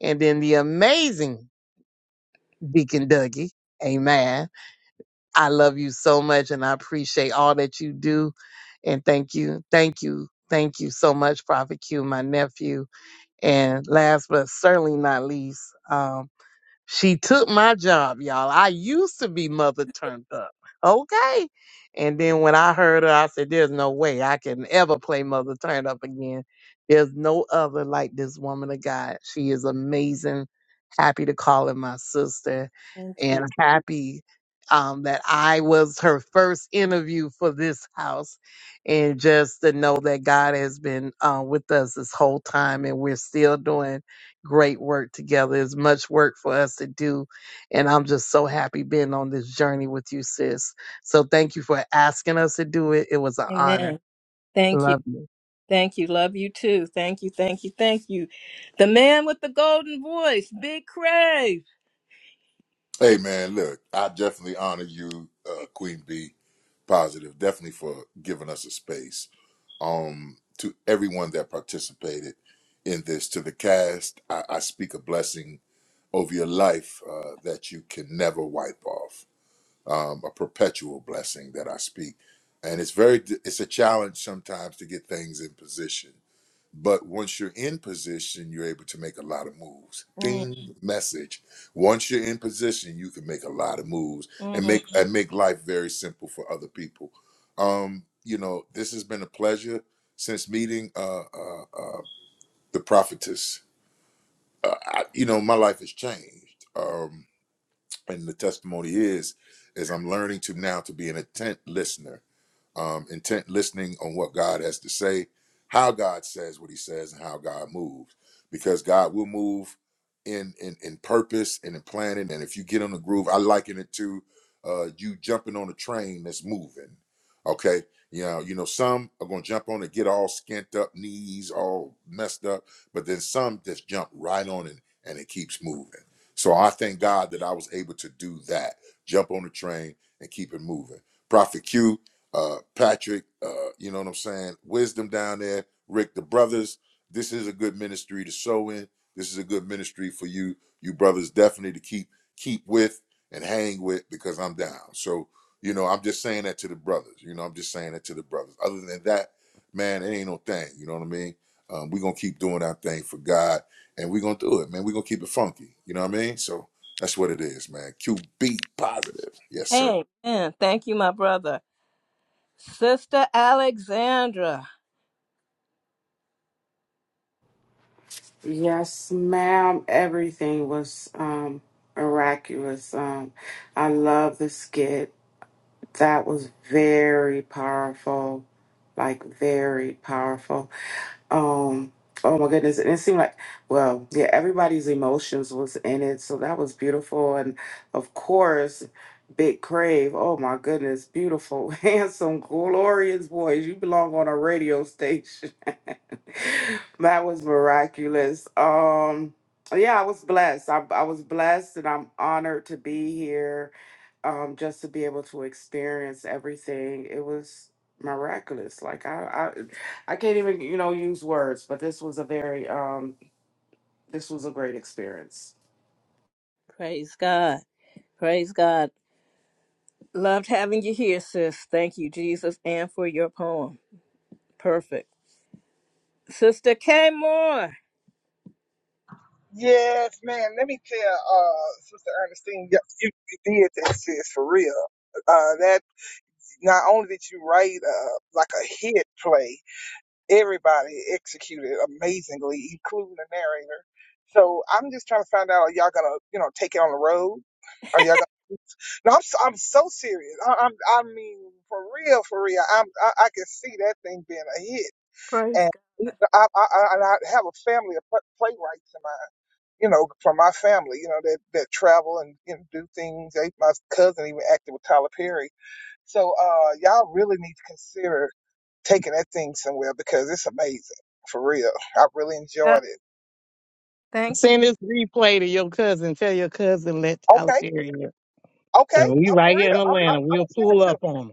Speaker 6: And then the amazing Deacon Dougie. Amen. I love you so much and I appreciate all that you do. And thank you. Thank you. Thank you so much, Prophet Q, my nephew. And last but certainly not least, um, she took my job, y'all. I used to be mother turned up. Okay. And then when I heard her, I said, There's no way I can ever play mother turned up again. There's no other like this woman of God. She is amazing. Happy to call her my sister
Speaker 1: Thank you.
Speaker 6: and happy um, that I was her first interview for this house. And just to know that God has been uh, with us this whole time and we're still doing great work together. It's much work for us to do. And I'm just so happy being on this journey with you, sis. So thank you for asking us to do it. It was an honor.
Speaker 1: Amen. Thank you.
Speaker 6: Love you.
Speaker 1: Thank you. Love you too. Thank you. Thank you. Thank you. The man with the golden voice, Big Crave.
Speaker 3: Hey man, look, I definitely honor you, uh, Queen B. positive, definitely for giving us a space. Um, to everyone that participated in this, to the cast, I, I speak a blessing over your life uh, that you can never wipe off. Um, a perpetual blessing that I speak, and it's very it's a challenge sometimes to get things in position but once you're in position, you're able to make a lot of moves.
Speaker 1: Mm,
Speaker 3: Ding message. Once you're in position, you can make a lot of moves and
Speaker 1: mm.
Speaker 3: make and make life very simple for other people. Um, you know, this has been a pleasure since meeting uh, uh, uh, the prophetess. Uh, I, you know, my life has changed, um, and the testimony is, is I'm learning to now to be an attent listener um, intent listening on what God has to say, how God says what He says, and how God moves. Because God will move in in, in purpose and in planning. And if you get on the groove, I liken it to uh, you jumping on a train that's moving. Okay, you know, you know, some are gonna jump on and get all skint up, knees all messed up, but then some just jump right on it and it keeps moving. So I thank God that I was able to do that, jump on the train and keep it moving. Prophet Q, uh, Patrick, uh, you know what I'm saying? Wisdom down there, Rick, the brothers. This is a good ministry to sow in. This is a good ministry for you, you brothers, definitely to keep keep with and hang with because I'm down. So you know, I'm just saying that to the brothers. You know, I'm just saying that to the brothers. Other than that, man, it ain't no thing. You know what I mean? Um, we're gonna keep doing our thing for God, and we're gonna do it, man. We're gonna keep it funky. You know what I mean? So that's what it is, man. QB positive, yes sir.
Speaker 1: Amen. Thank you, my brother. Sister Alexandra.
Speaker 4: Yes, ma'am. Everything was um miraculous. Um I love the skit. That was very powerful, like very powerful. Um, oh my goodness, and it seemed like, well, yeah, everybody's emotions was in it, so that was beautiful. And of course, Big Crave. Oh my goodness, beautiful, handsome, glorious voice. You belong on a radio station. that was miraculous. Um, yeah, I was blessed. I, I was blessed, and I'm honored to be here um, just to be able to experience everything, it was miraculous. Like I, I, I can't even you know use words, but this was a very um, this was a great experience.
Speaker 1: Praise God. Praise God. Loved having you here, sis. Thank you, Jesus, and for your poem. Perfect. Sister K. Moore.
Speaker 5: Yes, man. Let me tell uh, Sister Ernestine, you, you you did that, sis, for real. Uh, that Not only did you write uh, like a hit play, everybody executed amazingly, including the narrator. So I'm just trying to find out: Are y'all gonna, you know, take it on the road? Are y'all gonna? No, I'm so, I'm so serious. I, I'm I mean for real, for real. I'm I, I can see that thing being a hit,
Speaker 1: Praise
Speaker 5: and you know, I I, I, and I have a family of pl- playwrights in my you know from my family you know that that travel and you know, do things. They, my cousin even acted with Tyler Perry so uh, y'all really need to consider taking that thing somewhere because it's amazing for real. I really
Speaker 1: God.
Speaker 5: enjoyed it.
Speaker 1: Thank you.
Speaker 6: Send this replay to your cousin. Tell your cousin let Tyler
Speaker 5: Okay,
Speaker 6: Perry in.
Speaker 5: okay,
Speaker 6: And we
Speaker 5: I'm for
Speaker 6: right here in
Speaker 5: real. I'm I'm,
Speaker 6: Atlanta.
Speaker 5: I'm
Speaker 6: We'll
Speaker 5: gonna send it
Speaker 6: pull
Speaker 5: to.
Speaker 6: up
Speaker 5: him.
Speaker 6: on him.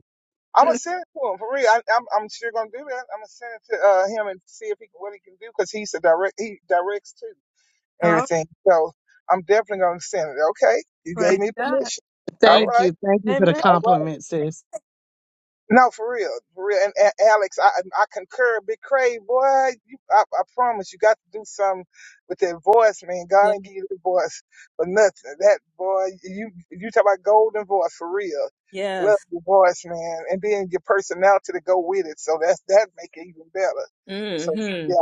Speaker 5: I'm gonna send it to him for real. I, I'm I'm sure gonna do that. I'm gonna send it to uh, him and see if he can, what he can do because he's the direct. He directs too and
Speaker 1: Oh,
Speaker 5: everything. So I'm definitely gonna send it. Okay, you gave
Speaker 1: praise
Speaker 5: me
Speaker 1: God.
Speaker 5: permission. All
Speaker 1: Praise.
Speaker 6: Thank
Speaker 5: right,
Speaker 6: you. Thank you for the
Speaker 1: Amen.
Speaker 5: all right.
Speaker 6: compliment, sis.
Speaker 5: No, for real, for real. And, A- Alex, I I concur. Big Cray, boy, you, I, I promise you got to do something with that voice, man.
Speaker 1: Yeah.
Speaker 5: God ain't give you the voice for nothing. That boy, you you talk about golden voice for real. Love
Speaker 1: Yes.
Speaker 5: your voice, man, and then your personality to go with it. So that's that make it even better. So
Speaker 1: Mm-hmm.
Speaker 5: yeah,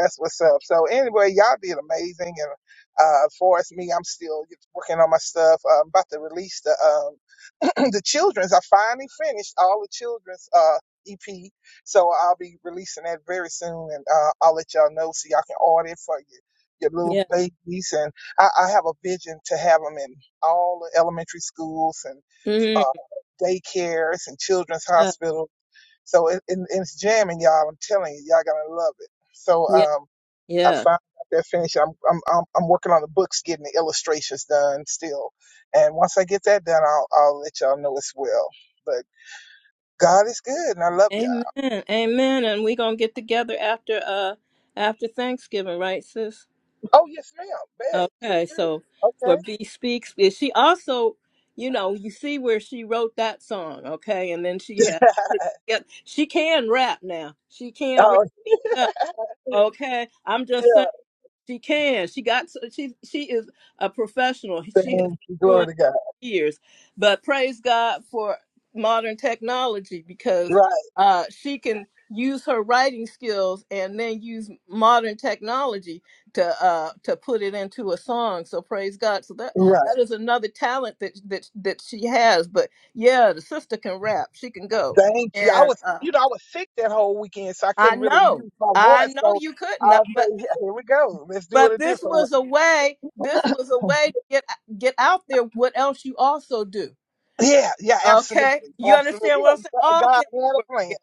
Speaker 5: that's what's up. So anyway, y'all did amazing, and uh, for us, me, I'm still working on my stuff. Uh, I'm about to release the um. the children's I finally finished all the children's uh EP. So I'll be releasing that very soon and uh I'll let y'all know so y'all can order it for your your little
Speaker 1: Yeah.
Speaker 5: babies and I, I have a vision to have them in all the elementary schools and
Speaker 1: Mm-hmm.
Speaker 5: uh, daycares and children's
Speaker 1: Yeah.
Speaker 5: hospitals. So it, it, it's jamming, y'all. I'm telling you, y'all gonna love it. So
Speaker 1: Yeah.
Speaker 5: um, I
Speaker 1: yeah.
Speaker 5: finally got that finished. I'm, I'm I'm I'm working on the books, getting the illustrations done still. And once I get that done, I'll I'll let y'all know as well. But God is good, and I love y'all.
Speaker 1: Amen. Amen. And we gonna get together after uh after Thanksgiving, right, sis?
Speaker 5: Oh yes, ma'am. Bet for
Speaker 1: Okay. So
Speaker 5: sure.
Speaker 1: for B speaks, is she also, you know, you see where she wrote that song, okay, and then she had
Speaker 5: Okay.
Speaker 1: put together. She can rap now. She can rap.
Speaker 5: oh
Speaker 1: Now, okay. I'm
Speaker 5: yeah.
Speaker 1: just saying. She can. She got. She she is a professional. She has
Speaker 5: Thank you.
Speaker 1: been doing
Speaker 5: Glory
Speaker 1: it
Speaker 5: to God.
Speaker 1: years. But praise God for modern technology because
Speaker 5: Right.
Speaker 1: uh, she can use her writing skills and then use modern technology to uh, to put it into a song. So praise God. So that
Speaker 5: Right.
Speaker 1: that is another talent that that that she has. But yeah, the sister can rap. She can go.
Speaker 5: Thank you. I
Speaker 1: And
Speaker 5: was,
Speaker 1: uh,
Speaker 5: you know, I was sick that whole weekend, so I
Speaker 1: I
Speaker 5: couldn't really
Speaker 1: know.
Speaker 5: use my
Speaker 1: I
Speaker 5: voice.
Speaker 1: know
Speaker 5: So
Speaker 1: you couldn't, uh,
Speaker 5: I'll
Speaker 1: but
Speaker 5: say, yeah, here we go. Let's do it
Speaker 1: but
Speaker 5: a
Speaker 1: this
Speaker 5: different way.
Speaker 1: was a way. This was a way to get get out there. What else you also do?
Speaker 5: Yeah. Yeah. Absolutely.
Speaker 1: Okay, you
Speaker 5: Absolutely.
Speaker 1: understand what I'm
Speaker 5: You
Speaker 1: saying?
Speaker 5: know,
Speaker 1: All
Speaker 5: God
Speaker 1: things
Speaker 5: had
Speaker 1: work
Speaker 5: a plan.
Speaker 1: together.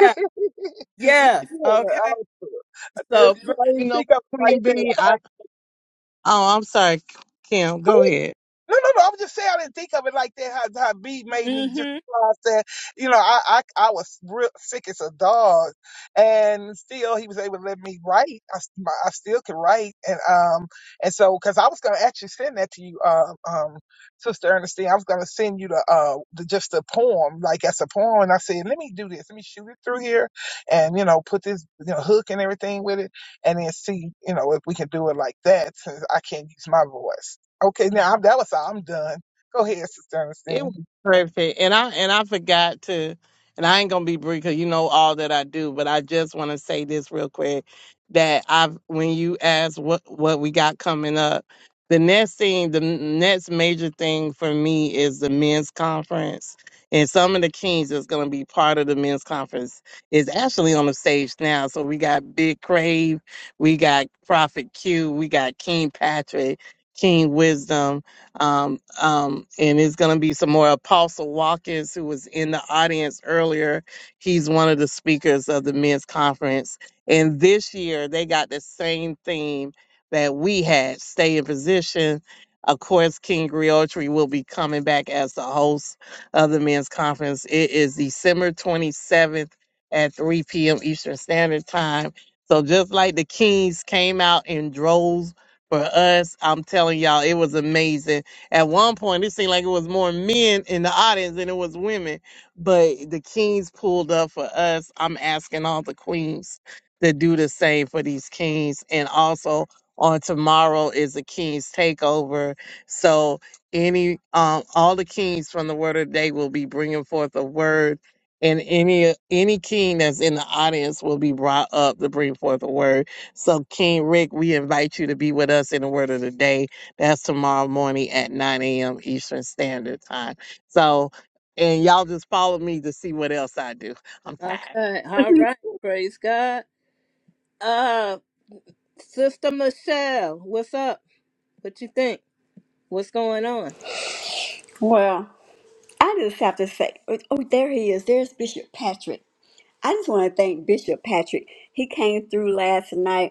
Speaker 1: Yeah.
Speaker 5: yeah,
Speaker 1: Yes.
Speaker 5: I,
Speaker 1: Okay.
Speaker 5: yes,
Speaker 1: So.
Speaker 5: but I
Speaker 6: You
Speaker 5: didn't
Speaker 6: know,
Speaker 5: think of it like
Speaker 6: Queen B,
Speaker 5: that.
Speaker 6: I, oh, I'm sorry, Kim. Go ahead.
Speaker 5: No, no, no. I am just saying I didn't think of it like that. How how B made me just
Speaker 1: Mhm.
Speaker 5: realize that you know I I, I was real sick as a dog, and still he was able to let me write. I, s- my- I still could write, and um and so because I was gonna actually send that to you, um um Sister Ernestine, I was gonna send you the uh the, just the poem like as a poem, and I said let me do this, let me shoot it through here, and you know put this you know hook and everything with it, and then see you know if we can do it like that since I can't use my voice. Okay, now I'm, that was all. I'm done. Go ahead, Sister
Speaker 6: It
Speaker 5: Ernestine.
Speaker 6: was perfect, and I and I forgot to, and I ain't gonna be brief because you know all that I do. But I just want to say this real quick that I've when you asked what what we got coming up, the next thing, the n- next major thing for me is the men's conference, and some of the kings that's gonna be part of the men's conference is actually on the stage now. So we got Big Crave, we got Prophet Q, we got King Patrick, King Wisdom. Um, um, and it's going to be some more. Apostle Watkins, who was in the audience earlier, he's one of the speakers of the men's conference. And this year, they got the same theme that we had stay in position. Of course, King Griotri will be coming back as the host of the men's conference. It is December 27th at 3 p.m. Eastern Standard Time. So just like the Kings came out in droves for us, I'm telling y'all, it was amazing at one point, it seemed like it was more men in the audience than it was women, but the kings pulled up for us. I'm asking all the queens to do the same for these kings. And also on tomorrow is the king's takeover. So any um all the kings from the word of the day will be bringing forth a word and any any king that's in the audience will be brought up to bring forth a word so king rick we invite you to be with us in the word of the day that's tomorrow morning at 9 a.m. Eastern Standard Time. So, and y'all just follow me to see what else I do. I'm tired.
Speaker 1: Okay. All right. Praise God. Uh, Sister Michelle, what's up? What you think? What's going on?
Speaker 9: Well, I just have to say, oh, there he is. There's Bishop Patrick. I just want to thank Bishop Patrick. He came through last night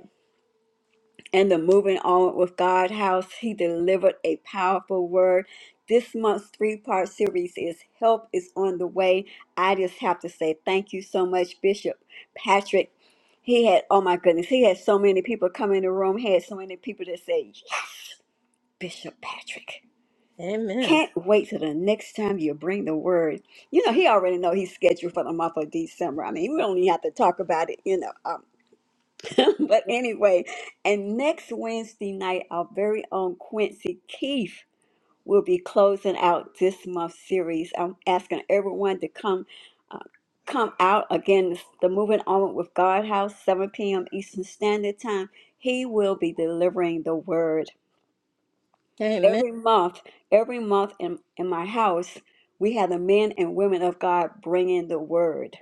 Speaker 9: and the Moving On with God House. He delivered a powerful word. This month's three part series is Help is on the Way. I just have to say thank you so much, Bishop Patrick. He had, oh my goodness, he had so many people come in the room, He had so many people that say, "Yeah, Bishop Patrick.
Speaker 1: Amen.
Speaker 9: Can't wait till the next time you bring the word. You know, he already know he's scheduled for the month of December. I mean, we don't even have to talk about it, you know. Uh, but anyway, and next Wednesday night, our very own Quincy Keith will be closing out this month's series. I'm asking everyone to come. uh, Come out again, this- the Moving On with God House, 7 p.m. Eastern Standard Time. He will be delivering the word
Speaker 1: Amen.
Speaker 9: every month. Every month in, in my house, we have the men and women of God bringing the word.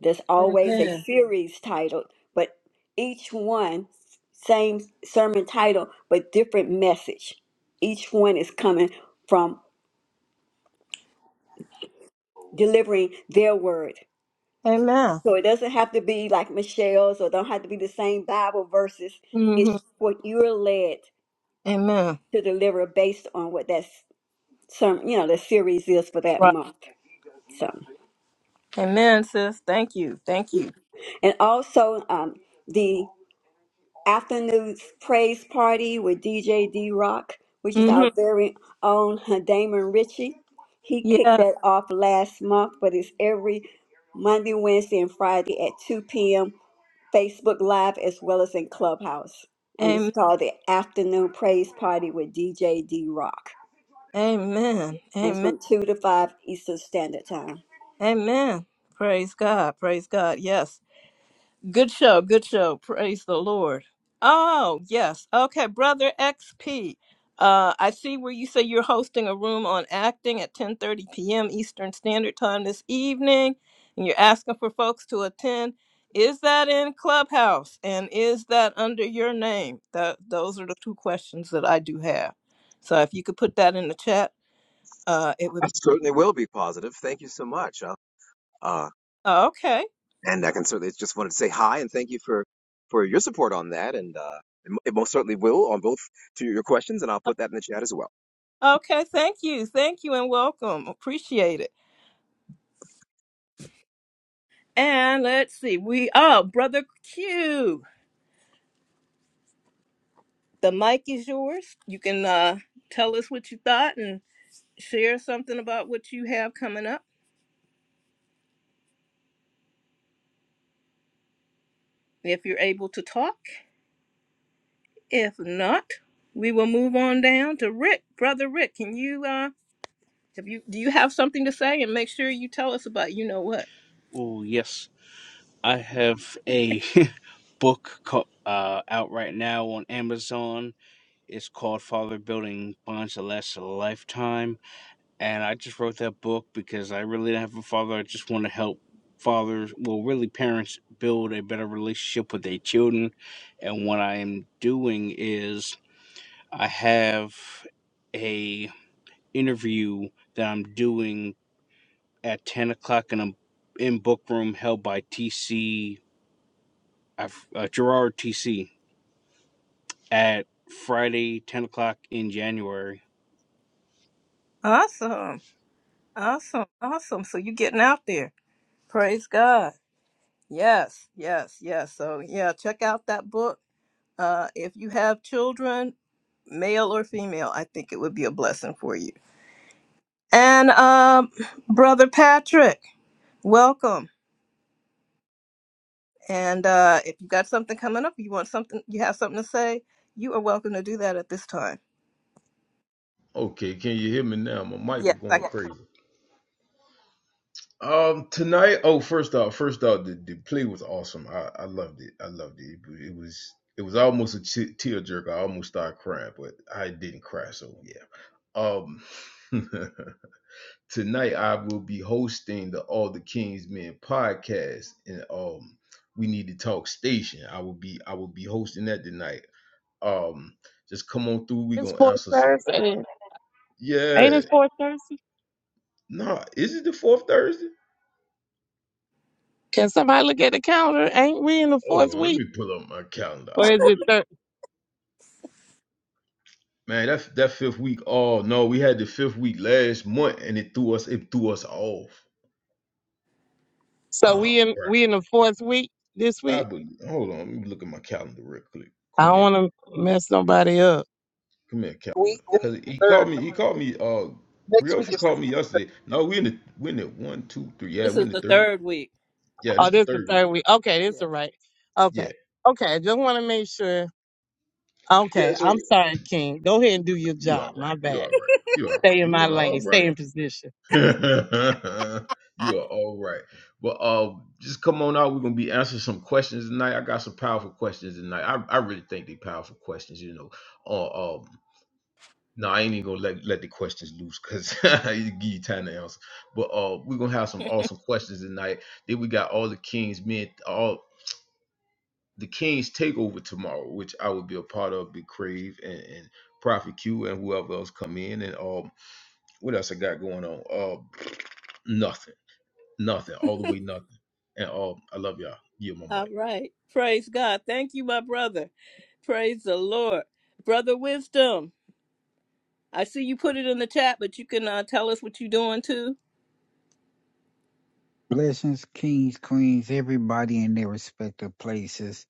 Speaker 9: There's always a
Speaker 1: Amen.
Speaker 9: series titled, but each one same sermon title, but different message. Each one is coming from delivering their word.
Speaker 1: Amen.
Speaker 9: So it doesn't have to be like Michelle's or don't have to be the same Bible verses. It's
Speaker 1: Mhm.
Speaker 9: what you're led
Speaker 1: Amen.
Speaker 9: to deliver based on what that sermon, you know, the series is for that
Speaker 1: Right.
Speaker 9: month. So,
Speaker 1: Amen, sis. Thank you. Thank you.
Speaker 9: and also um, the afternoon praise party with DJ D Rock, which is our
Speaker 1: Mhm.
Speaker 9: very own Damon Ritchie. He kicked
Speaker 1: Yeah.
Speaker 9: that off last month, but it's every Monday, Wednesday, and Friday at 2 p.m. Facebook Live as well as in Clubhouse. And it's called the Afternoon Praise Party with DJ D Rock.
Speaker 1: Amen.
Speaker 9: And it's
Speaker 1: Amen.
Speaker 9: from 2 to 5 Eastern Standard Time.
Speaker 1: Amen. Praise God. Praise God. Yes. Good show. Good show. Praise the Lord. Oh, yes. Okay, brother XP. Uh, I see where you say you're hosting a room on acting at 10:30 p.m. Eastern Standard Time this evening, and you're asking for folks to attend. Is that in Clubhouse, and is that under your name? That those are the two questions that I do have. So if you could put that in the chat, uh, it would.
Speaker 11: I certainly will be positive. Thank you so much. Uh, uh,
Speaker 1: Oh, okay.
Speaker 11: and I can certainly just wanted to say hi and thank you for for your support on that. And uh, it mo- it most certainly will on both to your questions, and I'll put that in the chat as well.
Speaker 1: Okay, thank you. Thank you and welcome. Appreciate it. And let's see, we oh, brother Q. The mic is yours. You can uh tell us what you thought and share something about what you have coming up if you're able to talk. If not, we will move on down to Rick. Brother Rick, can you uh have you do you have something to say and make sure you tell us about you know what?
Speaker 7: Oh yes, I have a book co- uh, out right now on Amazon It's called Father Building Bonds That Last a Lifetime. And I just wrote that book because I really don't have a father. I just want to help fathers, well, really parents, build a better relationship with their children. And what I am doing is I have a interview that I'm doing at 10 o'clock in, a, in Book Room held by TC, I've- uh, Gerard TC at Friday, 10 o'clock in January
Speaker 1: Awesome. Awesome. Awesome. So you're getting out there. Praise God. Yes, yes, yes. So yeah, check out that book. Uh, if you have children, male or female, I think it would be a blessing for you. And um, brother Patrick, welcome. And uh, if you got something coming up, you want something, you have something to say, you are welcome to do that at this time.
Speaker 12: Okay, can you hear me now? My mic
Speaker 1: Yes,
Speaker 12: was
Speaker 1: I
Speaker 12: going Yes.
Speaker 1: can.
Speaker 12: crazy. Um, tonight. Oh, first off, first off, the, the play was awesome. I, I loved it. I loved it. It, was- it was it was almost a t- tear jerk. I almost started crying, but I didn't cry. So yeah. Um, tonight I will be hosting the All the Kings Men podcast, and um, we need to talk station. I will be I will be hosting that tonight. Um, just come on through. We
Speaker 6: It's
Speaker 12: gonna
Speaker 6: fourth
Speaker 12: answer some.
Speaker 6: Thursday.
Speaker 12: Yeah.
Speaker 6: Ain't it fourth Thursday?
Speaker 12: No, is it the fourth Thursday?
Speaker 6: Can somebody look at the calendar? Ain't we in the fourth
Speaker 12: Hold on, let
Speaker 6: week,
Speaker 12: me pull up my calendar.
Speaker 6: or
Speaker 12: I
Speaker 6: is it
Speaker 12: really
Speaker 6: third?
Speaker 12: man, that that fifth week. Oh no, we had the fifth week last month, and it threw us it threw us off.
Speaker 6: So
Speaker 12: Oh
Speaker 6: we in
Speaker 12: crap!
Speaker 6: we in the fourth week this
Speaker 12: I
Speaker 6: week.
Speaker 12: believe. Hold on, let me look at my calendar real quick.
Speaker 6: I
Speaker 12: Come
Speaker 6: don't
Speaker 12: here,
Speaker 6: want to mess nobody up.
Speaker 12: come here, calendar.
Speaker 5: Week is
Speaker 12: Cause he
Speaker 5: the
Speaker 12: called
Speaker 5: third.
Speaker 12: me. He called me. Uh,
Speaker 5: Next week
Speaker 12: Griotri
Speaker 5: is the.
Speaker 12: called me yesterday. No, we in the we in the one, two, three. Yeah,
Speaker 1: This
Speaker 12: we in the third.
Speaker 1: week.
Speaker 12: Yeah, this
Speaker 6: Oh,
Speaker 12: the
Speaker 6: this the
Speaker 12: third week.
Speaker 6: third week. Okay, this
Speaker 1: Yeah.
Speaker 6: is right.
Speaker 12: Yeah,
Speaker 6: Okay, okay. I just want to make sure.
Speaker 12: yeah.
Speaker 6: Okay,
Speaker 12: So
Speaker 6: I'm sorry, King. Go ahead and do your
Speaker 12: you all
Speaker 6: job.
Speaker 12: right?
Speaker 6: My
Speaker 12: You all
Speaker 6: bad.
Speaker 12: right? You all right?
Speaker 6: Stay in
Speaker 12: You
Speaker 6: my
Speaker 12: all
Speaker 6: lane.
Speaker 12: right?
Speaker 6: Stay in position.
Speaker 12: you are all right. But uh, just come on out. We're gonna be answering some questions tonight. I got some powerful questions tonight. I, I really think they powerful questions. You know, uh, um, no, I ain't even gonna let let the questions loose because it give you time to answer. But uh, we're gonna have some awesome questions tonight. Then we got all the Kings men, all the Kings takeover tomorrow, which I will be a part of. Big Crave and, and Prophet Q and whoever else come in and um, what else I got going on? Uh, nothing. Nothing. All the way nothing. And um, I love y'all. Yeah, my
Speaker 1: All
Speaker 12: mic.
Speaker 1: right. Praise God. Thank you, my brother. Praise the Lord, brother Wisdom. I see you put it in the chat, but you can uh, tell us what you're doing too.
Speaker 13: Blessings, kings, queens, everybody in their respective places.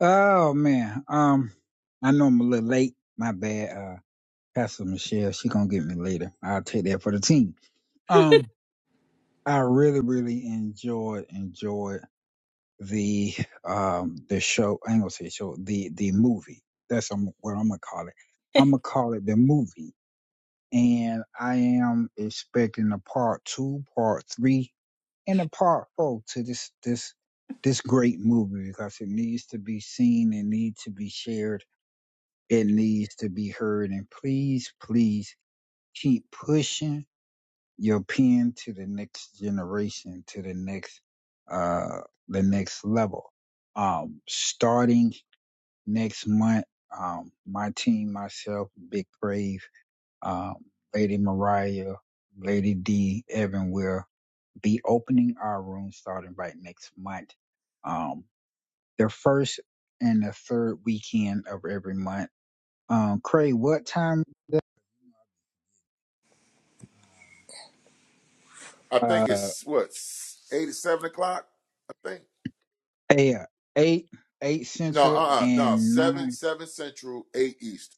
Speaker 13: Oh man, um, I know I'm a little late. My bad. Uh, Pastor Michelle, she gonna get me later. I'll take that for the team. Um, I really, really enjoyed enjoyed the um the show. I ain't gonna say show the the movie. That's um, what I'm gonna call it. I'm gonna call it the movie. And I am expecting a part two, part three in a part oh to this this this great movie because it needs to be seen it needs to be shared it needs to be heard and please please keep pushing your pen to the next generation to the next uh the next level um starting next month um my team myself big brave um lady mariah lady d evan will be opening our room starting right next month. Um, the first and the third weekend of every month. Um, Craig, what time?
Speaker 3: I
Speaker 13: um,
Speaker 3: think
Speaker 13: Uh,
Speaker 3: it's what eight seven o'clock. I think
Speaker 13: eight, eight, eight
Speaker 3: no,
Speaker 13: central
Speaker 3: uh, uh no
Speaker 13: and
Speaker 3: seven
Speaker 13: nine,
Speaker 3: seven central, eight east.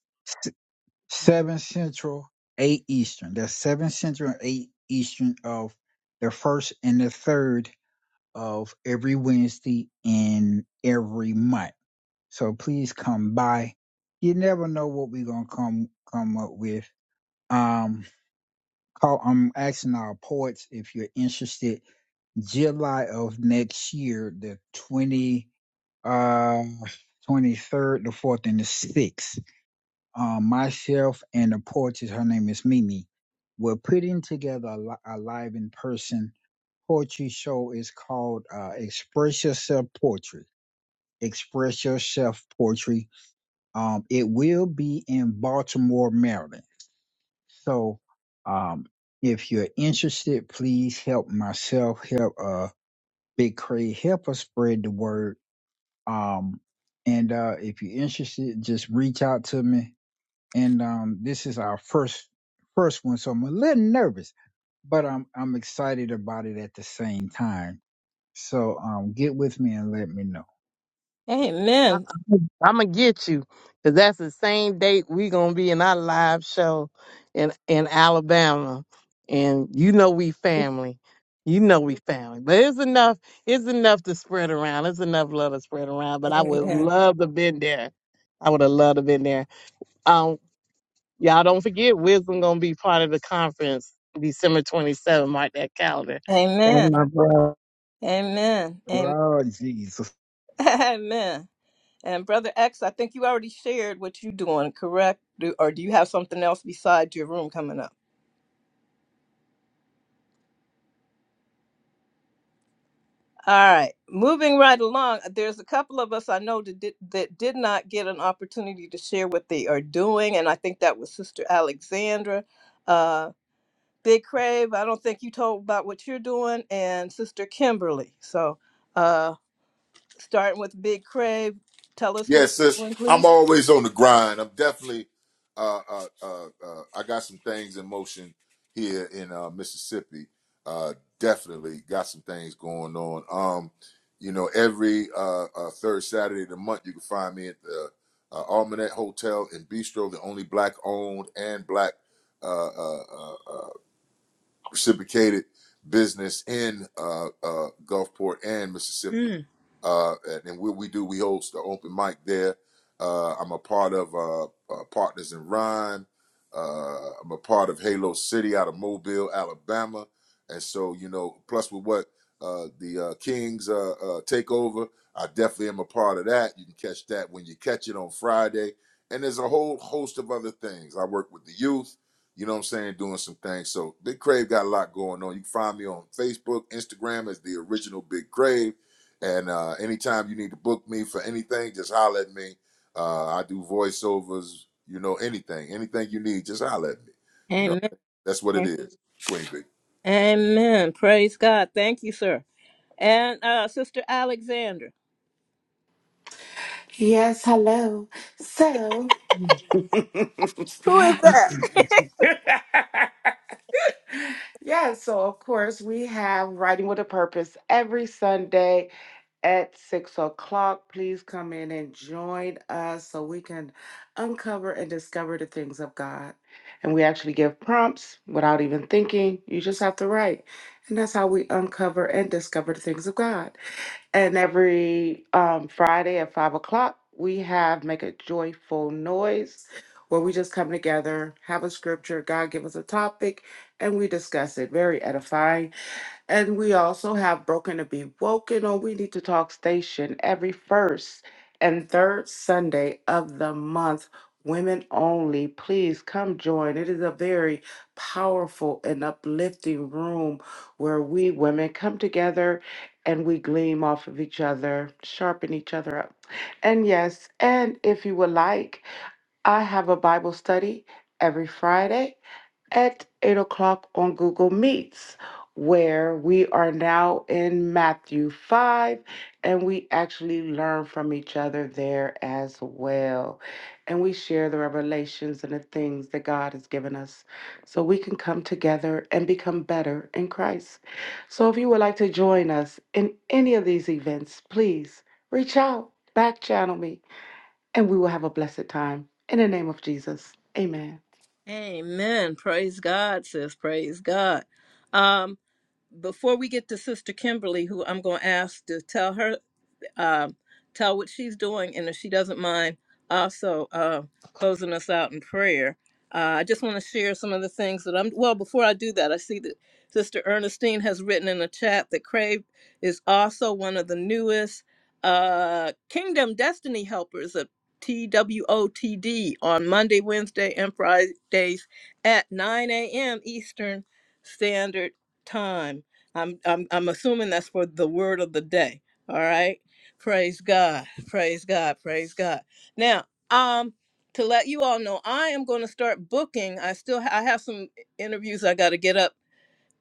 Speaker 13: seven central, eight eastern. That's seven central and eight eastern of the first and the third of every Wednesday in every month. So please come by. You never know what we're gonna come come up with um call I'm asking our poets if you're interested July of next year, the twenty uh twenty third, the fourth and the sixth. Um myself and the poetess, her name is Mimi. We're putting together a, li- a live in person poetry show is called uh Express Yourself Poetry. Express Yourself Poetry. Um it will be in Baltimore, Maryland So, um, if you're interested, please help myself, help uh Big Craig, help us spread the word. Um, and uh, if you're interested, just reach out to me. And um, this is our first first one, so I'm a little nervous, but I'm I'm excited about it at the same time. So um, get with me and let me know.
Speaker 6: I,
Speaker 1: Amen.
Speaker 6: I'm gonna get you because that's the same date we gonna be in our live show in in Alabama, and you know we family. You know we family, but it's enough. It's enough to spread around. It's enough love to spread around. But I would
Speaker 1: Amen.
Speaker 6: love to been there. I would have loved to been there. Um, y'all don't forget, Wisdom gonna be part of the conference December 27. Mark that calendar. That's
Speaker 1: Amen.
Speaker 6: my brother.
Speaker 1: Amen. Amen.
Speaker 13: Oh Jesus.
Speaker 1: Amen. And Brother X, I think you already shared what you're doing, correct? Do, or do you have something else besides your room coming up? All right. Moving right along, there's a couple of us I know that did, that did not get an opportunity to share what they are doing. And I think that was Sister Alexandra. Uh, Big Crave, I don't think you told about what you're doing, and Sister Kimberly. So, uh, Starting with Big Crave, tell us what
Speaker 3: Yes, sis.
Speaker 1: you're doing,
Speaker 3: I'm
Speaker 1: please.
Speaker 3: always on the grind. I'm definitely. Uh, uh, uh, uh, I got some things in motion here in uh, Mississippi. Uh, definitely got some things going on. Um, you know, every uh, uh, third Saturday of the month, you can find me at the uh, Almanac Hotel and Bistro, the only black owned and black uh, uh, uh, reciprocated business in uh, uh, Gulfport and Mississippi. Uh, and, and what we do, we host the open mic there. Uh, I'm a part of uh, uh, Partners in Rhyme. Uh, I'm a part of Halo City out of Mobile, Alabama. And so, you know, plus with what uh, the uh, Kings uh, uh, take over, I definitely am a part of that. You can catch that when you catch it on Friday. And there's a whole host of other things. I work with the youth. You know what I'm saying? Doing some things. So Big Crave got a lot going on. You can find me on Facebook, Instagram as the original Big Crave. And uh, anytime you need to book me for anything, just holler at me. Uh, I do voiceovers, you know, anything, anything you need, just holler at me. You know,
Speaker 1: Amen.
Speaker 3: that's what it is. Queen Bee.
Speaker 1: Amen. Praise God. Thank you, sir. And uh, Sister Alexandra.
Speaker 4: Yes, hello. So, yeah.
Speaker 1: Who
Speaker 4: So of course we have writing with a purpose every Sunday. at six o'clock. Please come in and join us so we can uncover and discover the things of God. And we actually give prompts without even thinking. You just have to write. And that's how we uncover and discover the things of God. And every um, Friday at five o'clock, we have Make a Joyful Noise. Where we just come together, have a scripture, God give us a topic, and we discuss it. Very edifying. And we also have Broken to Be Woken on We Need to Talk Station every first and third Sunday of the month. Women only, please come join. It is a very powerful and uplifting room where we women come together and we gleam off of each other, sharpen each other up. And yes, and if you would like, I have a Bible study every Friday at 8 o'clock on Google Meets, where we are now in Matthew 5, and we actually learn from each other there as well. And we share the revelations and the things that God has given us so we can come together and become better in Christ. So if you would like to join us in any of these events, please reach out, back channel me, and we will have a blessed time. In the name of Jesus, amen.
Speaker 1: Amen. Praise God, sis. Praise God. Um, before we get to Sister Kimberly, who I'm going to ask to tell her, um, tell what she's doing, and if she doesn't mind, also uh, closing us out in prayer. Uh, I just want to share some of the things that I'm. Well, before I do that, I see that Sister Ernestine has written in the chat that Crave is also one of the newest uh, Kingdom Destiny helpers of TWOTD on Monday, Wednesday, and Fridays at 9 a.m. Eastern Standard time. I'm I'm I'm assuming that's for the word of the day. All right. Praise God. Praise God. Praise God. Now, um to let you all know, I am going to start booking. I still ha- I have some interviews I got to get up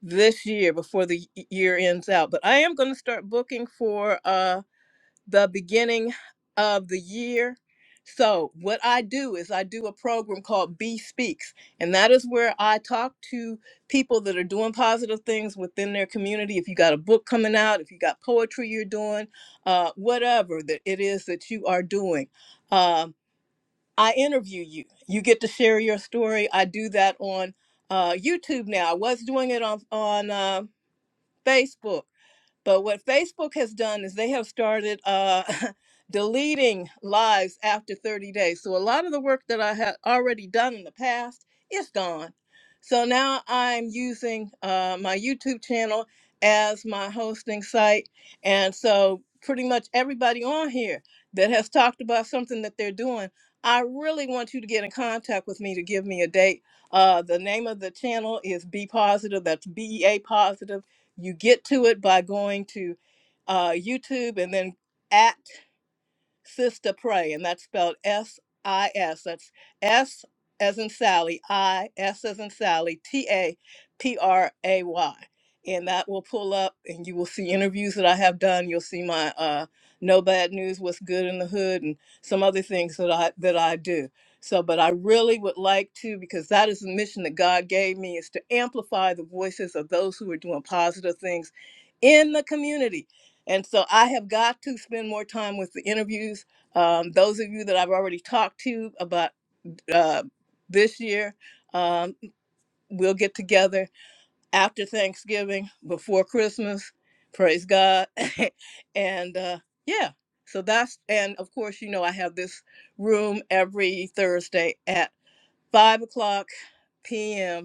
Speaker 1: this year before the y- year ends out, but I am going to start booking for uh the beginning of the year. So, what I do is I do a program called B Speaks, and that is where I talk to people that are doing positive things within their community. If you got a book coming out, if you got poetry you're doing, uh, whatever that it is that you are doing, um, I interview you. You get to share your story. I do that on uh, YouTube now. I was doing it on on uh, Facebook but what Facebook has done is they have started uh, deleting lives after 30 days. So a lot of the work that I had already done in the past is gone. So now I'm using uh, my YouTube channel as my hosting site. And so pretty much everybody on here that has talked about something that they're doing, I really want you to get in contact with me to give me a date. Uh, the name of the channel is Be Positive. That's B E A Positive you get to it by going to uh, YouTube and then at Sister Pray, and that's spelled S I S. That's S as in Sally, I, S as in Sally, T A P R A Y. And that will pull up, and you will see interviews that I have done. You'll see my uh, No Bad News, What's Good in the Hood, and some other things that I that I do. So, but I really would like to, because that is the mission that God gave me, is to amplify the voices of those who are doing positive things in the community and so I have got to spend more time with the interviews. Um, those of you that I've already talked to about uh, this year, um, we'll get together after Thanksgiving, before Christmas. Praise God. and uh, yeah, so that's, and of course, you know, I have this room every Thursday at 5 o'clock p.m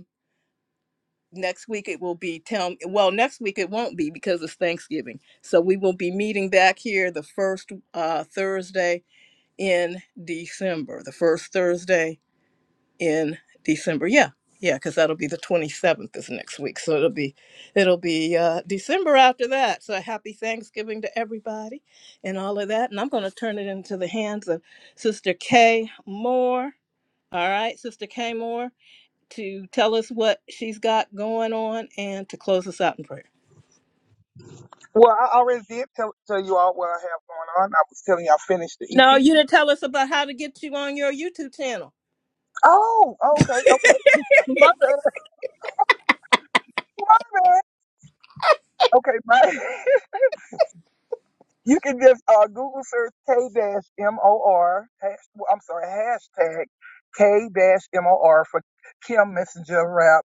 Speaker 1: next week it will be tell well next week it won't be because it's thanksgiving so we will be meeting back here the first uh, thursday in december the first thursday in december yeah yeah because that'll be the 27th is next week so it'll be it'll be uh, december after that so happy thanksgiving to everybody and all of that and i'm going to turn it into the hands of sister kay moore all right sister kay moore to tell us what she's got going on and to close us out in prayer.
Speaker 5: Well, I already did tell, tell you all what I have going on. I was telling you I finished the
Speaker 1: No,
Speaker 5: EP.
Speaker 1: you didn't tell us about how to get you on your YouTube channel.
Speaker 5: Oh, okay, okay. My bad. My bad. Okay, my. you can just uh, Google search K dash M O R. I'm sorry, hashtag K dash M O R for Kim Messenger Rap.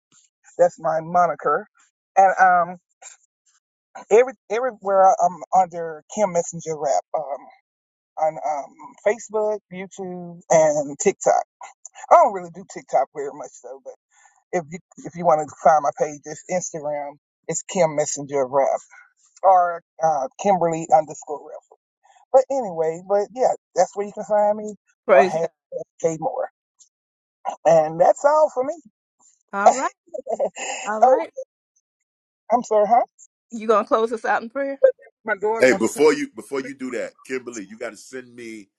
Speaker 5: That's my moniker. And um, every everywhere I'm under Kim Messenger Rap. um. on um, Facebook, YouTube, and TikTok. I don't really do TikTok very much though, but if you if you want to find my page, it's Instagram. It's Kim Messenger Rap or uh, Kimberly underscore Rap. But anyway, but yeah, that's where you can find me or
Speaker 1: Praise
Speaker 5: have
Speaker 1: God.
Speaker 5: K Moore, and that's all for me.
Speaker 1: All right. All
Speaker 5: oh,
Speaker 1: right.
Speaker 5: I'm sorry, huh?
Speaker 1: You going to close us out in prayer?
Speaker 5: My daughter
Speaker 3: Hey,
Speaker 5: wants to
Speaker 3: before you before you do that, Kimberly, you got to send me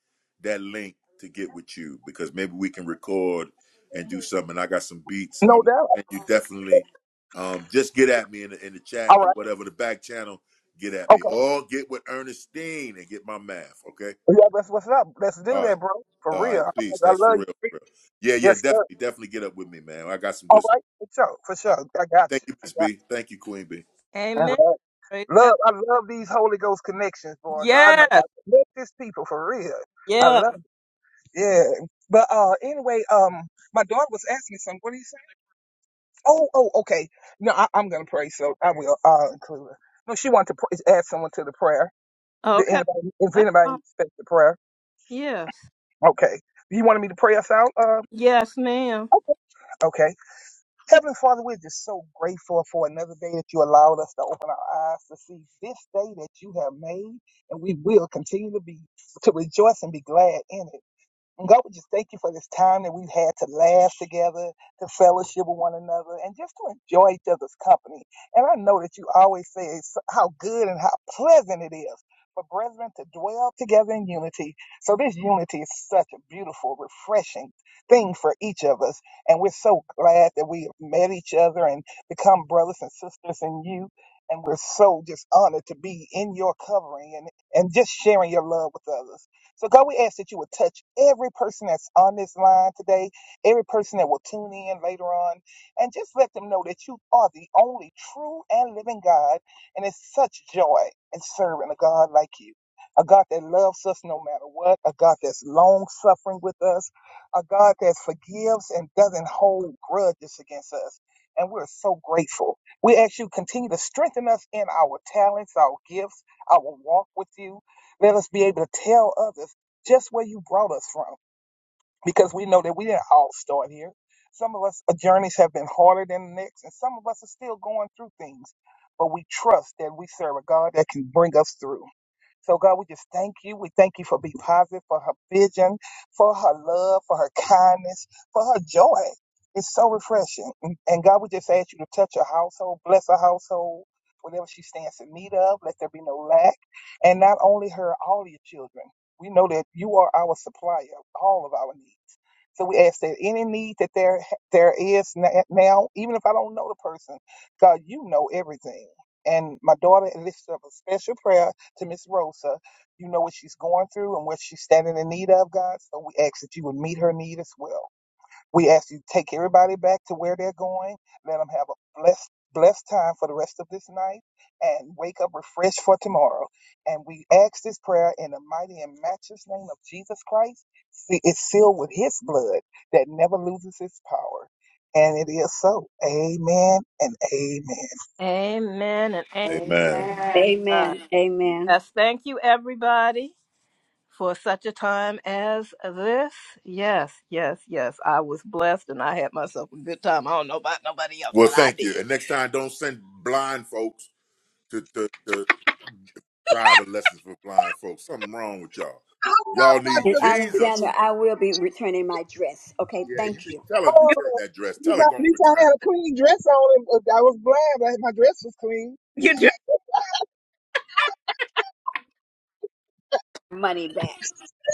Speaker 3: that link to get with you because maybe we can record and do something. I got some beats.
Speaker 5: say.
Speaker 3: I
Speaker 5: No doubt.
Speaker 3: and you definitely um, just get at me in the, in the chat
Speaker 5: All
Speaker 3: or
Speaker 5: right.
Speaker 3: whatever the back channel. Get at me
Speaker 5: Okay.
Speaker 3: or get with Ernestine and get my math. Okay.
Speaker 5: Well, Yeah, that's what's up. Let's
Speaker 3: All
Speaker 5: do that,
Speaker 3: right.
Speaker 5: bro.
Speaker 3: All
Speaker 5: For
Speaker 3: right.
Speaker 5: real.
Speaker 3: Peace.
Speaker 5: I
Speaker 3: That's for
Speaker 5: love
Speaker 3: real. For
Speaker 5: you.
Speaker 3: real. Yeah. Yeah.
Speaker 5: Yes, sir.
Speaker 3: Definitely. Definitely get up with me, man. I got some
Speaker 5: All
Speaker 3: good stuff.
Speaker 5: right, for sure, for
Speaker 3: All right.
Speaker 5: sure. I got
Speaker 3: Thank
Speaker 5: you.
Speaker 3: you,
Speaker 5: I
Speaker 3: Miss
Speaker 5: got
Speaker 3: B. Thank you, Queen B.
Speaker 5: you. All
Speaker 1: Amen.
Speaker 5: right.
Speaker 1: Praise God.
Speaker 5: Love, I love these Holy Ghost connections, boy. God knows
Speaker 1: Yes.
Speaker 5: I connect these people for real. I
Speaker 1: Yes.
Speaker 5: love it. Yeah. But uh anyway, um my daughter was asking me something. What are you saying? Oh, oh, okay. No, I, I'm gonna pray, so I will uh include her. No, she wanted to pr- add someone to the prayer. Did
Speaker 1: Okay.
Speaker 5: anybody if
Speaker 1: That's
Speaker 5: anybody
Speaker 1: all.
Speaker 5: expects the prayer.
Speaker 1: Yes.
Speaker 5: Okay. You wanted me to pray us out? Uh
Speaker 1: Yes, ma'am.
Speaker 5: okay. Okay. Heavenly Father, we're just so grateful for another day that you allowed us to open our eyes to see this day that you have made, and we will continue to be to rejoice and be glad in it. And God, we just thank you for this time that we've had to laugh together, to fellowship with one another, and just to enjoy each other's company. And I know that you always say it's how good and how pleasant it is for brethren to dwell together in unity. So this unity is such a beautiful, refreshing thing for each of us. And we're so glad that we have met each other and become brothers and sisters in you. And we're so just honored to be in your covering and, and just sharing your love with others. So, God, we ask that you would touch every person that's on this line today, every person that will tune in later on, and just let them know that you are the only true and living God. And it's such joy in serving a God like you, a God that loves us no matter what, a God that's long suffering with us, a God that forgives and doesn't hold grudges against us. And we're so grateful. We ask you continue to strengthen us in our talents, our gifts, our walk with you let us be able to tell others just where you brought us from because we know that we didn't all start here. Some of us, our journeys have been harder than the next, and some of us are still going through things. But we trust that we serve a God that can bring us through. So, God, we just thank you. We thank you for be positive, for her vision, for her love, for her kindness, for her joy. It's so refreshing. And and God, we just ask you to touch her household, bless her household, whatever she stands in need of, let there be no lack. And not only her, all your children. We know that you are our supplier of all of our needs. So we ask that any need that there there is na- now, even if I don't know the person, God, you know everything. And my daughter lifts up a special prayer to Miss Rosa. You know what she's going through and what she's standing in need of, God. So we ask that you would meet her need as well. We ask you to take everybody back to where they're going. Let them have a blessed, blessed time for the rest of this night and wake up refreshed for tomorrow. And we ask this prayer in the mighty and matchless name of Jesus Christ. See, it's sealed with his blood that never loses its power. And it is so. Amen and
Speaker 1: Amen and
Speaker 3: Amen.
Speaker 4: Amen.
Speaker 1: amen.
Speaker 9: Amen. Amen.
Speaker 1: Yes. Thank you, everybody, for such a time as this. Yes. Yes. Yes. I was blessed and I had myself a good time. I don't know about nobody else,
Speaker 3: Well,
Speaker 1: but I
Speaker 3: thank
Speaker 1: did.
Speaker 3: you. And next time, don't send blind folks to to, to driving lessons for blind folks. Something wrong with y'all. Y'all
Speaker 9: And
Speaker 3: need
Speaker 5: amen.
Speaker 9: Alexander,
Speaker 3: Jesus.
Speaker 9: I will be returning my dress. Okay,
Speaker 3: Yeah, you
Speaker 9: thank
Speaker 3: need,
Speaker 9: you.
Speaker 3: tell her to
Speaker 5: Oh,
Speaker 3: return that dress.
Speaker 5: at
Speaker 3: Tell
Speaker 5: least
Speaker 3: her
Speaker 5: I,
Speaker 3: go
Speaker 5: at
Speaker 3: and
Speaker 5: least I
Speaker 3: return it.
Speaker 5: had a clean dress on. And, uh, I was blind, but my dress was clean.
Speaker 1: You do.
Speaker 9: Money back.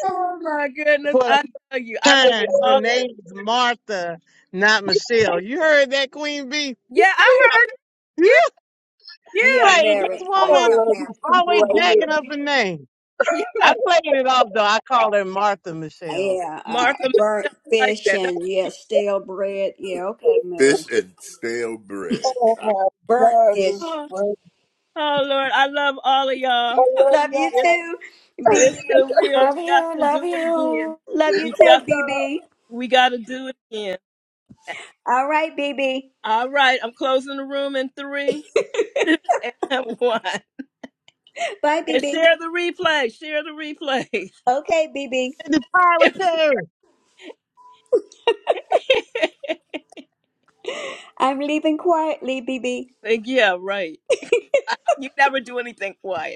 Speaker 1: Oh my goodness! I tell you, I love
Speaker 6: time. Your
Speaker 1: all.
Speaker 6: name is Martha, not Michelle. You heard that, Queen B?
Speaker 1: Yeah, I heard.
Speaker 6: You
Speaker 1: it.
Speaker 9: Yeah,
Speaker 1: Yeah,
Speaker 6: like this
Speaker 9: Mary. Uh, yeah,
Speaker 6: woman
Speaker 9: Mary.
Speaker 6: always
Speaker 9: Uh,
Speaker 6: jacking up her name.
Speaker 1: yeah, yeah.
Speaker 6: I played it off though. I call her Martha Michelle.
Speaker 9: yeah, uh,
Speaker 1: Martha
Speaker 9: burnt
Speaker 1: Michelle, I like
Speaker 9: fish
Speaker 1: that. That
Speaker 9: and
Speaker 1: was
Speaker 9: yeah,
Speaker 1: cute.
Speaker 9: stale bread. Yeah, okay,
Speaker 3: Fish
Speaker 9: Mary.
Speaker 3: and stale bread.
Speaker 5: Oh my
Speaker 9: Burnt
Speaker 5: gosh, this-
Speaker 9: fish.
Speaker 5: is-
Speaker 1: Oh, oh Lord, I love all of
Speaker 5: I
Speaker 1: y'all.
Speaker 5: love
Speaker 9: Love you
Speaker 5: y'all.
Speaker 1: It's
Speaker 9: too, BB.
Speaker 1: it's the real. We got to do it again.
Speaker 9: Love you
Speaker 1: We
Speaker 9: too,
Speaker 1: just
Speaker 9: BB.
Speaker 1: we got to do it again.
Speaker 9: All right, BB.
Speaker 1: All right, I'm closing the room in three two, and one.
Speaker 9: Bye,
Speaker 1: And
Speaker 9: BB.
Speaker 1: share the replay. Share the replay.
Speaker 9: Okay, BB.
Speaker 6: In the
Speaker 9: I'm leaving quietly, BB.
Speaker 1: yeah, right. You never do anything quiet.